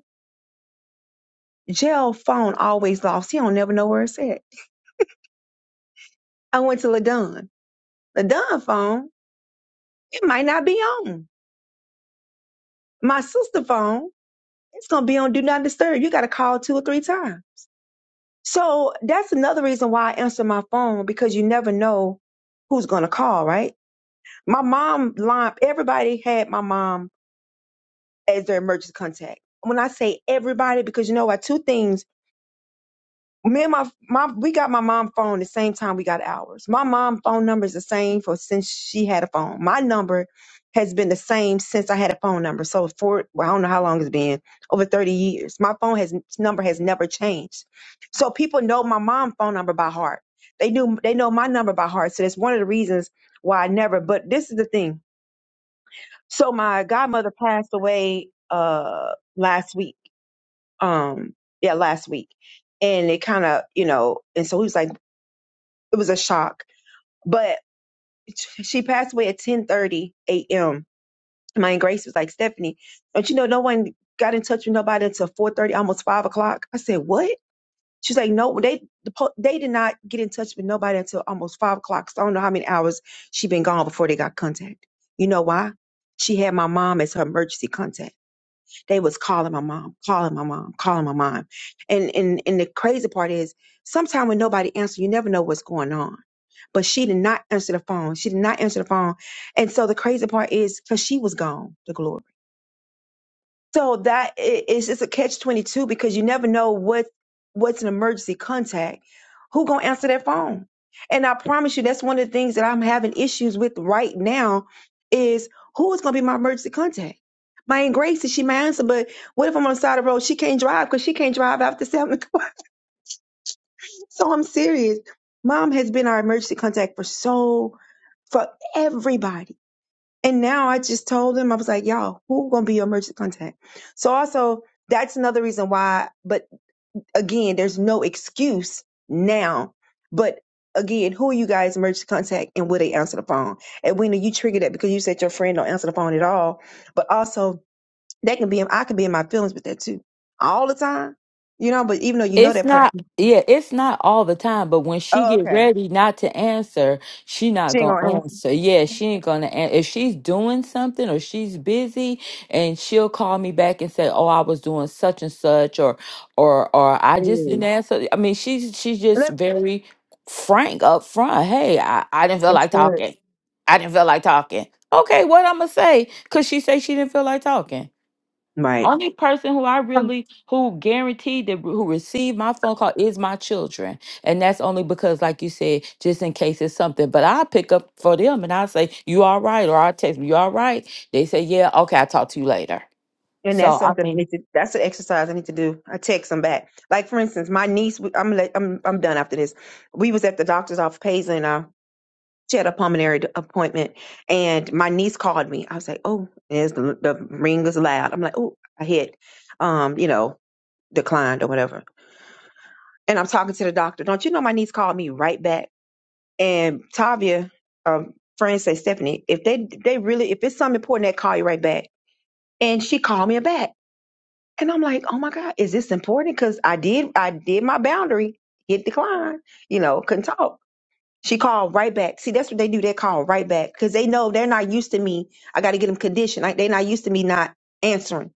[SPEAKER 4] JL phone always lost. He don't never know where it's at. I went to LaDon. LaDon phone, it might not be on. My sister phone, it's gonna be on Do Not Disturb. You gotta call two or three times. So that's another reason why I answer my phone because you never know who's gonna call, right? My mom line, everybody had my mom as their emergency contact. When I say everybody, because you know what, two things. Me and my my we got my mom phone the same time we got ours. My mom phone number is the same for since she had a phone. My number has been the same since I had a phone number. So for well, I don't know how long it's been, over 30 years. My phone has number has never changed. So people know my mom phone number by heart. They do they know my number by heart. So that's one of the reasons why I never but this is the thing. So my godmother passed away uh last week um yeah last week and it kind of you know and so he was like it was a shock but she passed away at ten thirty a.m my Aunt grace was like stephanie don't you know no one got in touch with nobody until four thirty, almost 5 o'clock i said what she's like no they the po- they did not get in touch with nobody until almost 5 o'clock so i don't know how many hours she been gone before they got contact you know why she had my mom as her emergency contact they was calling my mom, calling my mom, calling my mom. And and and the crazy part is sometimes when nobody answers, you never know what's going on. But she did not answer the phone. She did not answer the phone. And so the crazy part is because she was gone, the glory. So that i- it's a catch twenty two because you never know what what's an emergency contact. Who gonna answer that phone? And I promise you, that's one of the things that I'm having issues with right now is who is gonna be my emergency contact. My Aunt Gracie, she may answer, but what if I'm on the side of the road? She can't drive because she can't drive after seven o'clock. So I'm serious. Mom has been our emergency contact for so for everybody and now I just told them I was like, y'all, who gonna be your emergency contact? So also that's another reason why, but again, there's no excuse now. But again, who are you guys emergency contact and will they answer the phone? And when you trigger that because you said your friend don't answer the phone at all. But also that can be I can be in my feelings with that too. All the time. You know, but even though you know
[SPEAKER 2] It's
[SPEAKER 4] that
[SPEAKER 2] not,
[SPEAKER 4] person,
[SPEAKER 2] yeah, it's not all the time, but when she
[SPEAKER 4] oh
[SPEAKER 2] get
[SPEAKER 4] okay.
[SPEAKER 2] ready not to answer, she not
[SPEAKER 4] She ain't
[SPEAKER 2] gonna
[SPEAKER 4] gonna answer.
[SPEAKER 2] answer. Yeah, she ain't gonna answer. If she's doing something or she's busy and she'll call me back and say, Oh, I was doing such and such or or or I just didn't
[SPEAKER 4] Mm.
[SPEAKER 2] answer. I mean, she's she's just
[SPEAKER 4] Yep,
[SPEAKER 2] very frank up front. Hey, I, I didn't feel
[SPEAKER 4] That's
[SPEAKER 2] like
[SPEAKER 4] good.
[SPEAKER 2] talking. I didn't feel like talking. Okay, what I'm gonna say? Cause she say she didn't feel like talking.
[SPEAKER 4] Right.
[SPEAKER 2] Only person who I really who guaranteed that who received my phone call is my children. And that's only because, like you said, just in case it's something. But I pick up for them and I say, You all right? Or I text them, You all right? They say, Yeah, okay, I'll talk to you later.
[SPEAKER 4] And that's
[SPEAKER 2] So I
[SPEAKER 4] something I
[SPEAKER 2] mean
[SPEAKER 4] need to. That's an exercise I need to do. I text them back. Like for instance, my niece. we- I'm let, I'm I'm done after this. We was at the doctor's office, Paisley, and I. She had a pulmonary d- appointment, and my niece called me. I was like, "Oh, is the, the ring was loud." I'm like, "Oh, I hit, um, you know, declined or whatever." And I'm talking to the doctor. Don't you know my niece called me right back? And Tavia, um, friends say Stephanie, if they they really if it's something important, they call you right back. And she called me back. And I'm like, oh my God, is this important? Because I did, I did my boundary, hit decline, you know, couldn't talk. She called right back. See, that's what they do. They call right back because they know they're not used to me. I got to get them conditioned. Like, they're not used to me not answering.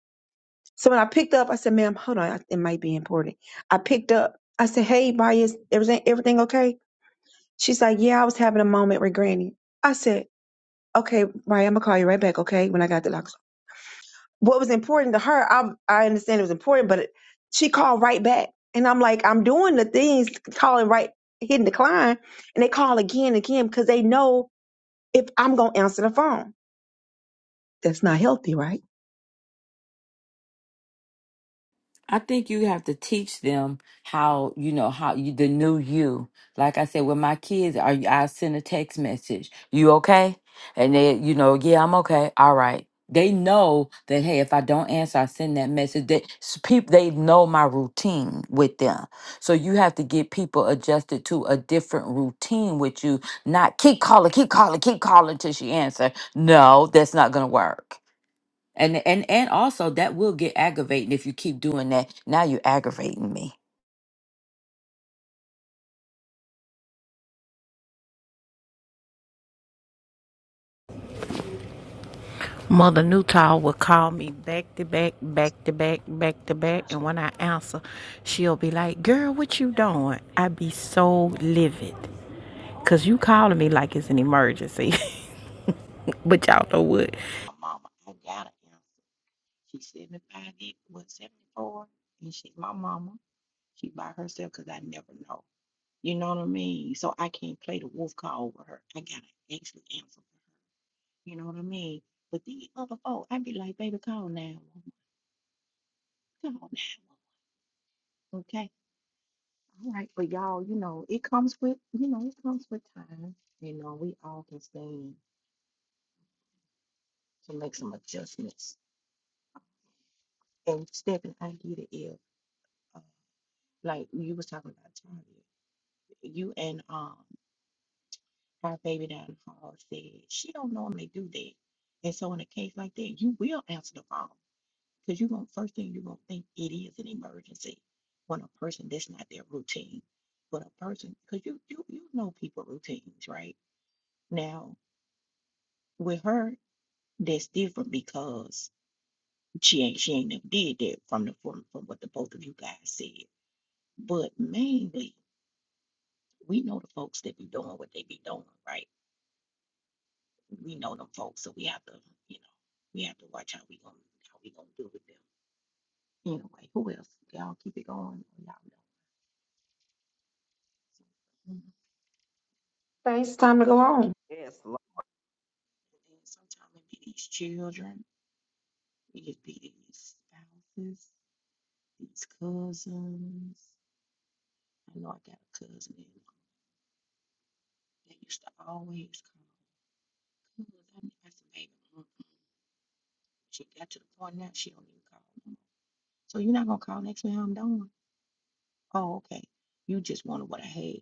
[SPEAKER 4] So when I picked up, I said, ma'am, hold on. I- It might be important. I picked up. I said, hey, Bias, everything, everything okay? She's like, yeah, I was having a moment with Granny. I said, okay, Maya, I'm going to call you right back, okay, when I got the what was important to her, I I understand it was important, but it, she called right back, and I'm like, I'm doing the things, calling right, hitting decline, and they call again and again because they know if I'm gonna answer the phone, that's not healthy, right?
[SPEAKER 2] I think you have to teach them how you know how you, the new you. Like I said, with my kids, are you- I send a text message. You okay? And they, you know, yeah, I'm okay. All right. They know that hey, if I don't answer, I send that message. That people they know my routine with them. So you have to get people adjusted to a different routine with you. Not keep calling, keep calling, keep calling till she answer. No, that's not gonna work. And and and also that will get aggravating if you keep doing that. Now you're aggravating me.
[SPEAKER 1] Mother Newtall would call me back to back, back to back, back to back. And
[SPEAKER 4] Gotcha.
[SPEAKER 1] when I answer, she'll be like, Girl, what you doing? I be so livid. Cause you calling me like it's an emergency. but y'all know what? Mama, I got it. She's 75, deep, what, 74? And she, my mama, she by herself because I never know. You know what I mean? So I can't play the wolf call over her. I gotta actually answer for her. You know what I mean? But these other folk, i be like, baby, call now. Call now. Okay. All right. But y'all, you know, it comes with, you know, it comes with time. You know, we all can stand to make some adjustments. And Stephanie, I get it if, uh, like you was talking about Tanya, you and um Our baby down the hall said she don't normally do that. And so in a case like that, you will answer the phone because you're going first thing you're gonna think it is an emergency when a person that's not their routine. But a person because you you you know people routines, right? Now with her, that's different because she ain't she ain't never did that from the from, from what the both of you guys said. But mainly we know the folks that be doing what they be doing, right? we know them folks, so we have to, you know, we have to watch how we gonna how we gonna deal with them. Anyway, who else? Y'all keep it going, or y'all know. Mhm. And
[SPEAKER 4] Thanks, it's time to go home. Yes, Lord.
[SPEAKER 1] then sometimes it be these children, it just be these spouses, these cousins. I know I got a cousin that they used to always call. Cause I mean, I said, baby, mm-mm." she got to the point now she don't even call no more. So you're not gonna call next time I'm done. Oh, okay. You just wanted what I had.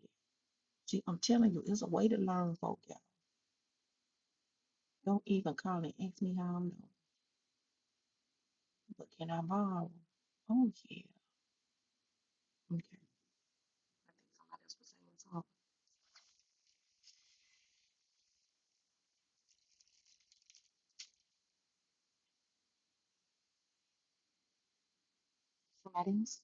[SPEAKER 1] See, I'm telling you, it's a way to learn, folk, y'all. Don't even call and ask me how I know. But can I borrow? Oh yeah. Okay. I think somebody else was saying something. Somebody else?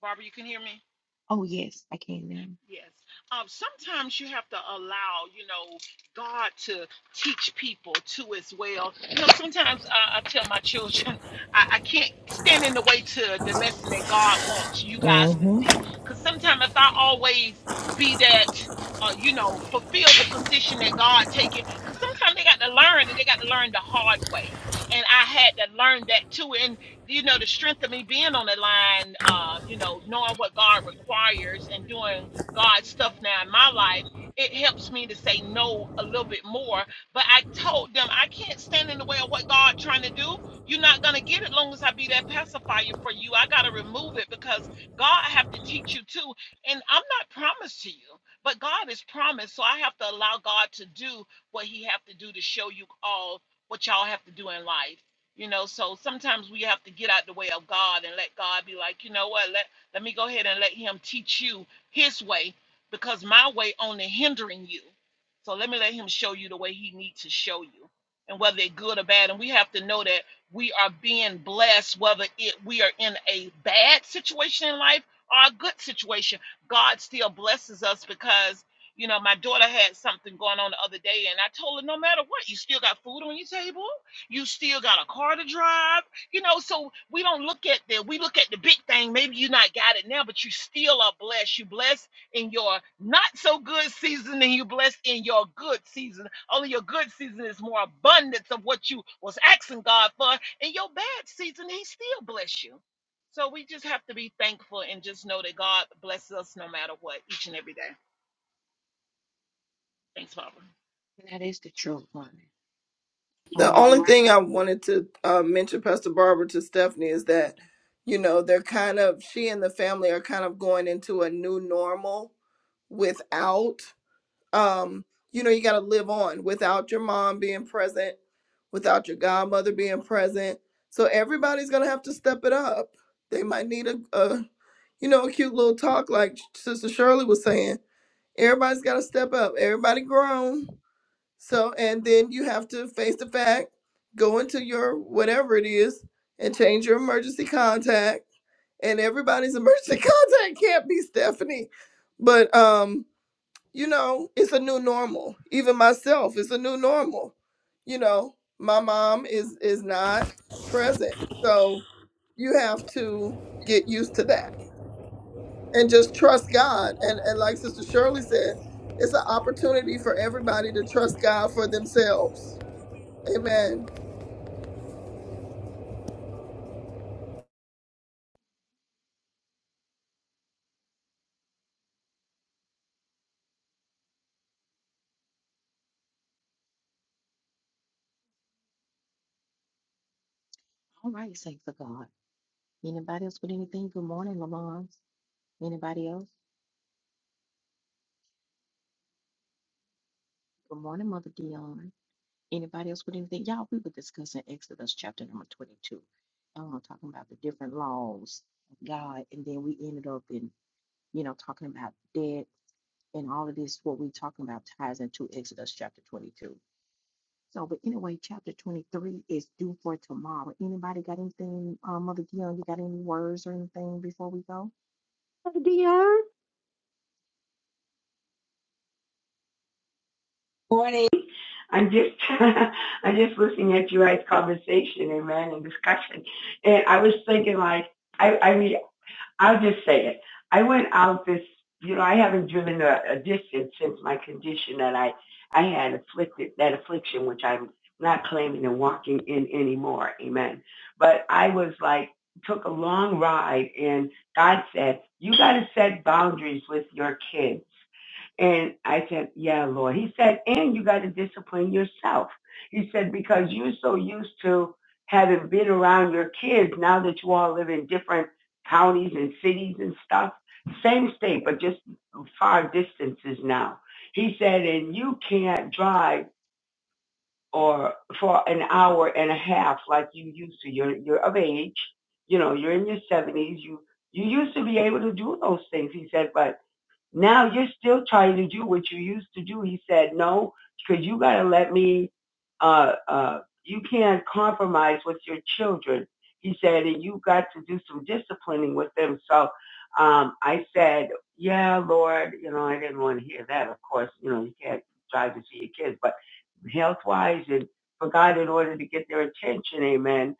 [SPEAKER 8] Barbara, you can hear me?
[SPEAKER 1] Oh yes, I can now.
[SPEAKER 8] Yes. Um, sometimes you have to allow, you know, God to teach people too as well. You know, sometimes I, I tell my children, I, I can't stand in the way to the lesson that God wants you guys to
[SPEAKER 1] Mm-hmm.
[SPEAKER 8] see. Because sometimes if I always be that, uh, you know, fulfill the position that God taking, because sometimes they got to learn and they got to learn the hard way. And I had to learn that too. And you know, the strength of me being on the line, um, you know, knowing what God requires and doing God's stuff now in my life, it helps me to say no a little bit more. But I told them I can't stand in the way of what God trying to do. You're not gonna get it long as I be that pacifier for you. I gotta remove it because God have to teach you too. And I'm not promised to you, but God is promised. So I have to allow God to do what He have to do to show you all what y'all have to do in life. You know, so sometimes we have to get out the way of God and let God be like, you know what, let let me go ahead and let him teach you his way because my way only hindering you. So let me let him show you the way he needs to show you. And whether it's good or bad, and we have to know that we are being blessed, whether it we are in a bad situation in life or a good situation, God still blesses us because you know my daughter had something going on the other day, and I told her no matter what, you still got food on your table, you still got a car to drive, you know, so we don't look at the we look at the big thing. Maybe you not got it now, but you still are blessed. You blessed in your not so good season, and you blessed in your good season. Only your good season is more abundance of what you was asking God for. In your bad season, He still bless you. So we just have to be thankful and just know that God blesses us no matter what, each and every day. Thanks, Papa.
[SPEAKER 1] That is the truth, honey. All
[SPEAKER 3] The only
[SPEAKER 1] right.
[SPEAKER 3] thing I wanted to uh, mention, Pastor Barbara, to Stephanie is that, you know, they're kind of, she and the family are kind of going into a new normal without um, you know, you got to live on without your mom being present, without your godmother being present. So everybody's gonna have to step it up. They might need a, a you know, a cute little talk like Sister Shirley was saying. Everybody's got to step up. Everybody grown. So and then you have to face the fact, go into your whatever it is, and change your emergency contact. And everybody's emergency contact can't be Stephanie, but um you know, it's a new normal. Even myself, it's a new normal. You know, my mom is is not present. So you have to get used to that and just trust God. And and like Sister Shirley said, it's an opportunity for everybody to trust God for themselves. Amen
[SPEAKER 1] All right, saints of God. Anybody else with anything? Good morning, Lamont. Anybody else? Good morning, Mother Dion. Anybody else with anything? Y'all, we were discussing Exodus chapter number 22. Um, talking about the different laws of God. And then we ended up in you know, talking about dead and all of this, what we're talking about ties into Exodus chapter 22. So, but anyway, chapter 23 is due for tomorrow. Anybody got anything, uh, Mother Dion, you got any words or anything before we go?
[SPEAKER 4] Dion, you,
[SPEAKER 9] Morning. I'm just I'm just listening at you guys' conversation, amen, and discussion. And I was thinking like I I mean, I'll just say it. I went out this you know, I haven't driven a, a distance since my condition that I I had afflicted that affliction which I'm not claiming and walking in anymore, amen. But I was like took a long ride and God said, You gotta set boundaries with your kids. And I said, Yeah, Lord. He said, And you got to discipline yourself. He said, Because you're so used to having been around your kids now that you all live in different counties and cities and stuff, same state, but just far distances now. He said, And you can't drive or for an hour and a half like you used to. You're, you're of age. You know, you're in your 70s. You, you used to be able to do those things. He said, but now you're still trying to do what you used to do. He said, no, because you got to let me, uh, uh, you can't compromise with your children. He said, and you got to do some disciplining with them. So, um, I said, yeah, Lord, you know, I didn't want to hear that. Of course, you know, you can't drive to see your kids, but health wise and for God, in order to get their attention, amen,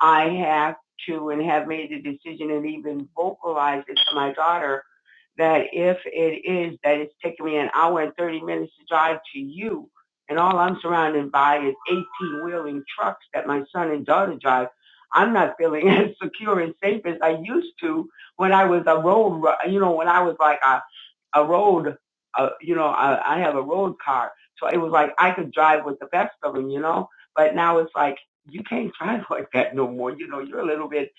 [SPEAKER 9] I have to and have made the decision and even vocalized it to my daughter that if it is that it's taking me an hour and 30 minutes to drive to you, and all I'm surrounded by is 18 wheeling trucks that my son and daughter drive, I'm not feeling as secure and safe as I used to when I was a road, ru- you know, when I was like a a road, uh, you know, I, I have a road car. So it was like I could drive with the best of them, you know. But now it's like you can't drive like that no more. You know, you're a little bit,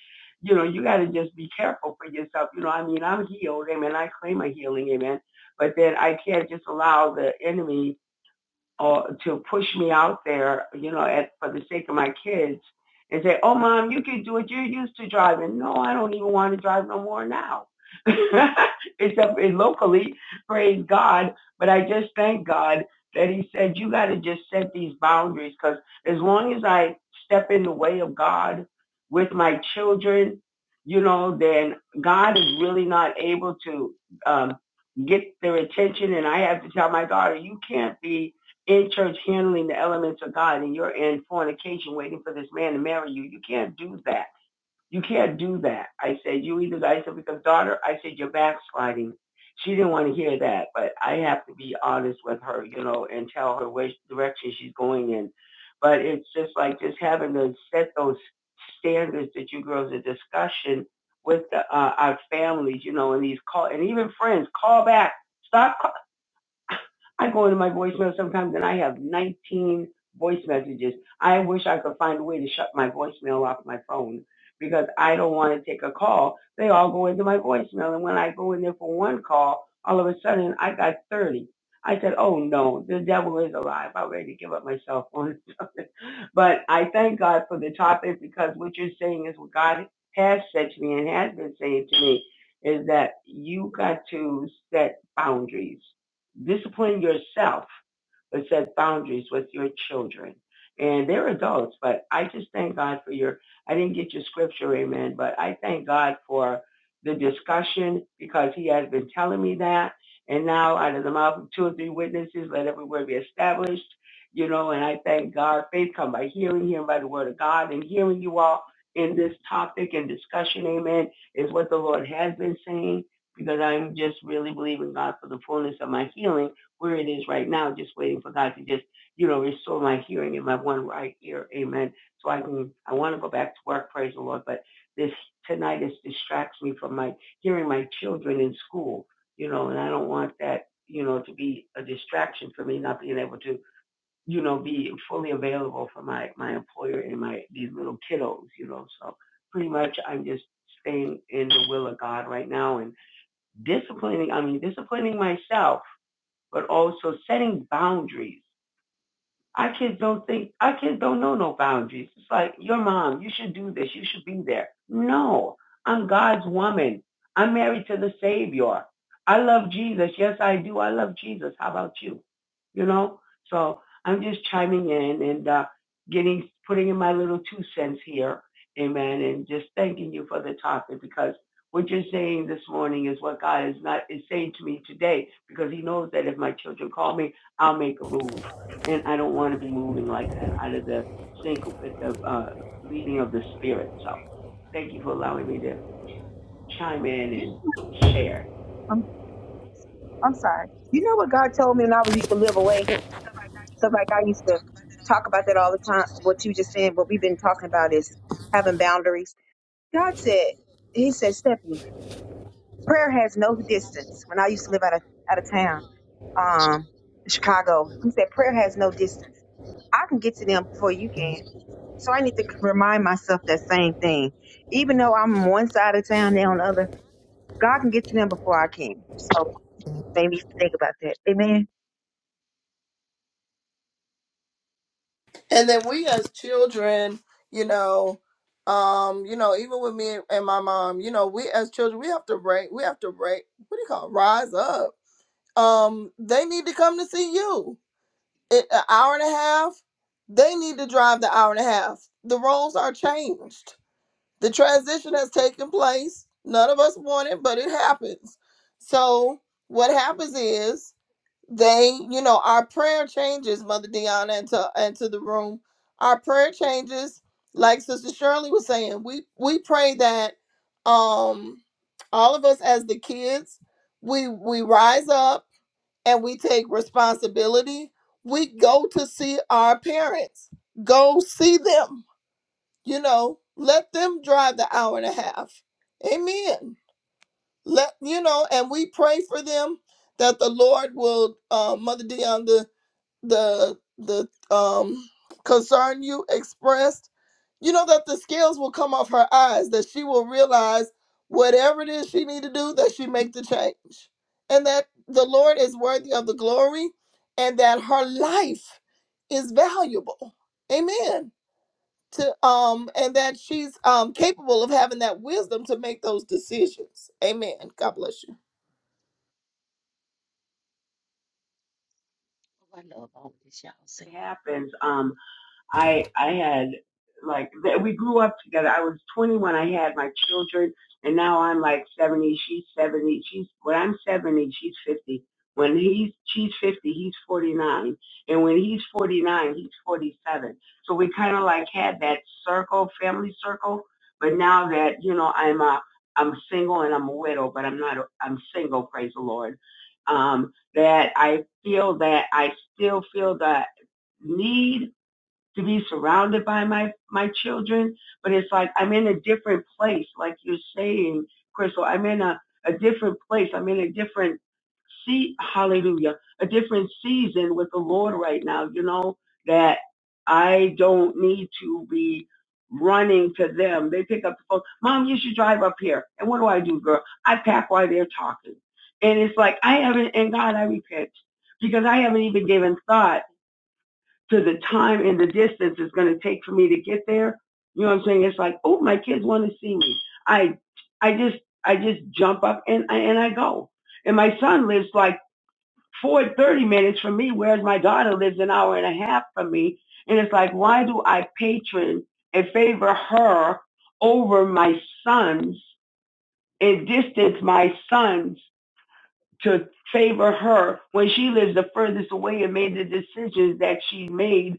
[SPEAKER 9] you know, you got to just be careful for yourself. You know, I mean, I'm healed, amen. I claim a healing, amen. But then I can't just allow the enemy or to push me out there, you know, at, for the sake of my kids and say, oh, mom, you can do it. You're used to driving. No, I don't even want to drive no more now. Except in locally, praise God. But I just thank God that he said, you got to just set these boundaries because as long as I step in the way of God with my children, you know, then God is really not able to um, get their attention. And I have to tell my daughter, you can't be in church handling the elements of God and you're in fornication waiting for this man to marry you. You can't do that. You can't do that. I said, you either, I said, because daughter, I said, you're backsliding. She didn't want to hear that, but I have to be honest with her, you know, and tell her which direction she's going in. But it's just like just having to set those standards that you girls are discussion with the, uh, our families, you know, and these call, and even friends, call back. Stop. I go into my voicemail sometimes and I have 19 voice messages. I wish I could find a way to shut my voicemail off my phone because I don't want to take a call. They all go into my voicemail. And when I go in there for one call, all of a sudden I got 30. I said, oh no, the devil is alive. I'm ready to give up my cell phone. But I thank God for the topic because what you're saying is what God has said to me and has been saying to me is that you got to set boundaries. Discipline yourself but set boundaries with your children. And they're adults, but I just thank God for your, I didn't get your scripture, amen, but I thank God for the discussion because he has been telling me that. And now out of the mouth of two or three witnesses, let every word be established, you know, and I thank God. Faith come by hearing, hearing by the word of God and hearing you all in this topic and discussion, amen, is what the Lord has been saying because I'm just really believing God for the fullness of my healing where it is right now, just waiting for God to just, you know, restore my hearing in my one right ear. Amen. So I can, I want to go back to work, praise the Lord, but this tinnitus distracts me from my hearing my children in school, you know, and I don't want that, you know, to be a distraction for me not being able to, you know, be fully available for my, my employer and my, these little kiddos, you know, so pretty much I'm just staying in the will of God right now and disciplining, I mean, disciplining myself but also setting boundaries our kids don't think, our kids don't know no boundaries. It's like, your mom, you should do this. You should be there. No, I'm God's woman. I'm married to the Savior. I love Jesus. Yes, I do. I love Jesus. How about you? You know? So I'm just chiming in and uh, getting, putting in my little two cents here. Amen. And just thanking you for the topic because what you're saying this morning is what God is not, is saying to me today because he knows that if my children call me, I'll make a move and I don't want to be moving like that out of the sync with the uh, leading of the spirit. So thank you for allowing me to chime in
[SPEAKER 4] know,
[SPEAKER 9] and share.
[SPEAKER 4] I'm, I'm sorry. You know what God told me when I was used to live away, because like I used to talk about that all the time. What you just saying, what we've been talking about is having boundaries. God said, He said, Stephanie. prayer has no distance. When I used to live out of out of town, um, in Chicago, he said prayer has no distance. I can get to them before you can. So I need to remind myself that same thing. Even though I'm on one side of town, they're on the other. God can get to them before I can. So maybe think about that. Amen.
[SPEAKER 3] and then we as children you know um you know even with me and my mom you know we as children we have to break we have to break what do you call it? rise up um they need to come to see you it, an hour and a half they need to drive the hour and a half the roles are changed the transition has taken place none of us want it but it happens so what happens is they you know our prayer changes mother Deanna and to, and to the room our prayer changes like sister shirley was saying we we pray that um all of us as the kids we we rise up and we take responsibility, we go to see our parents. Go see them. You know, let them drive the hour and a half. Amen. Let you know, and we pray for them that the Lord will, uh, Mother Dion, the the the um concern you expressed you know that the scales will come off her eyes that she will realize whatever it is she need to do that she make the change and that the lord is worthy of the glory and that her life is valuable amen to um and that she's um capable of having that wisdom to make those decisions. Amen. God bless you.
[SPEAKER 1] Oh, I love all of this y'all saying.
[SPEAKER 9] It happens. Um, I I had like we grew up together. I was 20 when I had my children, and now I'm like 70. She's 70. She's when I'm 70, she's 50. When he's she's 50, he's 49, and when he's 49, he's 47. So we kind of like had that circle, family circle. But now that you know, I'm a I'm single and I'm a widow, but I'm not. A, I'm single, praise the Lord. Um, that I feel that I still feel the need to be surrounded by my my children, but it's like I'm in a different place, like you're saying, Crystal. I'm in a a different place. I'm in a different seat. hallelujah a different season with the lord right now you know that i don't need to be running to them they pick up the phone mom you should drive up here and what do i do girl i pack while they're talking and it's like i haven't and god i repent because i haven't even given thought to the time and the distance it's going to take for me to get there. You know what I'm saying? It's like, oh, my kids want to see me. I, I just, I just jump up and I, and I go. And my son lives like four thirty minutes from me, whereas my daughter lives an hour and a half from me. And it's like, why do I patron and favor her over my sons and distance my sons to favor her when she lives the furthest away and made the decisions that she made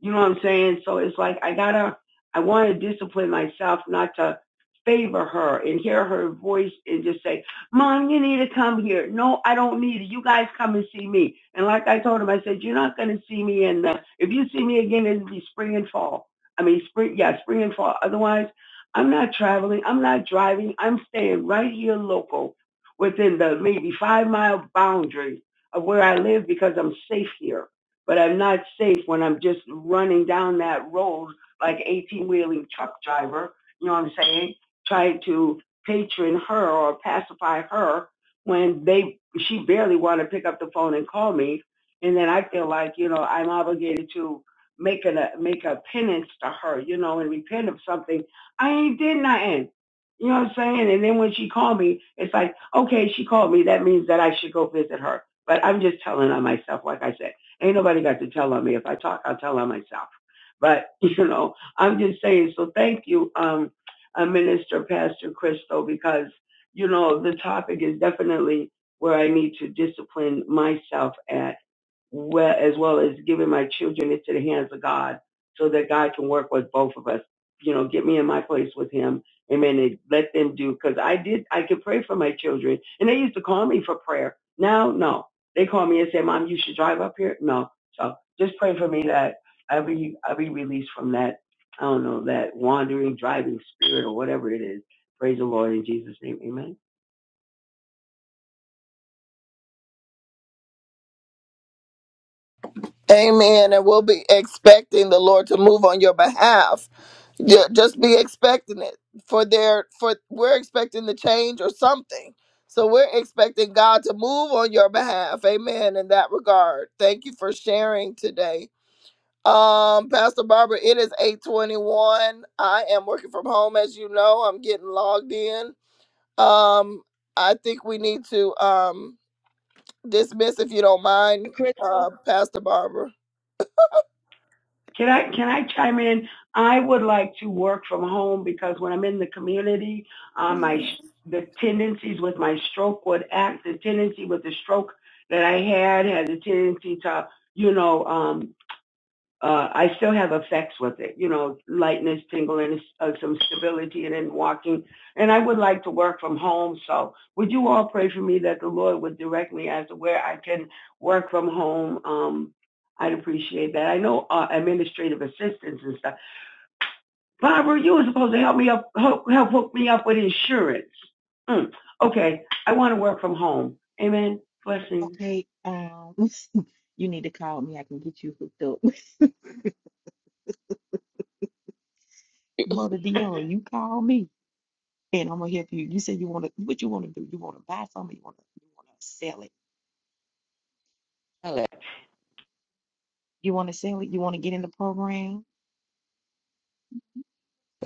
[SPEAKER 9] you know what I'm saying? So it's like I gotta, I want to discipline myself not to favor her and hear her voice and just say, "Mom, you need to come here." No, I don't need it. You guys come and see me. And like I told him, I said, "You're not gonna see me in the. If you see me again, it'll be spring and fall. I mean, spring, yeah, spring and fall. Otherwise, I'm not traveling. I'm not driving. I'm staying right here local, within the maybe five mile boundary of where I live because I'm safe here." but I'm not safe when I'm just running down that road like 18 wheeling truck driver, you know what I'm saying? Trying to patron her or pacify her when they she barely want to pick up the phone and call me. And then I feel like, you know, I'm obligated to make a make a penance to her, you know, and repent of something. I ain't did nothing. You know what I'm saying? And then when she called me, it's like, okay, she called me. That means that I should go visit her. But I'm just telling on myself, like I said. Ain't nobody got to tell on me. If I talk, I'll tell on myself. But you know, I'm just saying. So thank you, um, uh, Minister Pastor Crystal, because you know the topic is definitely where I need to discipline myself at well, as well as giving my children into the hands of God so that God can work with both of us. You know, get me in my place with him. Amen. And let them do. Cause I did, I could pray for my children and they used to call me for prayer. Now, no, they call me and say, mom, you should drive up here. No. So just pray for me that I be, I be released from that. I don't know, that wandering, driving spirit or whatever it is. Praise the Lord in Jesus name. Amen.
[SPEAKER 3] Amen. And we'll be expecting the Lord to move on your behalf. Ju- Just be expecting it for their for we're expecting the change or something. So we're expecting God to move on your behalf. Amen. In that regard. Thank you for sharing today. Um, Pastor Barbara, it is 821. I am working from home, as you know. I'm getting logged in. Um, I think we need to um dismiss if you don't mind,
[SPEAKER 9] Crystal.
[SPEAKER 3] uh, Pastor Barbara.
[SPEAKER 9] Can I can I chime in? I would like to work from home because when I'm in the community, um, my the tendencies with my stroke would act. The tendency with the stroke that I had had the tendency to, you know, um, uh, I still have effects with it, you know, lightness, tingling, uh, some stability, and then walking. And I would like to work from home. So would you all pray for me that the Lord would direct me as to where I can work from home? Um, I'd appreciate that. I know uh, administrative assistance and stuff. Barbara, you were supposed to help me up, help, help hook me up with insurance. Mm. Okay, I want to work from home. Amen. Blessings.
[SPEAKER 1] Okay, um, you need to call me. I can get you hooked up. Mother Dion, you call me and I'm gonna help you. You said you want to, what you want to do? You want to buy something? You want to, you want to sell it? You want to sell it? You want to get in the program?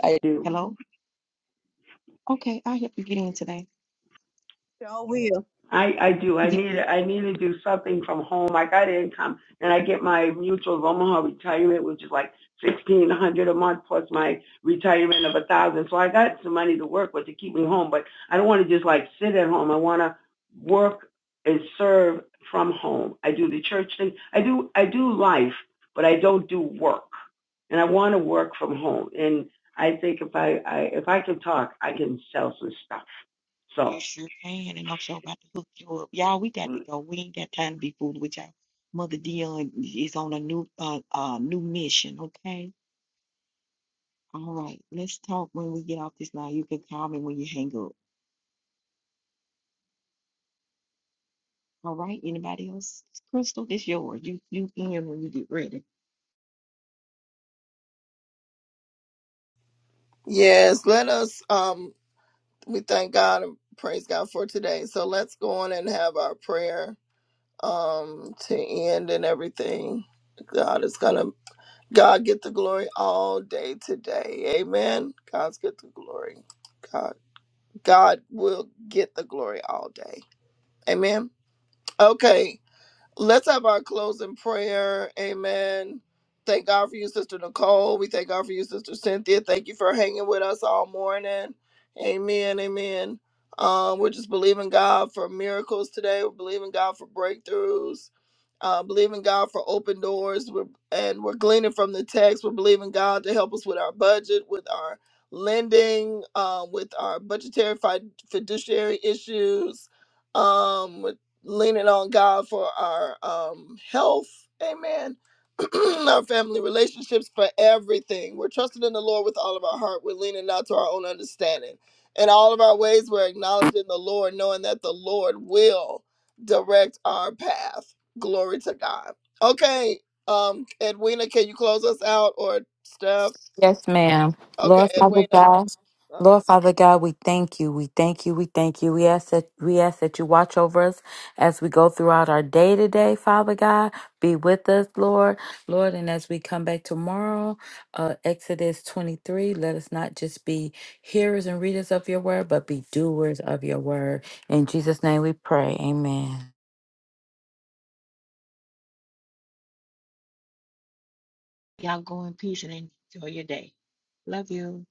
[SPEAKER 9] I Do.
[SPEAKER 1] Hello? Okay, I'll help you get in today.
[SPEAKER 4] Sure will.
[SPEAKER 9] I, I do. I need I need to do something from home. Like, I got income, and I get my mutual of Omaha retirement, which is like sixteen hundred a month plus my retirement of a thousand. So I got some money to work with to keep me home. But I don't want to just like sit at home. I want to work and serve from home. I do the church thing. I do I do life, but I don't do work, and I want to work from home. And I think if I, I if I can talk, I can sell some stuff.
[SPEAKER 1] You
[SPEAKER 9] So.
[SPEAKER 1] sure can, and I'm sure about to hook you up. Y'all, we got to go. We ain't got time to be fooling with y'all. Mother Dion is on a new, uh, uh, new mission. Okay. All right. Let's talk when we get off this line. You can call me when you hang up. All right. Anybody else? Crystal, it's yours. You, you in when you get ready.
[SPEAKER 3] Yes, let us um we thank God and praise God for today. So let's go on and have our prayer um to end and everything. God is gonna God get the glory all day today. Amen. God's get the glory. God God will get the glory all day. Amen. Okay. Let's have our closing prayer. Amen. Thank God for you, Sister Nicole. We thank God for you, Sister Cynthia. Thank you for hanging with us all morning. Amen. Amen. Um, we're just believing God for miracles today. We're believing God for breakthroughs. Uh, believing God for open doors. We're, and we're gleaning from the text. We're believing God to help us with our budget, with our lending, uh, with our budgetary fi- fiduciary issues. Um, leaning on God for our um, health, amen, our family relationships, for everything. We're trusting in the Lord with all of our heart. We're leaning not to our own understanding. In all of our ways, we're acknowledging the Lord, knowing that the Lord will direct our path. Glory to God. Okay, um, Edwina, can you close us out or Steph?
[SPEAKER 2] Yes, ma'am.
[SPEAKER 3] Okay,
[SPEAKER 2] Lord Father
[SPEAKER 3] Edwina.
[SPEAKER 2] God,
[SPEAKER 3] Uh,
[SPEAKER 2] Lord Father God, we thank you. We thank you. We thank you. We ask that we ask that you watch over us as we go throughout our day today, Father God. Be with us, Lord. Lord, and as we come back tomorrow, uh, Exodus 23, let us not just be hearers and readers of your word, but be doers of your word. In Jesus' name we pray. Amen.
[SPEAKER 1] Y'all go in peace and enjoy your day. Love you.